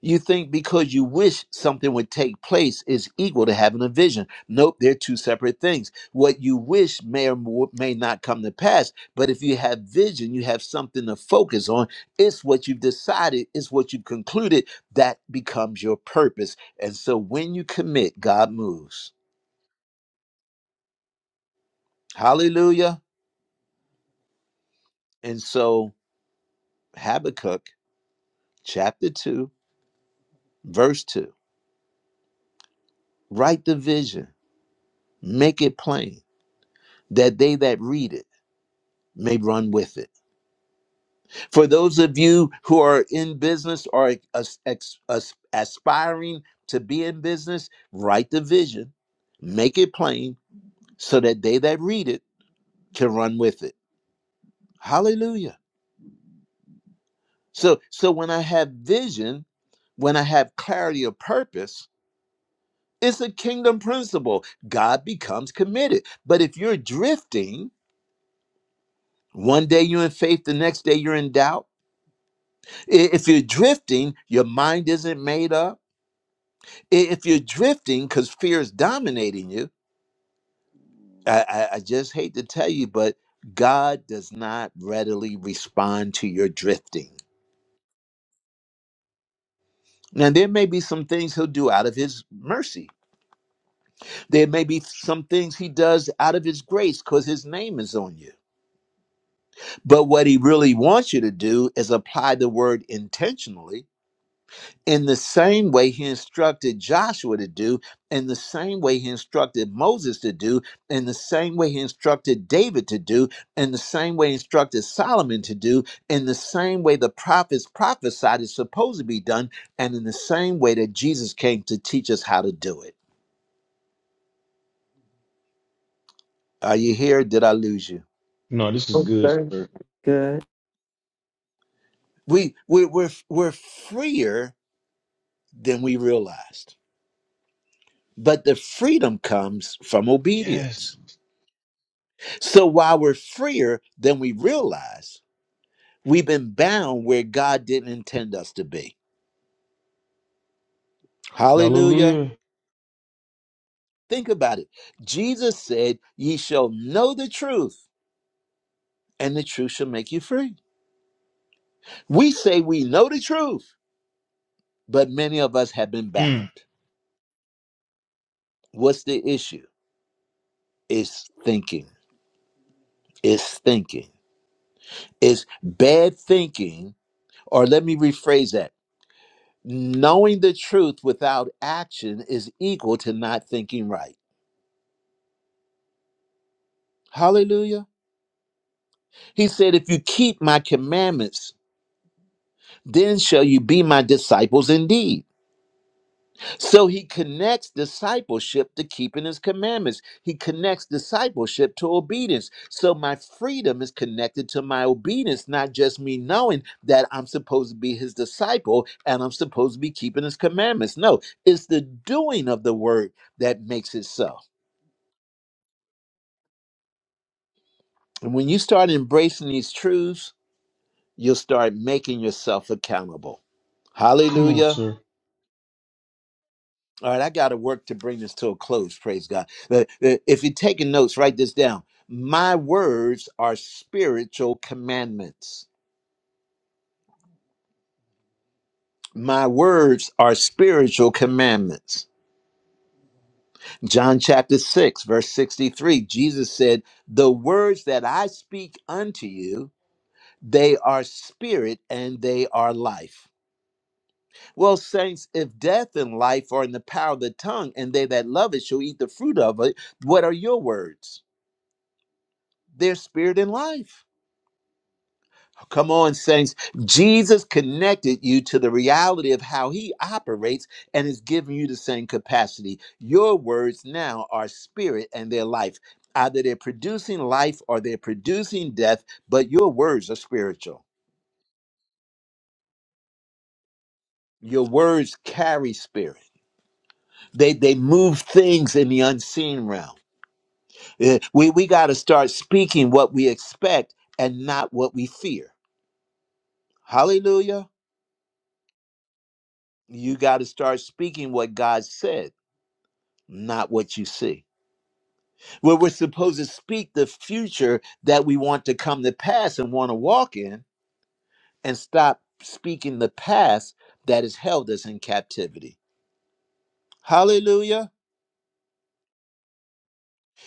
Speaker 1: You think because you wish something would take place is equal to having a vision. Nope, they're two separate things. What you wish may or mo- may not come to pass, but if you have vision, you have something to focus on. It's what you've decided, it's what you've concluded that becomes your purpose. And so when you commit, God moves. Hallelujah. And so Habakkuk chapter 2, verse 2 write the vision, make it plain that they that read it may run with it. For those of you who are in business or as- ex- as- aspiring to be in business, write the vision, make it plain so that they that read it can run with it. Hallelujah. So so when I have vision, when I have clarity of purpose, it's a kingdom principle. God becomes committed. But if you're drifting, one day you're in faith, the next day you're in doubt. I- If you're drifting, your mind isn't made up If you're drifting because fear is dominating you, I, I, I just hate to tell you, but God does not readily respond to your drifting. Now, there may be some things he'll do out of his mercy. There may be some things he does out of his grace because his name is on you. But what he really wants you to do is apply the word intentionally in the same way he instructed Joshua to do, in the same way he instructed Moses to do, in the same way he instructed David to do, in the same way he instructed Solomon to do, in the same way the prophets prophesied is supposed to be done, and in the same way that Jesus came to teach us how to do it. Are you here? Did I lose you?
Speaker 3: No, this is
Speaker 5: Oh,
Speaker 3: good,
Speaker 5: sir.
Speaker 3: sir.
Speaker 5: Good.
Speaker 1: We, we we're we're freer than we realized, but the freedom comes from
Speaker 3: Yes.
Speaker 1: obedience. So while we're freer than we realize, we've been bound where God didn't intend us to be. Hallelujah.
Speaker 3: Hallelujah.
Speaker 1: Think about it. Jesus said, Ye shall know the truth, and the truth shall make you free. We say we know the truth, but many of us have been
Speaker 3: Mm.
Speaker 1: bound. What's the issue? It's thinking. It's thinking. It's bad thinking. Or let me rephrase that knowing the truth without action is equal to not thinking right. Hallelujah. He said, If you keep my commandments, then shall you be my disciples indeed. So he connects discipleship to keeping his commandments. He connects discipleship to obedience. So my freedom is connected to my obedience, not just me knowing that I'm supposed to be his disciple and I'm supposed to be keeping his commandments. No, it's the doing of the word that makes it so. And when you start embracing these truths, you'll start making yourself accountable.
Speaker 3: Come on,
Speaker 1: Hallelujah.
Speaker 3: sir.
Speaker 1: All right, I got to work to bring this to a close. Praise God. The- the- If you're taking notes, write this down. My words are spiritual commandments. My words are spiritual commandments. John chapter 6, verse 63, Jesus said, The words that I speak unto you, they are spirit and they are life. Well, saints, if death and life are in the power of the tongue, and they that love it shall eat the fruit of it, what are your words? their spirit and life. Come on, saints. Jesus connected you to the reality of how he operates and is giving you the same capacity. Your words now are spirit and their life. Either they're producing life or they're producing death, but your words are spiritual. Your words carry spirit. They they move things in the unseen realm. Eh, We we got to start speaking what we expect and not what we fear. Hallelujah. you got to start speaking what God said, not what you see. Where we're supposed to speak the future that we want to come to pass and want to walk in, and stop speaking the past that has held us in captivity. Hallelujah.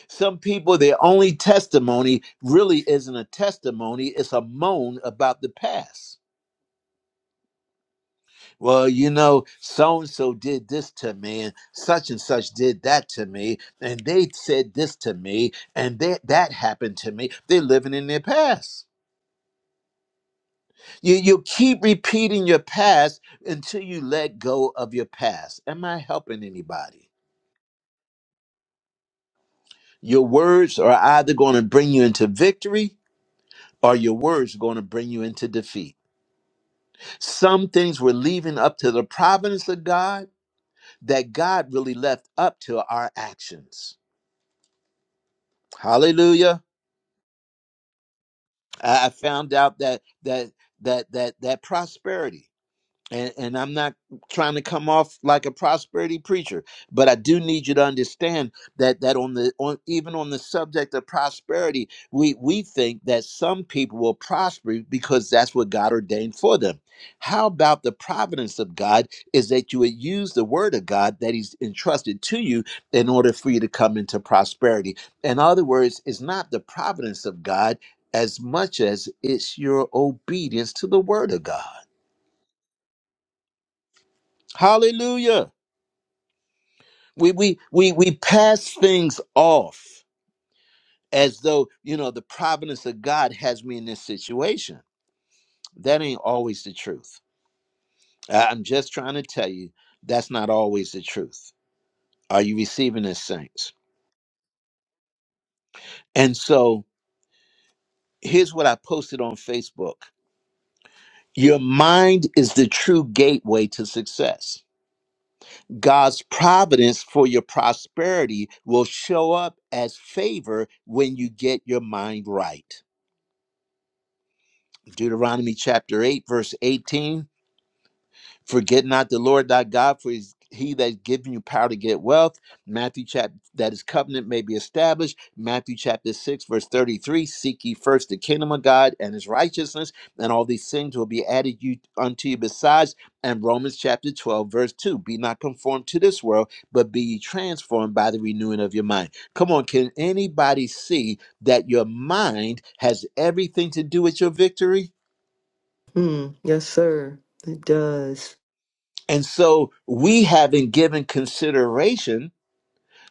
Speaker 1: Some people, their only testimony really isn't a testimony, it's a moan about the past. well, you know, so and so did this to me, and such and such did that to me, and they said this to me, and that that happened to me. They're living in their past. You you keep repeating your past until you let go of your past. Am I helping anybody? Your words are either going to bring you into victory or your words are going to bring you into defeat. Some things we're leaving up to the providence of God that God really left up to our actions. Hallelujah. I I found out that that that that that prosperity and, and I'm not trying to come off like a prosperity preacher, but I do need you to understand that that on the on even on the subject of prosperity, we we think that some people will prosper because that's what God ordained for them. How about the providence of God is that you would use the word of God that He's entrusted to you in order for you to come into prosperity. In other words, it's not the providence of God as much as it's your obedience to the word of God. Hallelujah. we we we we pass things off as though you know the providence of god has me in this situation that ain't always the truth I- i'm just trying to tell you that's not always the truth are you receiving this saints and so here's what i posted on facebook your mind is the true gateway to success god's providence for your prosperity will show up as favor when you get your mind right Deuteronomy chapter 8, verse 18. Forget not the Lord thy God, for he's he that's given you power to get wealth. Matthew chapter that his covenant may be established. Matthew chapter 6, verse 33. Seek ye first the kingdom of God and his righteousness, and all these things will be added you unto you besides. And Romans chapter 12, verse 2. Be not conformed to this world, but be ye transformed by the renewing of your mind. Come on, can anybody see that your mind has everything to do with your victory?
Speaker 5: Hmm. Yes, sir. It does.
Speaker 1: And so we haven't given consideration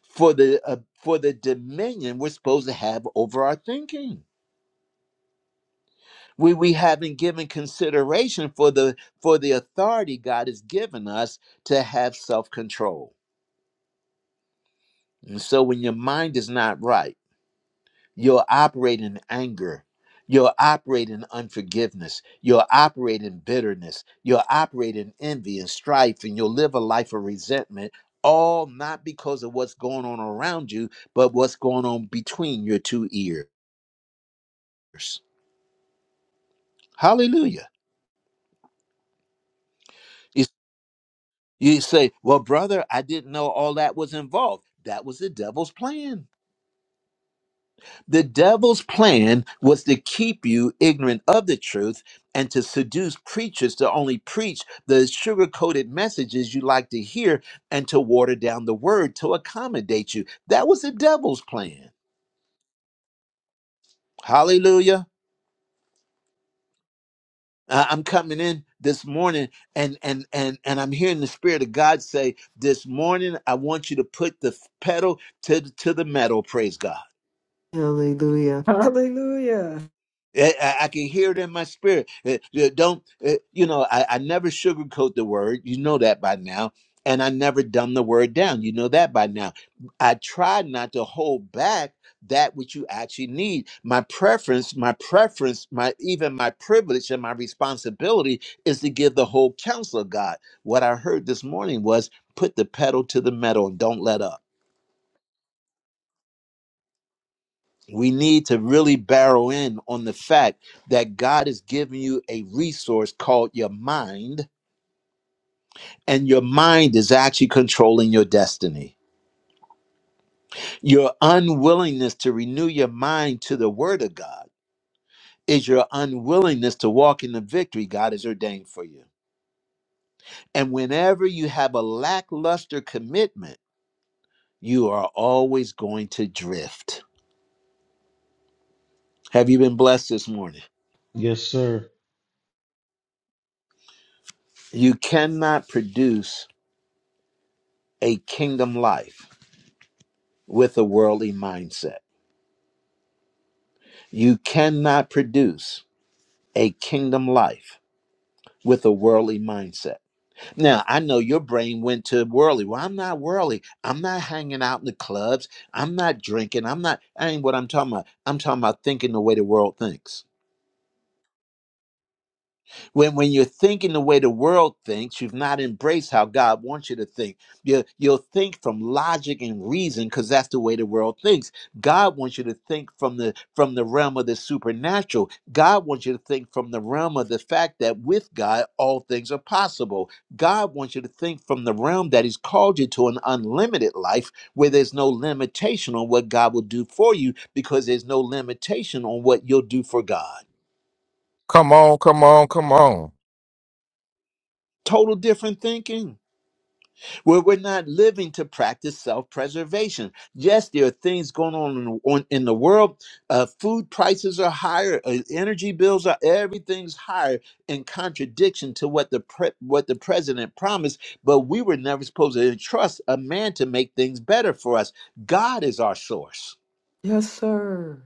Speaker 1: for the uh, for the dominion we're supposed to have over our thinking. We we haven't given consideration for the for the authority God has given us to have self-control. And so when your mind is not right, You'll operate in anger. You'll operate in unforgiveness. You'll operate in bitterness. You'll operate in envy and strife, and you'll live a life of resentment, all not because of what's going on around you, but what's going on between your two ears. Hallelujah. You, you say, Well, brother, I didn't know all that was involved. That was the devil's plan. The devil's plan was to keep you ignorant of the truth and to seduce preachers to only preach the sugar coated messages you like to hear and to water down the word to accommodate you. That was the devil's plan. Hallelujah. I- I'm coming in this morning and and and and I'm hearing the spirit of God say this morning I want you to put the pedal to the, to the metal praise God.
Speaker 5: Hallelujah. Hallelujah.
Speaker 1: Eh, I, I can hear it in my spirit. Eh, eh, Don't, eh, you know, I, I never sugarcoat the word. You know that by now. And I never dumb the word down. You know that by now. I try not to hold back that which you actually need. My preference, my preference, my even my privilege and my responsibility is to give the whole counsel of God. What I heard this morning was put the pedal to the metal and don't let up. we need to really barrel in on the fact that God has given you a resource called your mind, and your mind is actually controlling your destiny. Your unwillingness to renew your mind to the Word of God is your unwillingness to walk in the victory God has ordained for you. And whenever you have a lackluster commitment, you are always going to drift. Have you been blessed this morning?
Speaker 3: Yes, sir.
Speaker 1: You cannot produce a kingdom life with a worldly mindset. You cannot produce a kingdom life with a worldly mindset. Now, I know your brain went to worldly. Well, I'm not worldly. I'm not hanging out in the clubs. I'm not drinking. I'm not, I ain't what I'm talking about. I'm talking about thinking the way the world thinks When, when you're thinking the way the world thinks, you've not embraced how God wants you to think. You, you'll think from logic and reason because that's the way the world thinks. God wants you to think from the from the realm of the supernatural. God wants you to think from the realm of the fact that with God all things are possible. God wants you to think from the realm that He's called you to an unlimited life where there's no limitation on what God will do for you because there's no limitation on what you'll do for God.
Speaker 8: Come on, come on, come on.
Speaker 1: Total different thinking. where we're not living to practice self-preservation. Yes, there are things going on in, on, in the world. Uh, food prices are higher, uh, energy bills are everything's higher, in contradiction to what the pre- what the president promised. But we were never supposed to trust a man to make things better for us. God is our source.
Speaker 5: Yes, sir.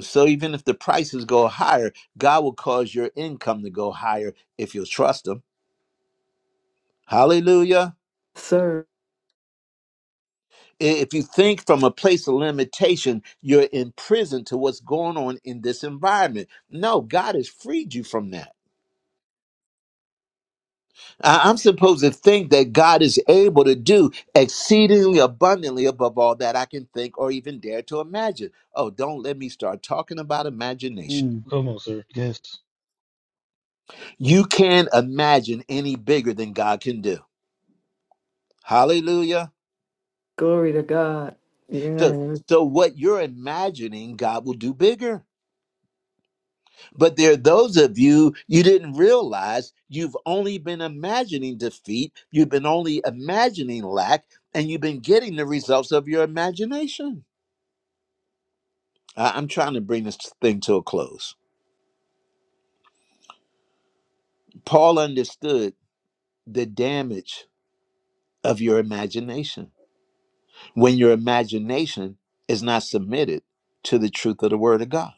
Speaker 1: So even if the prices go higher, God will cause your income to go higher if you'll trust Him. Hallelujah.
Speaker 5: Yes, Sir.
Speaker 1: if you think from a place of limitation, you're imprisoned to what's going on in this environment. No, God has freed you from that. I- I'm supposed to think that God is able to do exceedingly abundantly above all that I can think or even dare to imagine. Oh, don't let me start talking about imagination.
Speaker 3: Ooh, come on, sir. Yes.
Speaker 1: You can't imagine any bigger than God can do. Hallelujah.
Speaker 5: Glory to God.
Speaker 1: So,
Speaker 5: Yeah,
Speaker 1: so what you're imagining, God will do bigger. But there are those of you, you didn't realize you've only been imagining defeat, you've been only imagining lack, and you've been getting the results of your imagination. I- I'm trying to bring this thing to a close. Paul understood the damage of your imagination when your imagination is not submitted to the truth of the word of God.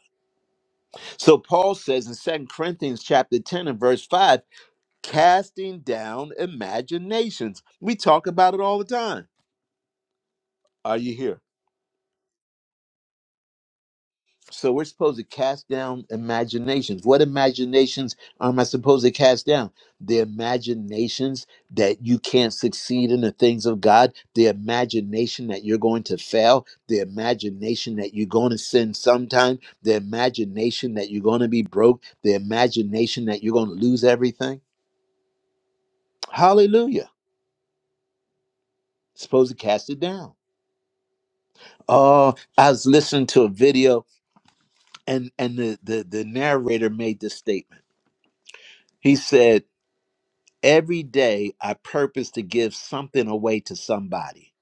Speaker 1: So Paul says in Second Corinthians chapter 10 and verse 5, casting down imaginations. We talk about it all the time Are you here? So we're supposed to cast down imaginations. What imaginations am I supposed to cast down? The imaginations that you can't succeed in the things of God, the imagination that you're going to fail, the imagination that you're going to sin sometime, the imagination that you're going to be broke, the imagination that you're going to lose everything. Hallelujah. Supposed to cast it down. Oh, I was listening to a video and and the the, the narrator made this statement. He said Every day, I purpose to give something away to somebody.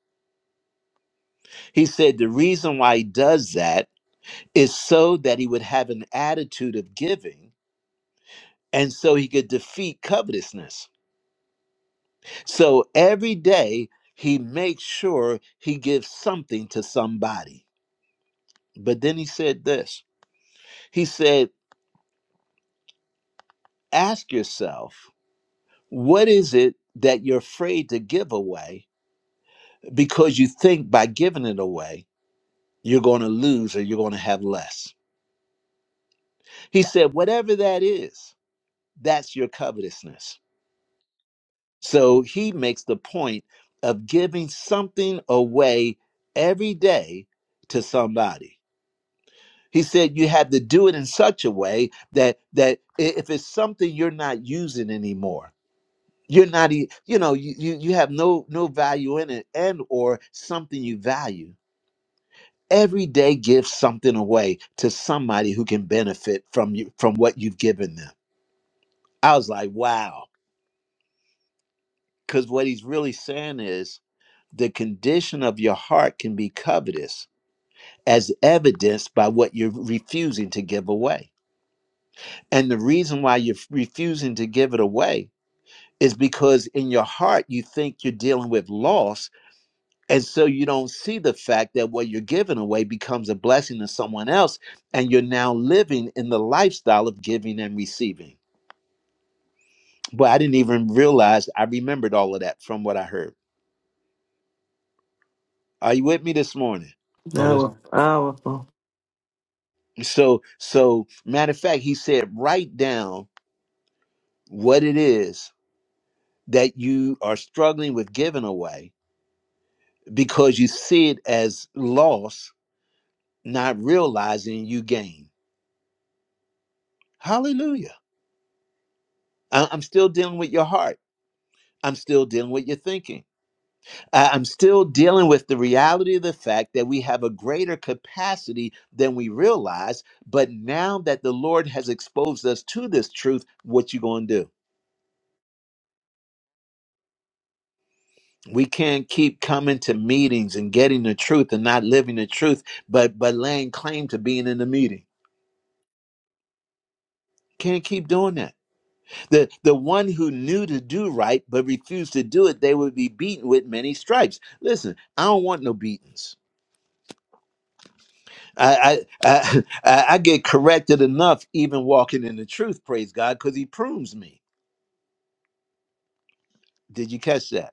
Speaker 1: He said the reason why he does that is so that he would have an attitude of giving and so he could defeat covetousness. So every day, he makes sure he gives something to somebody. But then he said this he said, Ask yourself, what is it that you're afraid to give away because you think by giving it away, you're going to lose or you're going to have less? He said, whatever that is, that's your covetousness. So he makes the point of giving something away every day to somebody. He said you have to do it in such a way that that i- if it's something you're not using anymore, you're not e- you know you you, you have no no value in it and or something you value. Every day give something away to somebody who can benefit from you from what you've given them. I was like, wow Because what he's really saying is the condition of your heart can be covetous, as evidenced by what you're refusing to give away. And the reason why you're refusing to give it away is because in your heart you think you're dealing with loss. And so you don't see the fact that what you're giving away becomes a blessing to someone else. And you're now living in the lifestyle of giving and receiving. But I didn't even realize I remembered all of that from what I heard. Are you with me this morning?
Speaker 3: Oh,
Speaker 5: that
Speaker 3: that's
Speaker 5: was powerful.
Speaker 1: So, so matter of fact, he said, write down what it is that you are struggling with giving away because you see it as loss, not realizing you gain. Hallelujah. I- I'm still dealing with your heart. I'm still dealing with your thinking. I- I'm still dealing with the reality of the fact that we have a greater capacity than we realize. But now that the Lord has exposed us to this truth, what you going to do? we can't keep coming to meetings and getting the truth and not living the truth but but laying claim to being in the meeting can't keep doing that the the one who knew to do right but refused to do it they would be beaten with many stripes listen i don't want no beatings i i i, I get corrected enough even walking in the truth praise god because he prunes me did you catch that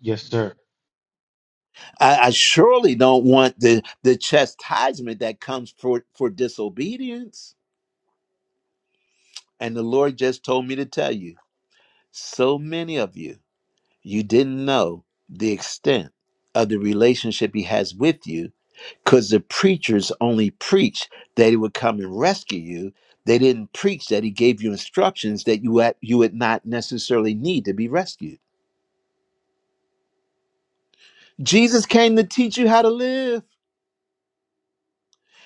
Speaker 3: yes, sir.
Speaker 1: I, I surely don't want the the chastisement that comes for for disobedience And the Lord just told me to tell you so many of you, you didn't know the extent of the relationship He has with you because the preachers only preached that He would come and rescue you. They didn't preach that He gave you instructions that you, had, you would not necessarily need to be rescued. Jesus came to teach you how to live.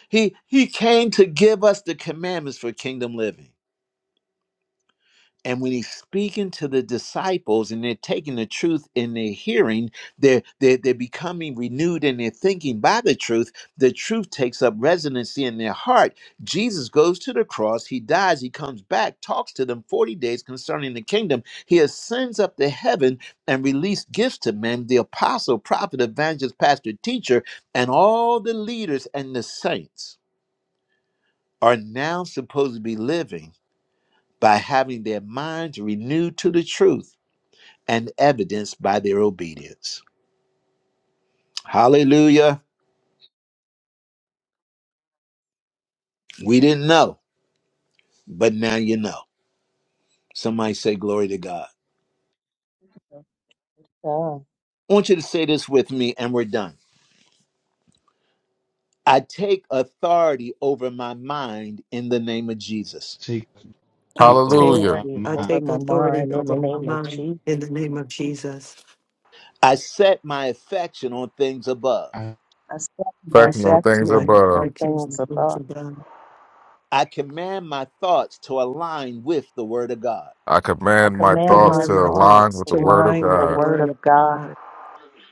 Speaker 1: He, he came to give us the commandments for kingdom living. And when he's speaking to the disciples and they're taking the truth in their hearing, they're, they're, they're becoming renewed in their thinking by the truth. The truth takes up residency in their heart. Jesus goes to the cross, he dies, he comes back, talks to them 40 days concerning the kingdom. He ascends up to heaven and released gifts to men the apostle, prophet, evangelist, pastor, teacher, and all the leaders and the saints are now supposed to be living by having their minds renewed to the truth and evidenced by their obedience. Hallelujah. We didn't know, but now you know. Somebody say, Glory to God.
Speaker 4: with God,
Speaker 1: I want you to say this with me, and we're done. I take authority over my mind in the name of Jesus.
Speaker 3: Take
Speaker 5: I
Speaker 3: me over
Speaker 5: take,
Speaker 8: Hallelujah.
Speaker 3: my
Speaker 4: authority
Speaker 5: I
Speaker 3: mind.
Speaker 4: over
Speaker 5: take
Speaker 4: my
Speaker 5: authority
Speaker 4: mind in the
Speaker 5: over my
Speaker 4: name of
Speaker 5: mind
Speaker 4: Jesus.
Speaker 5: in the name of Jesus.
Speaker 1: I set my affection on things above.
Speaker 3: I
Speaker 4: I set
Speaker 5: I
Speaker 4: my
Speaker 8: Thinking on
Speaker 5: set
Speaker 8: things
Speaker 5: my
Speaker 4: affection
Speaker 8: above.
Speaker 4: on
Speaker 5: affections
Speaker 4: things
Speaker 5: and things
Speaker 4: above
Speaker 5: to God.
Speaker 1: I command my thoughts to align with the Word of God.
Speaker 8: I
Speaker 4: I
Speaker 8: command my
Speaker 5: I
Speaker 4: command
Speaker 8: thoughts
Speaker 4: my
Speaker 8: to
Speaker 5: command my
Speaker 4: thoughts
Speaker 8: align
Speaker 5: thoughts
Speaker 8: with
Speaker 4: to
Speaker 8: the
Speaker 5: to
Speaker 8: word of
Speaker 4: align
Speaker 5: align
Speaker 4: with
Speaker 5: with
Speaker 4: the
Speaker 5: the
Speaker 8: God.
Speaker 4: Word
Speaker 5: word
Speaker 4: of
Speaker 5: of
Speaker 4: God
Speaker 5: God.
Speaker 4: and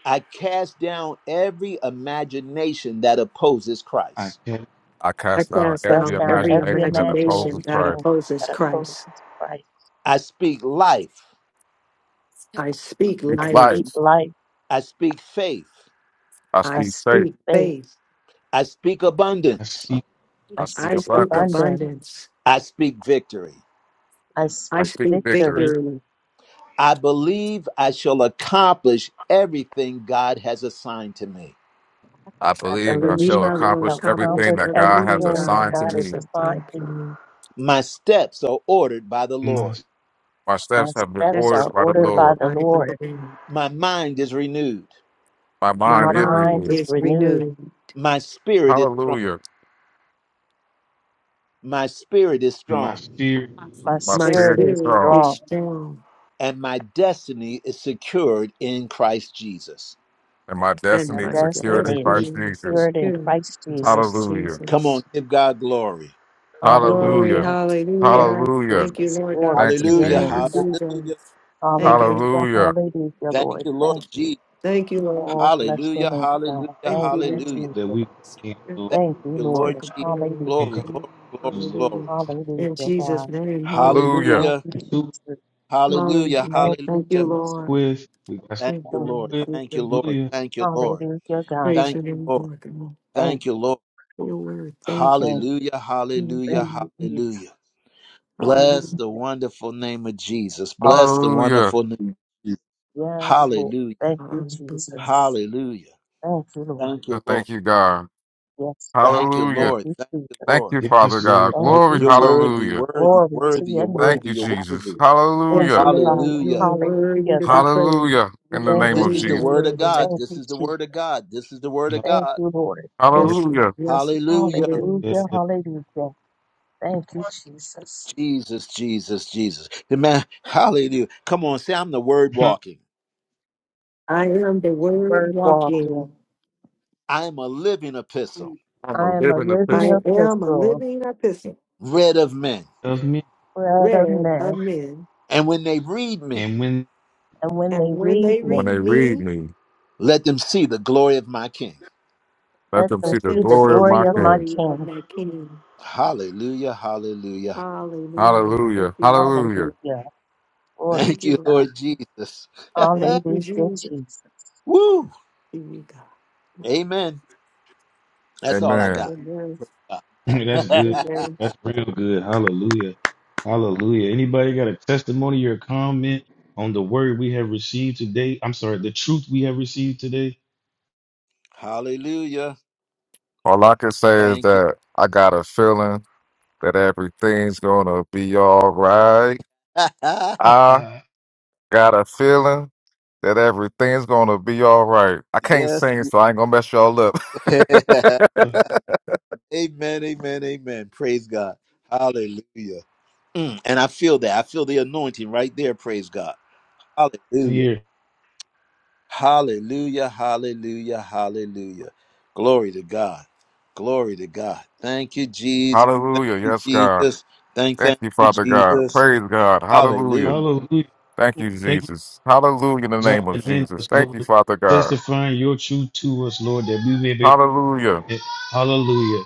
Speaker 1: I cast down every imagination that opposes
Speaker 3: I
Speaker 1: Christ.
Speaker 3: can't.
Speaker 8: I
Speaker 5: I
Speaker 8: cast down
Speaker 5: cast
Speaker 8: every
Speaker 4: cast
Speaker 5: down
Speaker 4: down
Speaker 5: every
Speaker 4: every
Speaker 8: imagination that opposes
Speaker 5: imagination
Speaker 4: imagination
Speaker 5: that
Speaker 8: Christ.
Speaker 5: opposes
Speaker 4: that opposes
Speaker 5: Christ.
Speaker 4: Christ.
Speaker 1: I speak life
Speaker 5: I speak
Speaker 8: I
Speaker 4: I
Speaker 8: speak
Speaker 5: life.
Speaker 4: speak
Speaker 8: life.
Speaker 4: life.
Speaker 1: I speak faith.
Speaker 8: I
Speaker 5: I
Speaker 4: I
Speaker 8: speak
Speaker 4: speak
Speaker 8: faith.
Speaker 5: speak
Speaker 4: faith.
Speaker 5: faith.
Speaker 1: I speak
Speaker 3: I
Speaker 1: abundance.
Speaker 3: speak
Speaker 8: I
Speaker 4: I
Speaker 8: speak
Speaker 5: I
Speaker 4: speak
Speaker 5: speak
Speaker 8: abundance.
Speaker 4: abundance.
Speaker 5: abundance.
Speaker 1: I speak victory.
Speaker 4: I
Speaker 8: I
Speaker 5: I
Speaker 4: speak
Speaker 8: speak
Speaker 5: speak.
Speaker 8: victory.
Speaker 4: victory.
Speaker 5: I
Speaker 1: I believe I shall accomplish everything God has assigned to me.
Speaker 8: I
Speaker 4: I
Speaker 8: believe I
Speaker 3: the
Speaker 8: shall
Speaker 5: believe
Speaker 4: believe
Speaker 5: I
Speaker 4: I
Speaker 3: spirit,
Speaker 5: will
Speaker 8: accomplish
Speaker 4: shall
Speaker 5: accomplish
Speaker 8: everything
Speaker 4: accomplish
Speaker 8: that God has
Speaker 5: everything
Speaker 4: everything
Speaker 5: God
Speaker 4: that
Speaker 8: assigned to
Speaker 4: God has
Speaker 5: has
Speaker 8: me.
Speaker 4: assigned
Speaker 5: done for
Speaker 4: to me.
Speaker 5: me.
Speaker 1: My steps are ordered by the
Speaker 3: my
Speaker 1: Lord.
Speaker 8: My
Speaker 4: My
Speaker 8: steps have been
Speaker 4: steps
Speaker 5: steps
Speaker 4: are
Speaker 8: ordered by the
Speaker 4: ordered
Speaker 5: supported
Speaker 4: by
Speaker 8: Lord.
Speaker 4: the
Speaker 5: by the
Speaker 4: Lord.
Speaker 5: wind.
Speaker 1: My mind is renewed.
Speaker 8: My
Speaker 5: My
Speaker 4: My
Speaker 8: mind is
Speaker 4: mind
Speaker 8: renewed.
Speaker 4: is
Speaker 5: spirit,
Speaker 4: renewed.
Speaker 1: My spirit is strong.
Speaker 8: Hallelujah.
Speaker 1: My spirit is
Speaker 3: my
Speaker 1: strong.
Speaker 3: spirit
Speaker 4: My
Speaker 8: My
Speaker 5: my
Speaker 4: spirit
Speaker 8: spirit is
Speaker 4: is
Speaker 5: spirit
Speaker 8: strong,
Speaker 5: is
Speaker 4: strong.
Speaker 5: strong,
Speaker 1: And my destiny is secured in Christ Jesus.
Speaker 8: and my
Speaker 4: My
Speaker 5: and
Speaker 8: destiny is
Speaker 5: my
Speaker 8: secured in
Speaker 3: Christ
Speaker 4: destiny is
Speaker 3: Jesus,
Speaker 8: Christ
Speaker 5: destiny is
Speaker 8: Jesus.
Speaker 4: secured in
Speaker 5: secure.
Speaker 4: Christ
Speaker 5: Christ
Speaker 4: Jesus.
Speaker 8: Hallelujah.
Speaker 1: Come on,
Speaker 5: Jesus.
Speaker 1: give God glory.
Speaker 5: Glory,
Speaker 4: Hallelujah.
Speaker 8: Hallelujah.
Speaker 4: Thank
Speaker 5: hallelujah.
Speaker 4: you,
Speaker 8: Hallelujah.
Speaker 5: Thank you,
Speaker 4: Jesus.
Speaker 5: Lord
Speaker 4: Glory
Speaker 5: God.
Speaker 8: Thank you,
Speaker 4: to your
Speaker 1: Hallelujah.
Speaker 5: Thank
Speaker 4: name,
Speaker 5: you,
Speaker 8: Jesus.
Speaker 4: God.
Speaker 1: Hallelujah.
Speaker 5: Jesus. Thank you.
Speaker 4: Hallelujah,
Speaker 5: Lord.
Speaker 8: Hallelujah.
Speaker 4: hallelujah,
Speaker 1: Thank
Speaker 4: Lord.
Speaker 1: you, Lord
Speaker 4: Thank you.
Speaker 1: Jesus.
Speaker 5: Thank you, Lord.
Speaker 4: Oh, bless your
Speaker 1: Hallelujah.
Speaker 4: name,
Speaker 1: Hallelujah.
Speaker 4: God.
Speaker 5: Thank
Speaker 4: Thank
Speaker 5: you,
Speaker 4: you,
Speaker 1: Hallelujah.
Speaker 5: Lord.
Speaker 3: that
Speaker 4: Jesus.
Speaker 3: we can Lord.
Speaker 1: Thank
Speaker 4: Thank you,
Speaker 1: you,
Speaker 5: Enter
Speaker 1: Lord
Speaker 4: Lord.
Speaker 1: Jesus.
Speaker 5: completely.
Speaker 4: Hallelujah,
Speaker 3: And
Speaker 1: Glory,
Speaker 3: come,
Speaker 1: glory, glory,
Speaker 3: Lord.
Speaker 5: Hallelujah.
Speaker 1: glory.
Speaker 4: hallelujah,
Speaker 5: In Jesus'
Speaker 4: God.
Speaker 5: name,
Speaker 8: Hallelujah.
Speaker 5: hallelujah.
Speaker 4: Thank
Speaker 1: Hallelujah,
Speaker 4: you,
Speaker 3: Two,
Speaker 4: Jesus.
Speaker 1: hallelujah,
Speaker 3: we
Speaker 5: Hallelujah.
Speaker 3: have
Speaker 4: Thank you,
Speaker 5: Thank you,
Speaker 1: hallelujah.
Speaker 4: Jesus.
Speaker 5: Lord.
Speaker 3: with. We got stuff
Speaker 1: Thank
Speaker 5: Thank
Speaker 1: you,
Speaker 3: to
Speaker 4: Thank you.
Speaker 3: work
Speaker 1: Lord.
Speaker 5: you,
Speaker 3: with.
Speaker 5: Lord.
Speaker 1: Thank you,
Speaker 5: Jesus.
Speaker 1: Lord.
Speaker 3: Hallelujah.
Speaker 1: Thank you, Lord.
Speaker 4: Hallelujah, God.
Speaker 5: Praise
Speaker 1: Thank you,
Speaker 5: your name,
Speaker 1: Lord.
Speaker 5: Lord. God.
Speaker 4: Thank
Speaker 1: Thank you,
Speaker 4: you,
Speaker 1: Lord.
Speaker 5: Your word. Thank you. for.
Speaker 4: thank you,
Speaker 1: Hallelujah, hallelujah,
Speaker 4: thank you,
Speaker 5: Mhm.
Speaker 4: Jesus.
Speaker 1: hallelujah.
Speaker 4: Hallelujah.
Speaker 1: Bless
Speaker 5: Hallelujah.
Speaker 1: the wonderful name of Jesus.
Speaker 4: Thank
Speaker 1: Bless
Speaker 4: you,
Speaker 1: the
Speaker 4: Father.
Speaker 8: Hallelujah.
Speaker 1: wonderful name of Jesus.
Speaker 4: Yes, Lord.
Speaker 1: Hallelujah,
Speaker 4: Thank you,
Speaker 5: Hallelujah.
Speaker 4: Jesus.
Speaker 1: hallelujah.
Speaker 4: Thank you, Lord.
Speaker 1: Thank you, Lord.
Speaker 8: Thank you, God.
Speaker 4: Yes, God.
Speaker 1: Thank you,
Speaker 4: Thank
Speaker 8: Hallelujah.
Speaker 1: Lord.
Speaker 4: you,
Speaker 1: Thank you,
Speaker 4: Jesus.
Speaker 8: Thank
Speaker 1: Lord.
Speaker 8: you, Father
Speaker 3: Yes,
Speaker 8: God.
Speaker 3: Lord.
Speaker 4: Thank
Speaker 8: Glory.
Speaker 4: you,
Speaker 1: You're
Speaker 3: Hallelujah.
Speaker 4: Jesus.
Speaker 1: worthy,
Speaker 8: Hallelujah.
Speaker 1: worthy,
Speaker 4: Glory to
Speaker 1: worthy. You're
Speaker 4: your
Speaker 8: Thank
Speaker 4: name,
Speaker 1: worthy,
Speaker 8: you,
Speaker 1: you're
Speaker 4: God.
Speaker 8: Jesus.
Speaker 1: worthy.
Speaker 4: Thank
Speaker 5: Yes,
Speaker 8: Hallelujah.
Speaker 4: you, Father.
Speaker 5: Lord, you are
Speaker 1: Hallelujah.
Speaker 5: worthy
Speaker 4: Hallelujah,
Speaker 5: to be
Speaker 4: God.
Speaker 5: praised.
Speaker 8: Hallelujah. In
Speaker 5: You
Speaker 8: the
Speaker 5: are
Speaker 4: Thank
Speaker 8: name
Speaker 1: This
Speaker 4: you,
Speaker 8: of
Speaker 1: is
Speaker 5: worthy
Speaker 1: the
Speaker 5: to
Speaker 8: Jesus.
Speaker 5: be
Speaker 1: word
Speaker 4: Jesus.
Speaker 1: of God.
Speaker 5: worthy.
Speaker 4: Thank
Speaker 1: This
Speaker 4: you,
Speaker 1: is the
Speaker 4: Jesus.
Speaker 1: word of God. This is the word of
Speaker 4: Thank
Speaker 3: Hallelujah.
Speaker 1: God.
Speaker 4: you, Lord. Thank
Speaker 5: Yes,
Speaker 4: you.
Speaker 8: Hallelujah.
Speaker 5: yes,
Speaker 1: Hallelujah.
Speaker 3: Yes.
Speaker 4: Hallelujah,
Speaker 5: yes.
Speaker 4: hallelujah. Thank you, Jesus.
Speaker 1: Jesus, Jesus, Jesus. Amen. Hallelujah. Come on, say, I'm the word
Speaker 3: Not
Speaker 1: walking.
Speaker 5: I am the word
Speaker 4: Word walking.
Speaker 5: walking.
Speaker 1: I am a living epistle,
Speaker 8: I'm a
Speaker 4: I am a
Speaker 8: living
Speaker 4: living
Speaker 5: I
Speaker 8: epistle.
Speaker 5: am a
Speaker 4: epistle,
Speaker 5: living epistle,
Speaker 1: read of men.
Speaker 3: of me.
Speaker 4: bread of
Speaker 5: read of
Speaker 4: men,
Speaker 5: men.
Speaker 1: And when they read me,
Speaker 3: And when
Speaker 4: and when they
Speaker 5: And when
Speaker 4: read
Speaker 5: they
Speaker 4: me,
Speaker 8: When they
Speaker 5: read
Speaker 8: read
Speaker 5: me,
Speaker 8: me,
Speaker 1: let them see the glory of my King.
Speaker 8: let
Speaker 4: let
Speaker 8: them
Speaker 4: them
Speaker 8: see
Speaker 5: let
Speaker 8: the
Speaker 4: see
Speaker 5: them
Speaker 4: the
Speaker 8: glory
Speaker 5: see
Speaker 8: of
Speaker 5: the
Speaker 4: glory
Speaker 8: my
Speaker 4: of my
Speaker 8: King.
Speaker 5: glory of
Speaker 4: King.
Speaker 5: my King.
Speaker 1: Hallelujah. Hallelujah.
Speaker 5: Hallelujah. Thank
Speaker 8: Hallelujah.
Speaker 5: you, Lord.
Speaker 8: Hallelujah.
Speaker 4: Hallelujah. Glory
Speaker 1: Thank
Speaker 5: Thank you,
Speaker 4: to
Speaker 1: you,
Speaker 4: God.
Speaker 5: Lord.
Speaker 1: Lord Jesus.
Speaker 5: Thank you,
Speaker 4: Hallelujah,
Speaker 5: Jesus.
Speaker 4: Jesus.
Speaker 1: Woo.
Speaker 5: Thank you, God.
Speaker 1: Amen. That's all I
Speaker 8: Amen.
Speaker 1: got.
Speaker 5: Mm. Amen.
Speaker 3: That's good.
Speaker 5: Amen.
Speaker 3: That's real good. Hallelujah. Hallelujah. Anybody got a testimony or comment on the word we have received today? I'm sorry, the truth we have received today.
Speaker 1: hallelujah.
Speaker 8: All I can say is
Speaker 1: Thank you.
Speaker 8: that I got a feeling that everything's gonna be all right. I got a feeling that everything's gonna be all right. I can't
Speaker 1: yes.
Speaker 8: sing, so I ain't gonna mess y'all up.
Speaker 1: Amen, amen, amen. Praise God. Hallelujah. Mm, and I feel that. I feel the anointing right there. Praise God. Hallelujah.
Speaker 3: Here.
Speaker 1: Hallelujah. Hallelujah. Hallelujah. Glory to God. Glory to God. Thank you, Jesus. Thank
Speaker 8: Hallelujah.
Speaker 1: you,
Speaker 8: Yes, God.
Speaker 1: Jesus. Thank,
Speaker 8: Thank
Speaker 1: thank
Speaker 8: you,
Speaker 1: you,
Speaker 8: Father God.
Speaker 1: Jesus.
Speaker 8: Praise God.
Speaker 3: Uh,
Speaker 8: Hallelujah.
Speaker 1: Hallelujah.
Speaker 3: Hallelujah.
Speaker 8: Thank you,
Speaker 1: Mm,
Speaker 3: Thank you
Speaker 8: Jesus. Hallelujah in
Speaker 3: for
Speaker 8: the name of
Speaker 3: residing in
Speaker 8: Jesus.
Speaker 3: us,
Speaker 8: Thank you,
Speaker 3: Lord.
Speaker 8: Father God.
Speaker 3: Testifying your truth to us, Lord, that we may be.
Speaker 8: Hallelujah.
Speaker 3: Hallelujah.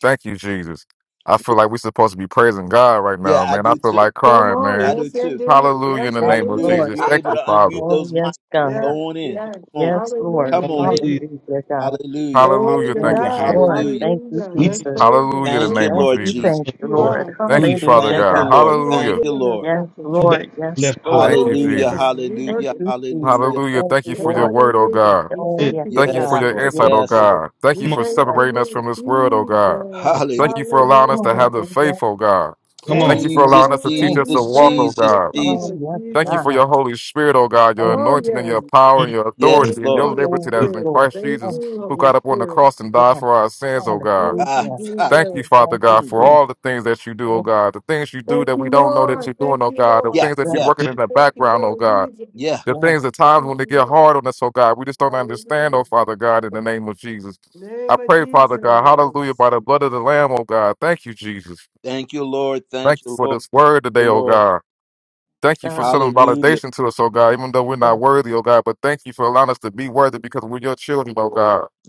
Speaker 8: Thank you, Jesus. I feel like we're supposed to be praising God right
Speaker 1: Yeah,
Speaker 8: now,
Speaker 1: I
Speaker 8: man. I
Speaker 1: do
Speaker 8: feel
Speaker 1: too.
Speaker 8: like
Speaker 5: Come
Speaker 8: crying,
Speaker 5: on.
Speaker 1: I
Speaker 8: man.
Speaker 1: do
Speaker 5: Yes, it
Speaker 1: too.
Speaker 5: did.
Speaker 8: Hallelujah in
Speaker 5: Yes,
Speaker 8: the
Speaker 4: Yes,
Speaker 5: it
Speaker 8: name of
Speaker 1: Hallelujah.
Speaker 5: did.
Speaker 1: If
Speaker 4: Lord.
Speaker 8: Jesus.
Speaker 1: you're
Speaker 8: Thank
Speaker 1: able
Speaker 8: you,
Speaker 1: to
Speaker 8: Father.
Speaker 1: unmute
Speaker 4: Oh,
Speaker 1: those mics,
Speaker 4: yes,
Speaker 5: Yeah,
Speaker 4: God.
Speaker 1: go on in.
Speaker 5: yeah.
Speaker 1: Come on.
Speaker 4: Yes, Lord.
Speaker 5: Hallelujah.
Speaker 1: Come on in.
Speaker 5: Praise
Speaker 3: Hallelujah.
Speaker 5: Him.
Speaker 4: Hallelujah, God.
Speaker 1: Hallelujah.
Speaker 5: Glory
Speaker 8: Hallelujah.
Speaker 5: to
Speaker 4: Yes,
Speaker 8: Thank you,
Speaker 1: Hallelujah.
Speaker 5: God.
Speaker 8: Jesus.
Speaker 4: Lord.
Speaker 1: Hallelujah.
Speaker 4: Thank you,
Speaker 5: Hallelujah.
Speaker 3: We
Speaker 5: Let's
Speaker 3: didn't
Speaker 4: Jesus.
Speaker 3: just
Speaker 5: praise Him.
Speaker 8: Hallelujah in
Speaker 1: Thank
Speaker 8: the
Speaker 1: you,
Speaker 8: name
Speaker 5: Worship
Speaker 8: of
Speaker 4: Thank
Speaker 1: Lord
Speaker 4: you,
Speaker 5: Him.
Speaker 3: hear,
Speaker 8: Jesus.
Speaker 1: Jesus.
Speaker 4: thank
Speaker 3: it,
Speaker 4: you,
Speaker 5: You
Speaker 3: Lord.
Speaker 4: Lord.
Speaker 5: are.
Speaker 8: Thank you,
Speaker 3: Hallelujah.
Speaker 4: Hallelujah,
Speaker 8: Father
Speaker 1: Thank you,
Speaker 8: God.
Speaker 4: God.
Speaker 1: Lord.
Speaker 5: You have
Speaker 1: Thank
Speaker 8: Hallelujah.
Speaker 1: you,
Speaker 5: given us
Speaker 1: Lord.
Speaker 4: Yes,
Speaker 5: Dr.
Speaker 3: No
Speaker 5: Truth.
Speaker 3: back
Speaker 4: Lord.
Speaker 3: to the
Speaker 4: Yes,
Speaker 3: left over.
Speaker 4: Lord.
Speaker 8: Thank you,
Speaker 5: Glory to
Speaker 1: Hallelujah,
Speaker 8: Jesus.
Speaker 5: God. You
Speaker 4: Thank
Speaker 5: work
Speaker 1: hallelujah,
Speaker 5: it
Speaker 4: you, Jesus.
Speaker 1: hallelujah.
Speaker 8: Hallelujah.
Speaker 4: Thank
Speaker 8: Thank
Speaker 4: you,
Speaker 8: you for your
Speaker 4: Lord.
Speaker 5: about
Speaker 8: word,
Speaker 5: on
Speaker 8: oh
Speaker 5: You God.
Speaker 8: God.
Speaker 5: We
Speaker 4: Oh,
Speaker 3: That's it.
Speaker 5: thank
Speaker 4: yes,
Speaker 5: you
Speaker 8: Thank
Speaker 5: for
Speaker 8: you
Speaker 5: it.
Speaker 8: for
Speaker 1: Yes,
Speaker 4: God.
Speaker 8: your
Speaker 5: Lord.
Speaker 1: Lord.
Speaker 5: God.
Speaker 4: Yes,
Speaker 8: insight, oh
Speaker 1: Yes,
Speaker 4: Lord.
Speaker 1: Lord.
Speaker 8: God. Thank
Speaker 5: We
Speaker 8: you
Speaker 3: Come
Speaker 8: for
Speaker 3: on.
Speaker 5: thank
Speaker 4: Yes,
Speaker 5: you,
Speaker 8: separating us
Speaker 5: Lord
Speaker 8: from
Speaker 4: Lord.
Speaker 8: this world,
Speaker 4: Thank
Speaker 8: oh
Speaker 4: you,
Speaker 8: God.
Speaker 3: Come on.
Speaker 5: Jesus.
Speaker 4: Jesus.
Speaker 8: Thank
Speaker 1: Hallelujah.
Speaker 8: you for allowing us to
Speaker 5: Hallelujah.
Speaker 8: have the
Speaker 4: Hallelujah.
Speaker 8: faith, oh God.
Speaker 3: Come
Speaker 8: Thank
Speaker 4: Yes,
Speaker 3: on.
Speaker 8: you
Speaker 5: Thank
Speaker 8: for
Speaker 5: you,
Speaker 4: Lord.
Speaker 1: Jesus,
Speaker 8: allowing us to
Speaker 5: Lord
Speaker 8: teach
Speaker 4: Thank
Speaker 8: us to
Speaker 1: Jesus,
Speaker 4: you.
Speaker 8: walk,
Speaker 5: Jesus.
Speaker 8: oh
Speaker 1: Jesus,
Speaker 5: Thank
Speaker 8: God.
Speaker 5: you,
Speaker 1: Jesus.
Speaker 4: Oh,
Speaker 5: Lord
Speaker 4: yes,
Speaker 8: Thank you for
Speaker 5: Jesus.
Speaker 4: God.
Speaker 8: your Holy Spirit, oh God, your
Speaker 4: Thank
Speaker 5: Oh,
Speaker 4: you,
Speaker 8: anointing and
Speaker 5: yes.
Speaker 8: your
Speaker 4: Jesus.
Speaker 8: power and
Speaker 3: Mm,
Speaker 8: your
Speaker 1: Yes,
Speaker 5: Thank
Speaker 8: authority and
Speaker 5: you,
Speaker 8: your
Speaker 1: Lord.
Speaker 5: Holy
Speaker 8: liberty
Speaker 4: Yes,
Speaker 8: that
Speaker 3: good.
Speaker 8: is in
Speaker 5: Spirit.
Speaker 4: Lord.
Speaker 8: Christ
Speaker 5: Thank
Speaker 8: Jesus,
Speaker 4: Thank
Speaker 5: you,
Speaker 4: you.
Speaker 8: who
Speaker 5: Holy
Speaker 8: got up on the
Speaker 5: Spirit.
Speaker 8: cross and died
Speaker 4: Yes,
Speaker 8: for our sins, oh God.
Speaker 5: Thank
Speaker 1: Ah,
Speaker 5: you,
Speaker 4: hallelujah.
Speaker 1: ah.
Speaker 8: Thank you,
Speaker 5: Jesus.
Speaker 8: Father
Speaker 4: Yes,
Speaker 8: God,
Speaker 1: Mm.
Speaker 8: for
Speaker 4: Lord.
Speaker 8: all the things that you do, oh
Speaker 4: Thank
Speaker 8: God, the things you do
Speaker 5: Thank
Speaker 8: that we
Speaker 5: you,
Speaker 8: don't know
Speaker 4: you.
Speaker 8: that
Speaker 5: Lord.
Speaker 8: you're doing,
Speaker 5: Thank
Speaker 8: oh
Speaker 5: you,
Speaker 8: God, the
Speaker 1: Yeah,
Speaker 5: Lord.
Speaker 8: things that
Speaker 4: Yes,
Speaker 8: you're
Speaker 1: yeah,
Speaker 8: working
Speaker 3: That's
Speaker 8: in
Speaker 3: it.
Speaker 8: the
Speaker 5: Thank you,
Speaker 8: background, oh
Speaker 5: Lord
Speaker 8: God,
Speaker 5: Jesus.
Speaker 1: yeah.
Speaker 8: the
Speaker 4: yes.
Speaker 8: things, the times
Speaker 5: Thank
Speaker 8: when they
Speaker 5: you,
Speaker 8: get
Speaker 5: Lord.
Speaker 8: hard on us, oh God, we just don't understand, oh
Speaker 5: Hallelujah.
Speaker 8: Father God, in
Speaker 4: Yes,
Speaker 8: the name of Jesus. I
Speaker 5: Name of
Speaker 8: pray, Father God, hallelujah,
Speaker 5: Jesus.
Speaker 8: by the blood of the Lamb, oh God. Thank you, Jesus.
Speaker 1: Thank you, Lord.
Speaker 8: Thank
Speaker 1: Thank
Speaker 8: you
Speaker 1: you,
Speaker 8: for
Speaker 1: Lord.
Speaker 8: this
Speaker 1: Thank
Speaker 8: word
Speaker 1: you,
Speaker 8: today, oh
Speaker 1: Lord.
Speaker 8: God. Thank you for
Speaker 4: God.
Speaker 8: showing
Speaker 1: Hallelujah.
Speaker 8: validation to us, oh God, even though we're
Speaker 4: God,
Speaker 8: not worthy, oh God. But thank you for allowing us to be worthy because we're your children, oh God.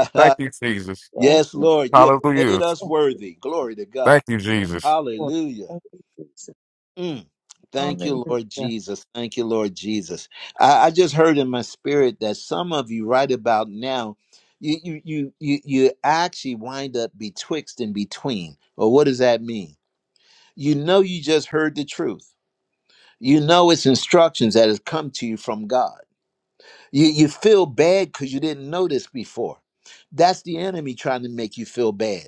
Speaker 4: oh
Speaker 8: Thank you, Jesus.
Speaker 4: God,
Speaker 1: yes,
Speaker 4: we love you,
Speaker 1: Lord. You have made
Speaker 8: Hallelujah.
Speaker 1: us
Speaker 4: thank you,
Speaker 1: worthy. Glory to God.
Speaker 8: Thank you,
Speaker 4: thank
Speaker 8: Jesus.
Speaker 4: you, Lord.
Speaker 1: Hallelujah. Mm. Thank you, Lord
Speaker 4: Hallelujah.
Speaker 1: Jesus. Thank you, Lord Jesus. I, I just heard in my spirit that some of you right about now, you you you you you actually wind up betwixt and between. Well, what does that mean? You know you just heard the truth. You know it's instructions that has come to you from God. You you feel bad because you didn't know this before. That's the enemy trying to make you feel bad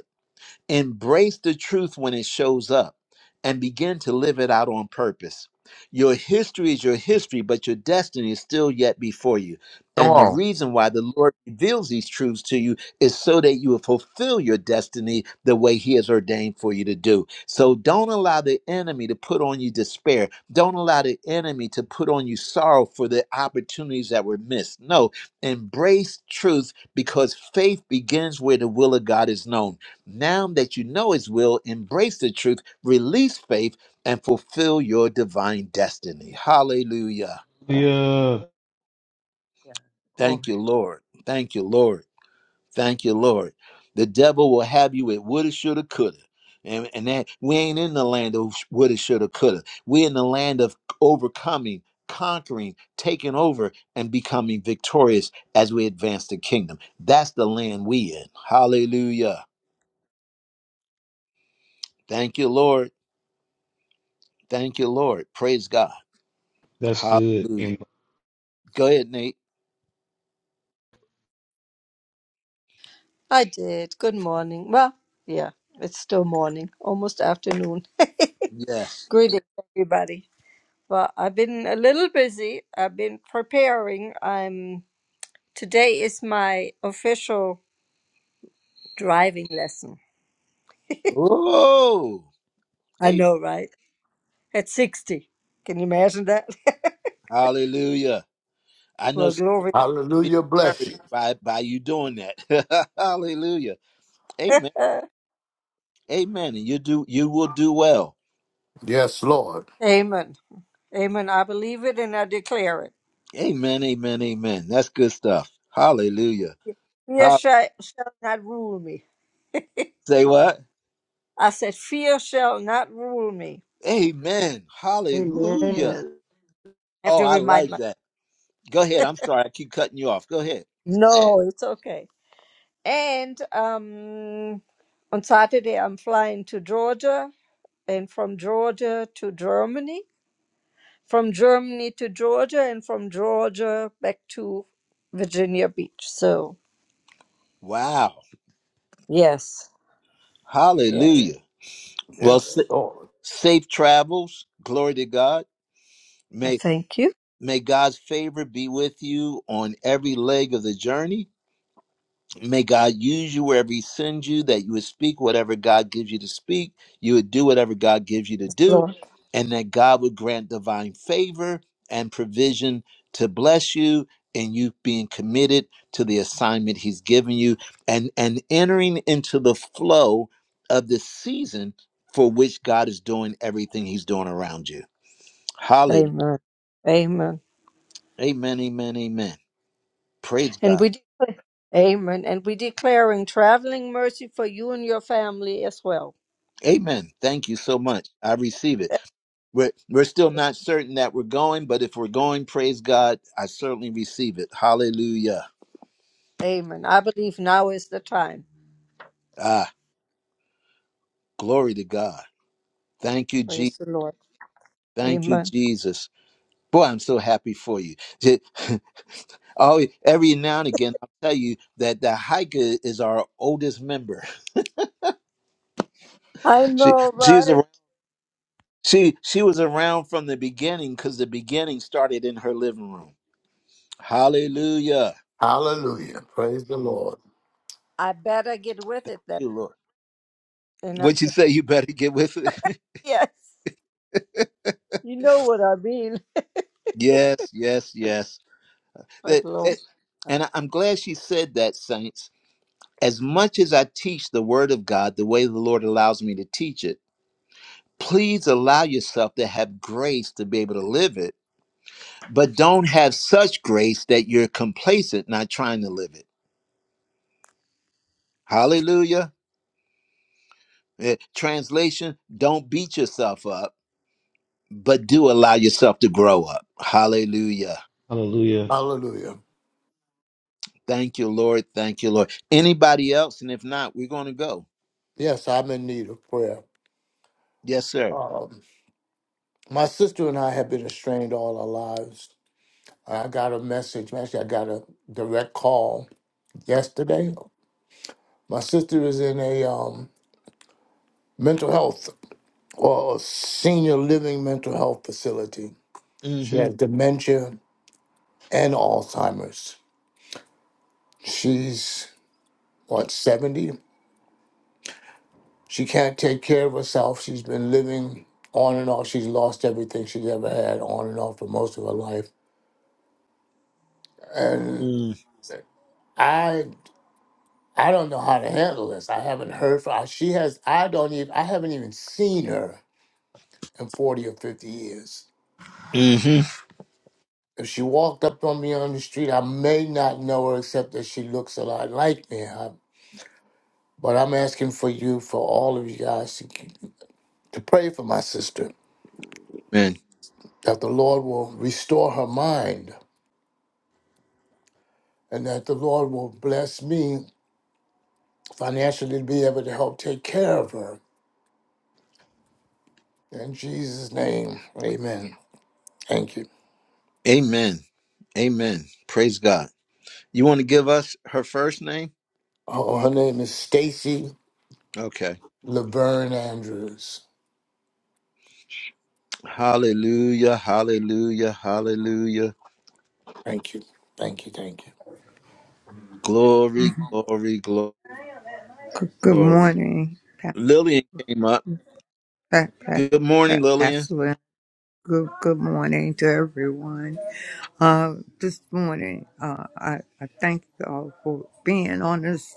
Speaker 1: Embrace the truth when it shows up and begin to live it out on purpose. Your history is your history, but your destiny is still yet before you.
Speaker 8: Come
Speaker 1: And the
Speaker 8: on.
Speaker 1: reason why the Lord reveals these truths to you is so that you will fulfill your destiny the way He has ordained for you to do. So don't allow the enemy to put on you despair. Don't allow the enemy to put on you sorrow for the opportunities that were missed. No, embrace truth because faith begins where the will of God is known. Now that you know His will, embrace the truth, release faith, and fulfill your divine destiny. Hallelujah.
Speaker 3: Hallelujah.
Speaker 4: Yeah. Glory.
Speaker 1: Thank you, Lord. Thank you, Lord. Thank you, Lord. The devil will have you at woulda, shoulda, coulda. And, and that we ain't in the land of woulda, shoulda, coulda. We're in the land of overcoming, conquering, taking over, and becoming victorious as we advance the kingdom. That's the land we in. Hallelujah. Thank you, Lord. Thank you, Lord. Praise God.
Speaker 3: That's good.
Speaker 1: Hallelujah.
Speaker 3: Amen.
Speaker 1: Go ahead, Nate.
Speaker 9: I did. Good morning. Well, yeah, it's still morning, almost afternoon.
Speaker 1: Yes.
Speaker 9: Greetings, everybody. Well, I've been a little busy. I've been preparing. I'm today is my official driving lesson.
Speaker 1: Oh,
Speaker 9: I
Speaker 1: hey,
Speaker 9: know, right? At 60. Can you imagine that?
Speaker 1: hallelujah. I know
Speaker 9: well,
Speaker 1: some
Speaker 9: glory.
Speaker 1: women be
Speaker 2: Hallelujah. Bless
Speaker 1: encouraged
Speaker 2: you.
Speaker 1: by by you doing that. hallelujah. Amen.
Speaker 9: Uh,
Speaker 1: Amen. And you do you will do well.
Speaker 2: Yes, Lord.
Speaker 9: amen. Amen. I believe it and I declare it.
Speaker 1: Amen. Amen. Amen. That's good stuff. Hallelujah.
Speaker 9: Fear
Speaker 1: Hall-
Speaker 9: shall, shall not rule me.
Speaker 1: Say what?
Speaker 9: I said, Fear shall not rule me.
Speaker 1: Amen. Hallelujah.
Speaker 5: Amen.
Speaker 9: I have
Speaker 1: Oh,
Speaker 9: to
Speaker 1: I
Speaker 9: remind
Speaker 1: like
Speaker 9: myself.
Speaker 1: that. Go ahead. I'm sorry. I keep cutting you off. Go ahead.
Speaker 9: No, it's okay. And um, on Saturday, I'm flying to Georgia and from Georgia to Germany, from Germany to Georgia, and from Georgia back to Virginia Beach. So,
Speaker 1: Wow.
Speaker 9: yes, yes.
Speaker 1: Hallelujah. Well,
Speaker 2: Yes,
Speaker 1: sa-
Speaker 2: Lord.
Speaker 1: safe travels. Glory to God
Speaker 9: I
Speaker 1: May
Speaker 9: thank you,
Speaker 1: may God's favor be with you on every leg of the journey. May God use you wherever He sends you, that you would speak whatever God gives you to speak, you would do whatever God gives you to do,
Speaker 9: Lord.
Speaker 1: and that God would grant divine favor and provision to bless you and you being committed to the assignment He's given you and, and entering into the flow of the season for which God is doing everything He's doing around you. Hallelujah.
Speaker 9: Amen. Amen.
Speaker 1: Amen, amen, amen. Praise
Speaker 9: And
Speaker 1: God.
Speaker 9: we, de- amen. And we declaring traveling mercy for you and your family as well.
Speaker 1: Amen. Thank you so much. I receive it. We're, we're still not certain that we're going, but if we're going, praise God, I certainly receive it. Hallelujah.
Speaker 9: Amen. I believe now is the time.
Speaker 1: Ah, glory to God. Thank you, Je-
Speaker 9: Praise the Lord.
Speaker 1: Thank you,
Speaker 9: Amen.
Speaker 1: Jesus. Boy, I'm so happy for you. Je- Oh, every now and again, I'll tell you that the hiker is our oldest member.
Speaker 9: I
Speaker 1: She,
Speaker 9: know,
Speaker 1: she's
Speaker 9: right?
Speaker 1: around, she, she was around from the beginning because the beginning started in her living room. Hallelujah.
Speaker 2: Hallelujah. Praise the Lord.
Speaker 9: I better get with it then.
Speaker 1: You, Lord.
Speaker 9: And I,
Speaker 1: What you say? You better get with it.
Speaker 9: yes, you know what I mean.
Speaker 1: yes, yes, yes. That,
Speaker 9: But Lord,
Speaker 1: that- and I- I'm glad she said that, saints. As much as I teach the Word of God the way the Lord allows me to teach it, please allow yourself to have grace to be able to live it, but don't have such grace that you're complacent, not trying to live it. Hallelujah. Eh, Translation: Don't beat yourself up, but do allow yourself to grow up. Hallelujah.
Speaker 3: Hallelujah.
Speaker 2: Hallelujah.
Speaker 1: Thank you, Lord. Thank you, Lord. Anybody else? And if not, we're going to go.
Speaker 2: Yes, I'm in need of prayer.
Speaker 1: Yes, sir.
Speaker 2: Um, my sister and I have been estranged all our lives. I got a message. Actually, I got a direct call yesterday. My sister is in a um, mental health or senior living mental health facility. She
Speaker 1: Mm-hmm.
Speaker 2: has dementia and Alzheimer's. She's, what, 70? She can't take care of herself. She's been living on and off. She's lost everything she's ever had on and off for most of her life. And
Speaker 1: Mm-hmm.
Speaker 2: I I don't know how to handle this. I haven't heard from her. she has I don't even I haven't even seen her in 40 or 50 years.
Speaker 1: Amen.
Speaker 2: If she walked up on me on the street, I may not know her except that she looks a lot like me. I, but I'm asking for you, for all of you guys, to, to pray for my sister, that the Lord will restore her mind and that the Lord will bless me financially to be able to help take care of her. In Jesus' name, amen. Thank you.
Speaker 1: Amen. Amen. Praise God. You want to give us her first name?
Speaker 2: Oh, her name is Stacy
Speaker 1: Okay.
Speaker 2: Laverne Andrews.
Speaker 1: Hallelujah. Hallelujah. Hallelujah.
Speaker 2: Thank you. Thank you. Thank you.
Speaker 1: Glory, glory,
Speaker 10: Good good
Speaker 1: glory.
Speaker 10: morning, Pa-
Speaker 1: Lillian came up.
Speaker 10: Pa- Pa-
Speaker 1: Good morning,
Speaker 10: Pa-
Speaker 1: Lillian.
Speaker 10: Pastor Lynn. Good, good morning to everyone. Uh, this morning, uh, I, I thank y'all for being on this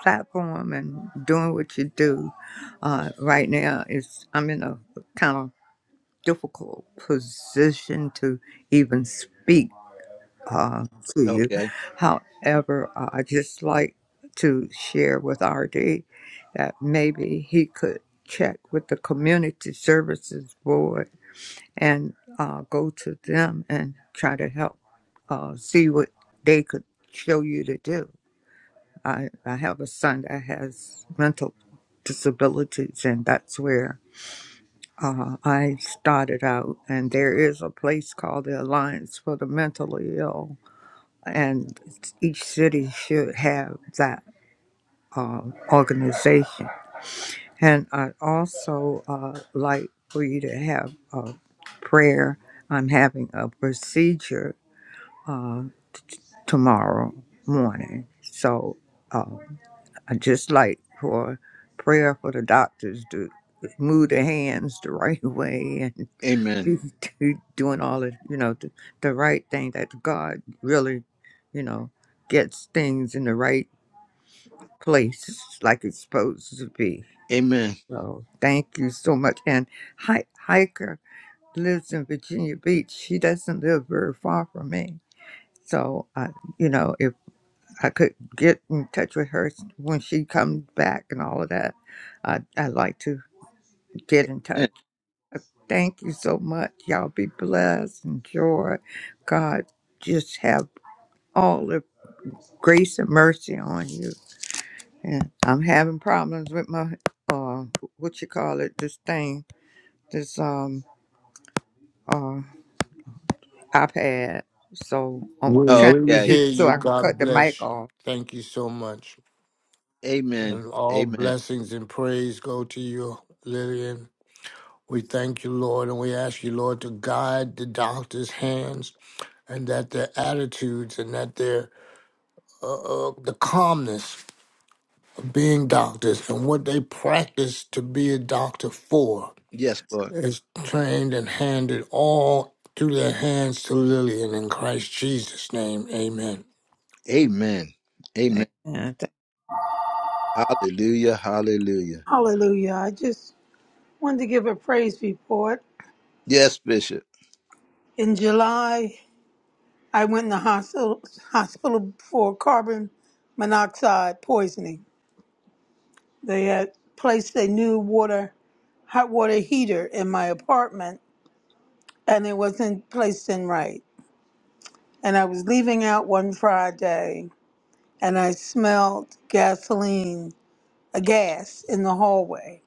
Speaker 10: platform and doing what you do. Uh, right now, it's, I'm in a kind of difficult position to even speak uh, to you.
Speaker 1: Okay.
Speaker 10: However, uh, I just like to share with RD that maybe he could check with the Community Services Board and uh, go to them and try to help uh, see what they could show you to do. I, I have a son that has mental disabilities, and that's where uh, I started out. And there is a place called the Alliance for the Mentally Ill and each city should have that um, organization. And I'd also uh, like for you to have a prayer. I'm having a procedure uh, tomorrow morning. So uh, I just like for prayer for the doctors to move their hands the right way and
Speaker 1: Amen.
Speaker 10: be do- doing all the, you know, the, the right thing that God really, you know, gets things in the right place like it's supposed to be.
Speaker 1: Amen.
Speaker 10: So thank you so much. And Hi- Hiker lives in Virginia Beach. She doesn't live very far from me. So I, you know, if I could get in touch with her when she comes back and all of that, I I like to get in touch.
Speaker 1: Eh,
Speaker 10: Thank you so much. Y'all be blessed. Enjoy. God, just have all the grace and mercy on you. Yeah, I'm having problems with my uh what you call it, this thing, this um uh iPad. So I'm
Speaker 2: We
Speaker 10: trying to
Speaker 2: will
Speaker 1: Okay.
Speaker 10: get
Speaker 2: hear
Speaker 10: it so
Speaker 2: you.
Speaker 10: I can
Speaker 2: God
Speaker 10: cut the mic
Speaker 2: bless you.
Speaker 10: off.
Speaker 2: Thank you so much.
Speaker 1: Amen.
Speaker 2: And all
Speaker 1: Amen.
Speaker 2: blessings and praise go to you, Lillian. We thank you, Lord, and we ask you, Lord, to guide the doctor's hands and that their attitudes and that their uh, uh, the calmness being doctors and what they practice to be a doctor for
Speaker 1: Yes, Lord.
Speaker 2: is trained and handed all through their hands to Lillian in Christ Jesus' name. Amen.
Speaker 1: Amen. Amen. Hallelujah. Hallelujah.
Speaker 6: Hallelujah. I just wanted to give a praise report.
Speaker 1: Yes, Bishop.
Speaker 6: In July, I went in the hospital, hospital for carbon monoxide poisoning. They had placed a new water, hot water heater in my apartment, and it wasn't placed in right. And I was leaving out one Friday, and I smelled gasoline, a gas in the hallway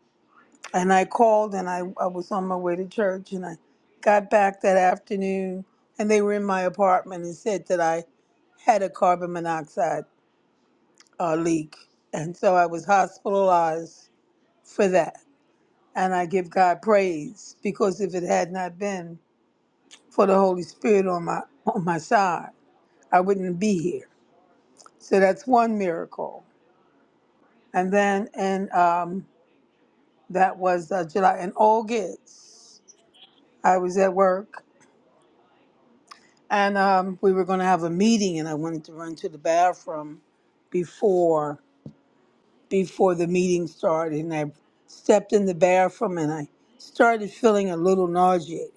Speaker 6: and I called and I, I was on my way to church and I got back that afternoon and they were in my apartment and said that I had a carbon monoxide uh, leak. And so I was hospitalized for that. And I give God praise because if it had not been for the Holy Spirit on my on my side, I wouldn't be here. So that's one miracle. And then and um, that was uh, July. In August, I was at work And um, we were going to have a meeting, and I wanted to run to the bathroom before before the meeting started. And I stepped in the bathroom, and I started feeling a little nauseated.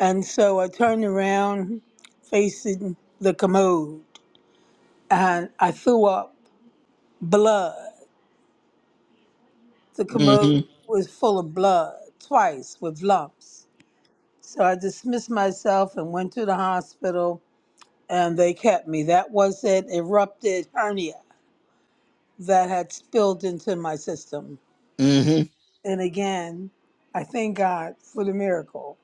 Speaker 6: And so I turned around, facing the commode, and I threw up blood. The commode
Speaker 1: hmm
Speaker 6: was full of blood twice with lumps. So I dismissed myself and went to the hospital, and they kept me. That was an erupted hernia that had spilled into my system.
Speaker 1: hmm
Speaker 6: And again, I thank God for the miracle.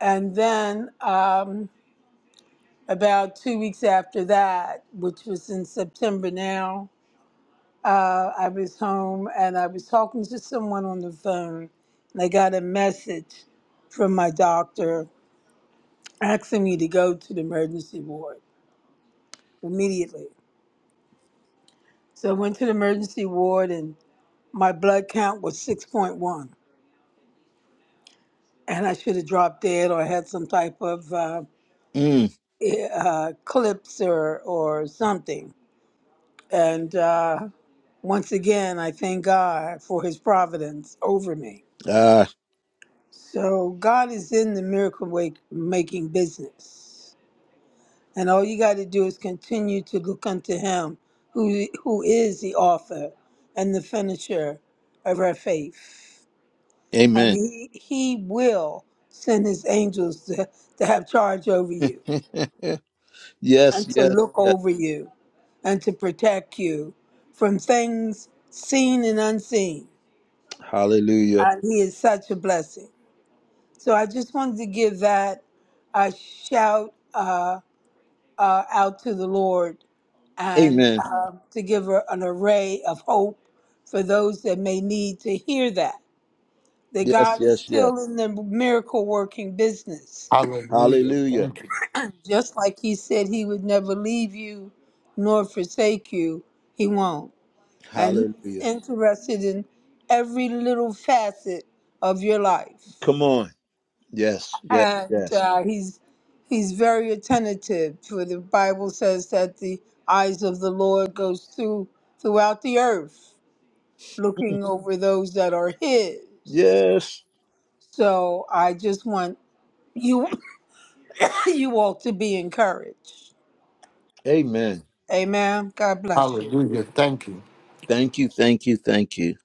Speaker 6: And then um, about two weeks after that, which was in September now, uh, I was home and I was talking to someone on the phone, and I got a message from my doctor asking me to go to the emergency ward immediately. So I went to the emergency ward, and my blood count was 6.1 and I should have dropped dead or had some type of uh,
Speaker 1: Mm.
Speaker 6: eh, uh, clips or or something. And uh, once again, I thank God for His providence over me.
Speaker 1: Ah,
Speaker 6: So God is in the miracle wake, making business, and all you got to do is continue to look unto Him, who who is the author and the finisher of our faith, and
Speaker 1: amen.
Speaker 6: He He will send His angels to, to have charge over you
Speaker 1: yes,
Speaker 6: and to
Speaker 1: yes,
Speaker 6: look
Speaker 1: yes.
Speaker 6: over you and to protect you from things seen and unseen.
Speaker 1: Hallelujah.
Speaker 6: And he is such a blessing. So I just wanted to give that a shout uh, uh, out to the Lord and
Speaker 1: Amen.
Speaker 6: uh, to give her an array of hope for those that may need to hear that. That
Speaker 1: Yes,
Speaker 6: God is
Speaker 1: yes, yes.
Speaker 6: still in the miracle working business.
Speaker 2: Hallelujah.
Speaker 1: Hallelujah.
Speaker 2: Thank you.
Speaker 6: Just like He said He would never leave you nor forsake you, He won't. and he's
Speaker 1: Hallelujah.
Speaker 6: interested in every little facet of your
Speaker 1: Come
Speaker 6: life.
Speaker 1: on. Yes, yes,
Speaker 6: And
Speaker 1: yes.
Speaker 6: uh, he's he's very attentive. For the Bible says that the eyes of the Lord goes through throughout the earth, looking over those that are His.
Speaker 1: Yes.
Speaker 6: So I just want you you all to be encouraged.
Speaker 1: Amen.
Speaker 6: Amen. God bless you.
Speaker 2: Hallelujah. Thank you.
Speaker 1: Thank you, thank you, thank you.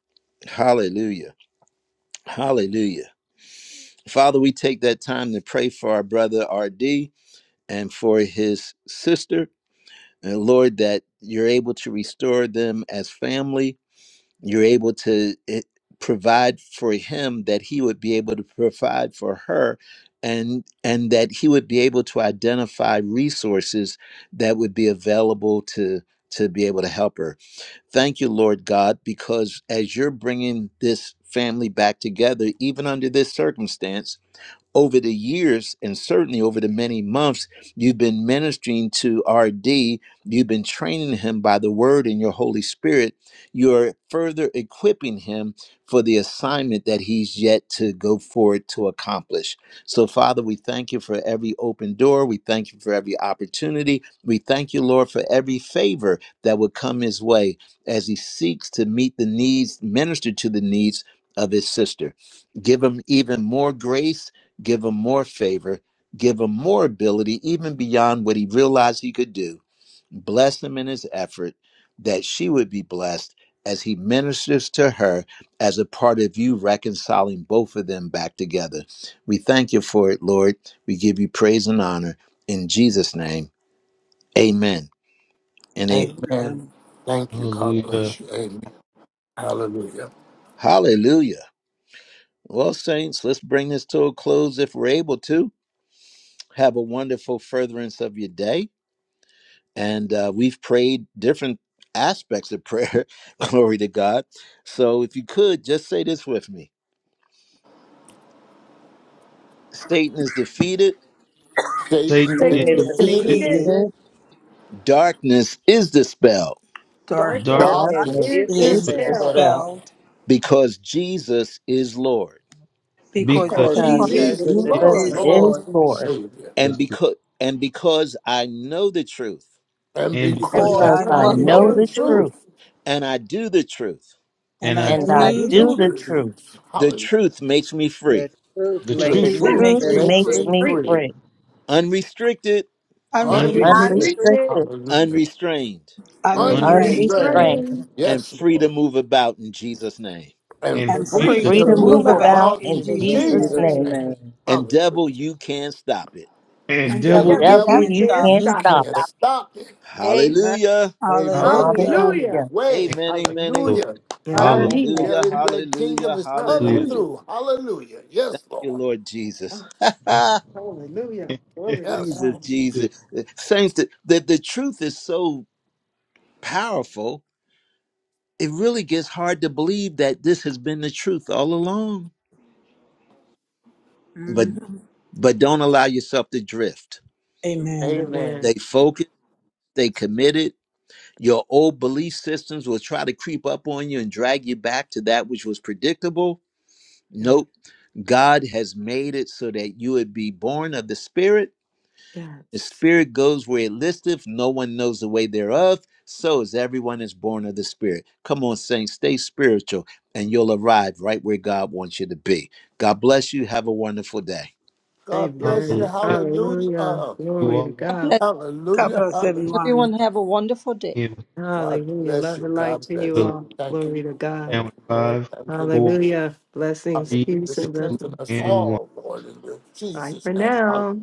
Speaker 1: Hallelujah. Hallelujah. Father, we take that time to pray for our brother RD and for his sister. Uh, Lord, that you're able to restore them as family. You're able to eh, provide for him that he would be able to provide for her and and that he would be able to identify resources that would be available to to be able to help her. Thank you, Lord God, because as you're bringing this family back together, even under this circumstance, over the years and certainly over the many months you've been ministering to RD, you've been training him by the word and your Holy Spirit, you're further equipping him for the assignment that he's yet to go forward to accomplish. So, Father, we thank you for every open door. We thank you for every opportunity. We thank you, Lord, for every favor that would come his way as he seeks to meet the needs, minister to the needs of his sister. Give him even more grace give him more favor, give him more ability, even beyond what he realized he could do. Bless him in his effort that she would be blessed as he ministers to her as a part of you reconciling both of them back together. We thank you for it, Lord. We give you praise and honor in Jesus' name. Amen and amen.
Speaker 2: Amen.
Speaker 6: Amen.
Speaker 2: Thank you. God
Speaker 3: Hallelujah.
Speaker 2: bless you. Amen. Hallelujah.
Speaker 1: Hallelujah. Well, saints, let's bring this to a close if we're able to. Have a wonderful furtherance of your day. and uh, we've prayed different aspects of prayer. Glory to God. So, if you could just say this with me Satan is defeated,
Speaker 3: Satan
Speaker 2: Satan is
Speaker 3: is
Speaker 5: Satan is
Speaker 4: Thank The
Speaker 3: in
Speaker 2: defeated.
Speaker 5: defeated.
Speaker 6: Defeated,
Speaker 9: it
Speaker 4: Beatles,
Speaker 1: darkness is dispelled
Speaker 6: dark
Speaker 3: darkness,
Speaker 5: Darkness
Speaker 11: Darkness
Speaker 4: darkness
Speaker 2: Darkness
Speaker 5: is
Speaker 11: is
Speaker 2: is
Speaker 6: is
Speaker 4: is
Speaker 3: but
Speaker 11: itself
Speaker 5: dispelled
Speaker 4: dispelled
Speaker 2: dispelled
Speaker 6: dispelled
Speaker 1: because Jesus is Lord.
Speaker 6: because
Speaker 5: because
Speaker 3: because
Speaker 2: because
Speaker 11: because
Speaker 9: is
Speaker 5: he
Speaker 9: for
Speaker 4: because
Speaker 5: is the
Speaker 11: Jesus
Speaker 6: Jesus
Speaker 2: Jesus
Speaker 11: is
Speaker 3: it
Speaker 2: is
Speaker 4: Jesus
Speaker 11: Lord.
Speaker 5: Lord.
Speaker 6: is
Speaker 9: you,
Speaker 2: Lord,
Speaker 4: is
Speaker 6: Lord,
Speaker 4: Lord.
Speaker 2: Savior.
Speaker 1: And
Speaker 3: is good,
Speaker 1: because, and because I know the truth
Speaker 2: And
Speaker 6: and
Speaker 3: and
Speaker 4: and
Speaker 5: And
Speaker 6: because
Speaker 3: because I
Speaker 4: Because
Speaker 2: because
Speaker 6: I
Speaker 5: because
Speaker 2: I
Speaker 4: I
Speaker 6: know
Speaker 5: I
Speaker 9: for
Speaker 6: the
Speaker 5: know
Speaker 4: know
Speaker 2: know
Speaker 5: the
Speaker 2: the
Speaker 4: the
Speaker 6: truth,
Speaker 5: truth
Speaker 4: truth
Speaker 2: truth.
Speaker 1: and I do the truth,
Speaker 6: and
Speaker 3: and
Speaker 6: I
Speaker 3: I
Speaker 2: and
Speaker 4: and
Speaker 5: and I
Speaker 2: I
Speaker 4: I
Speaker 9: that
Speaker 6: do
Speaker 5: do
Speaker 6: the
Speaker 5: the
Speaker 4: do
Speaker 2: do
Speaker 4: the
Speaker 2: the
Speaker 5: truth,
Speaker 6: truth.
Speaker 4: truth.
Speaker 2: truth.
Speaker 1: the
Speaker 2: Hallelujah.
Speaker 1: truth makes me
Speaker 11: The
Speaker 1: free,
Speaker 11: truth
Speaker 3: the
Speaker 6: The
Speaker 2: The
Speaker 11: makes
Speaker 5: the
Speaker 4: The
Speaker 3: truth
Speaker 6: truth
Speaker 11: me
Speaker 5: truth
Speaker 4: truth
Speaker 2: truth
Speaker 6: makes me
Speaker 11: free.
Speaker 5: makes
Speaker 2: makes
Speaker 4: makes
Speaker 5: me
Speaker 6: free,
Speaker 2: me
Speaker 4: me
Speaker 5: free.
Speaker 2: free,
Speaker 4: free,
Speaker 1: unrestricted,
Speaker 5: I'm
Speaker 3: unreached,
Speaker 11: Makes
Speaker 6: unrestricted,
Speaker 9: and
Speaker 11: us
Speaker 2: unrestricted.
Speaker 5: restricted.
Speaker 4: unrestricted,
Speaker 2: Hallelujah.
Speaker 1: unrestrained,
Speaker 3: unreached
Speaker 5: Unrestrained
Speaker 6: unrestrained,
Speaker 11: unrestrained.
Speaker 4: unrestrained,
Speaker 2: Unrestrained.
Speaker 1: and
Speaker 2: Yes,
Speaker 1: free to
Speaker 2: Lord.
Speaker 1: move about in Jesus' name.
Speaker 2: And
Speaker 3: and
Speaker 6: and
Speaker 5: and
Speaker 4: and
Speaker 3: free
Speaker 5: free
Speaker 2: free
Speaker 6: free
Speaker 3: to move
Speaker 5: to
Speaker 4: free
Speaker 2: to
Speaker 6: to
Speaker 4: to
Speaker 5: move
Speaker 3: about
Speaker 4: move
Speaker 11: Freedom
Speaker 6: move
Speaker 2: move
Speaker 11: is
Speaker 5: about
Speaker 6: about
Speaker 4: about
Speaker 2: about
Speaker 3: in
Speaker 6: in
Speaker 4: in
Speaker 2: in
Speaker 5: in
Speaker 3: Jesus. name.
Speaker 11: in
Speaker 6: Jesus'
Speaker 4: Jesus'
Speaker 5: Jesus'
Speaker 6: name.
Speaker 11: Jesus'
Speaker 2: Jesus'
Speaker 4: name.
Speaker 2: name.
Speaker 5: name.
Speaker 11: name.
Speaker 1: And devil,
Speaker 2: Hallelujah.
Speaker 1: you can't stop it.
Speaker 3: And
Speaker 6: And
Speaker 5: And
Speaker 3: devil,
Speaker 6: devil,
Speaker 2: And
Speaker 6: you
Speaker 5: devil,
Speaker 4: Devil,
Speaker 9: that
Speaker 5: you
Speaker 2: devil,
Speaker 6: can't
Speaker 4: you
Speaker 5: can't
Speaker 6: stop
Speaker 4: can't
Speaker 2: you
Speaker 6: it.
Speaker 5: stop it.
Speaker 4: stop
Speaker 2: can't
Speaker 4: it.
Speaker 9: stuff.
Speaker 2: stop it.
Speaker 9: Amen.
Speaker 1: Hallelujah.
Speaker 3: hallelujah.
Speaker 2: Amen. Get
Speaker 6: Hallelujah.
Speaker 2: out of the
Speaker 5: Hallelujah.
Speaker 4: Hallelujah.
Speaker 2: way.
Speaker 3: Thank you,
Speaker 1: Amen,
Speaker 3: thank
Speaker 1: amen,
Speaker 3: you,
Speaker 1: amen.
Speaker 3: Lord.
Speaker 2: Hallelujah.
Speaker 5: And I
Speaker 9: Hallelujah.
Speaker 3: Hallelujah.
Speaker 5: mean
Speaker 4: Amen.
Speaker 5: it.
Speaker 1: Hallelujah,
Speaker 2: Daily bread kingdom
Speaker 1: hallelujah,
Speaker 2: is coming
Speaker 1: hallelujah.
Speaker 5: Hallelujah.
Speaker 2: through. Hallelujah. Yes,
Speaker 1: Your
Speaker 2: Lord.
Speaker 1: Lord Jesus.
Speaker 5: Oh, Hallelujah. Glory to
Speaker 2: Yes.
Speaker 1: Jesus,
Speaker 5: God.
Speaker 1: Jesus. Saints, the, the, the truth is so powerful, it really gets hard to believe that this has been the truth all along. But
Speaker 6: Mhm.
Speaker 1: but don't allow yourself to drift.
Speaker 6: Amen.
Speaker 2: Amen.
Speaker 5: Amen.
Speaker 1: They focused, they
Speaker 5: That's good.
Speaker 1: committed. Your old belief systems will try to creep up on you and drag you back to that which was predictable.
Speaker 5: Yeah.
Speaker 1: Nope God has made it so that you would be born of the Spirit. The
Speaker 5: Yes.
Speaker 1: Spirit goes where it listeth, no one knows the way thereof. So is everyone is born of the Spirit. Come on, saints, stay spiritual, and you'll arrive right where God wants you to be. God bless you. Have a wonderful day.
Speaker 2: God bless you.
Speaker 3: hallelujah.
Speaker 5: Amen.
Speaker 2: Hallelujah.
Speaker 5: Hallelujah.
Speaker 2: Uh,
Speaker 3: You
Speaker 5: Glory to
Speaker 3: all
Speaker 9: God
Speaker 5: God.
Speaker 9: Bless
Speaker 6: God
Speaker 2: Hallelujah.
Speaker 6: bless
Speaker 2: Hallelujah.
Speaker 6: everyone.
Speaker 9: everyone.
Speaker 3: tomorrow at
Speaker 9: Have a wonderful
Speaker 3: 9
Speaker 9: day.
Speaker 3: a.m.
Speaker 2: God
Speaker 5: Hallelujah.
Speaker 2: bless
Speaker 5: Love
Speaker 2: you.
Speaker 5: and
Speaker 3: Hallelujah.
Speaker 5: light
Speaker 2: God
Speaker 5: to
Speaker 3: God
Speaker 5: you
Speaker 2: bless you.
Speaker 3: willing.
Speaker 5: all.
Speaker 2: Thank you,
Speaker 5: Glory to
Speaker 2: Lord.
Speaker 3: Closing
Speaker 5: God.
Speaker 3: now
Speaker 2: Thank
Speaker 3: in
Speaker 2: you, Lord.
Speaker 3: five,
Speaker 2: Thank you, Lord.
Speaker 3: four.
Speaker 5: Hallelujah. Blessings,
Speaker 3: Three,
Speaker 2: Hallelujah.
Speaker 5: peace, and
Speaker 3: two,
Speaker 2: Strengthen us
Speaker 5: blessings.
Speaker 3: and one.
Speaker 2: all, Lord, in your
Speaker 5: Bye
Speaker 2: Jesus'
Speaker 5: for
Speaker 2: name.
Speaker 5: now.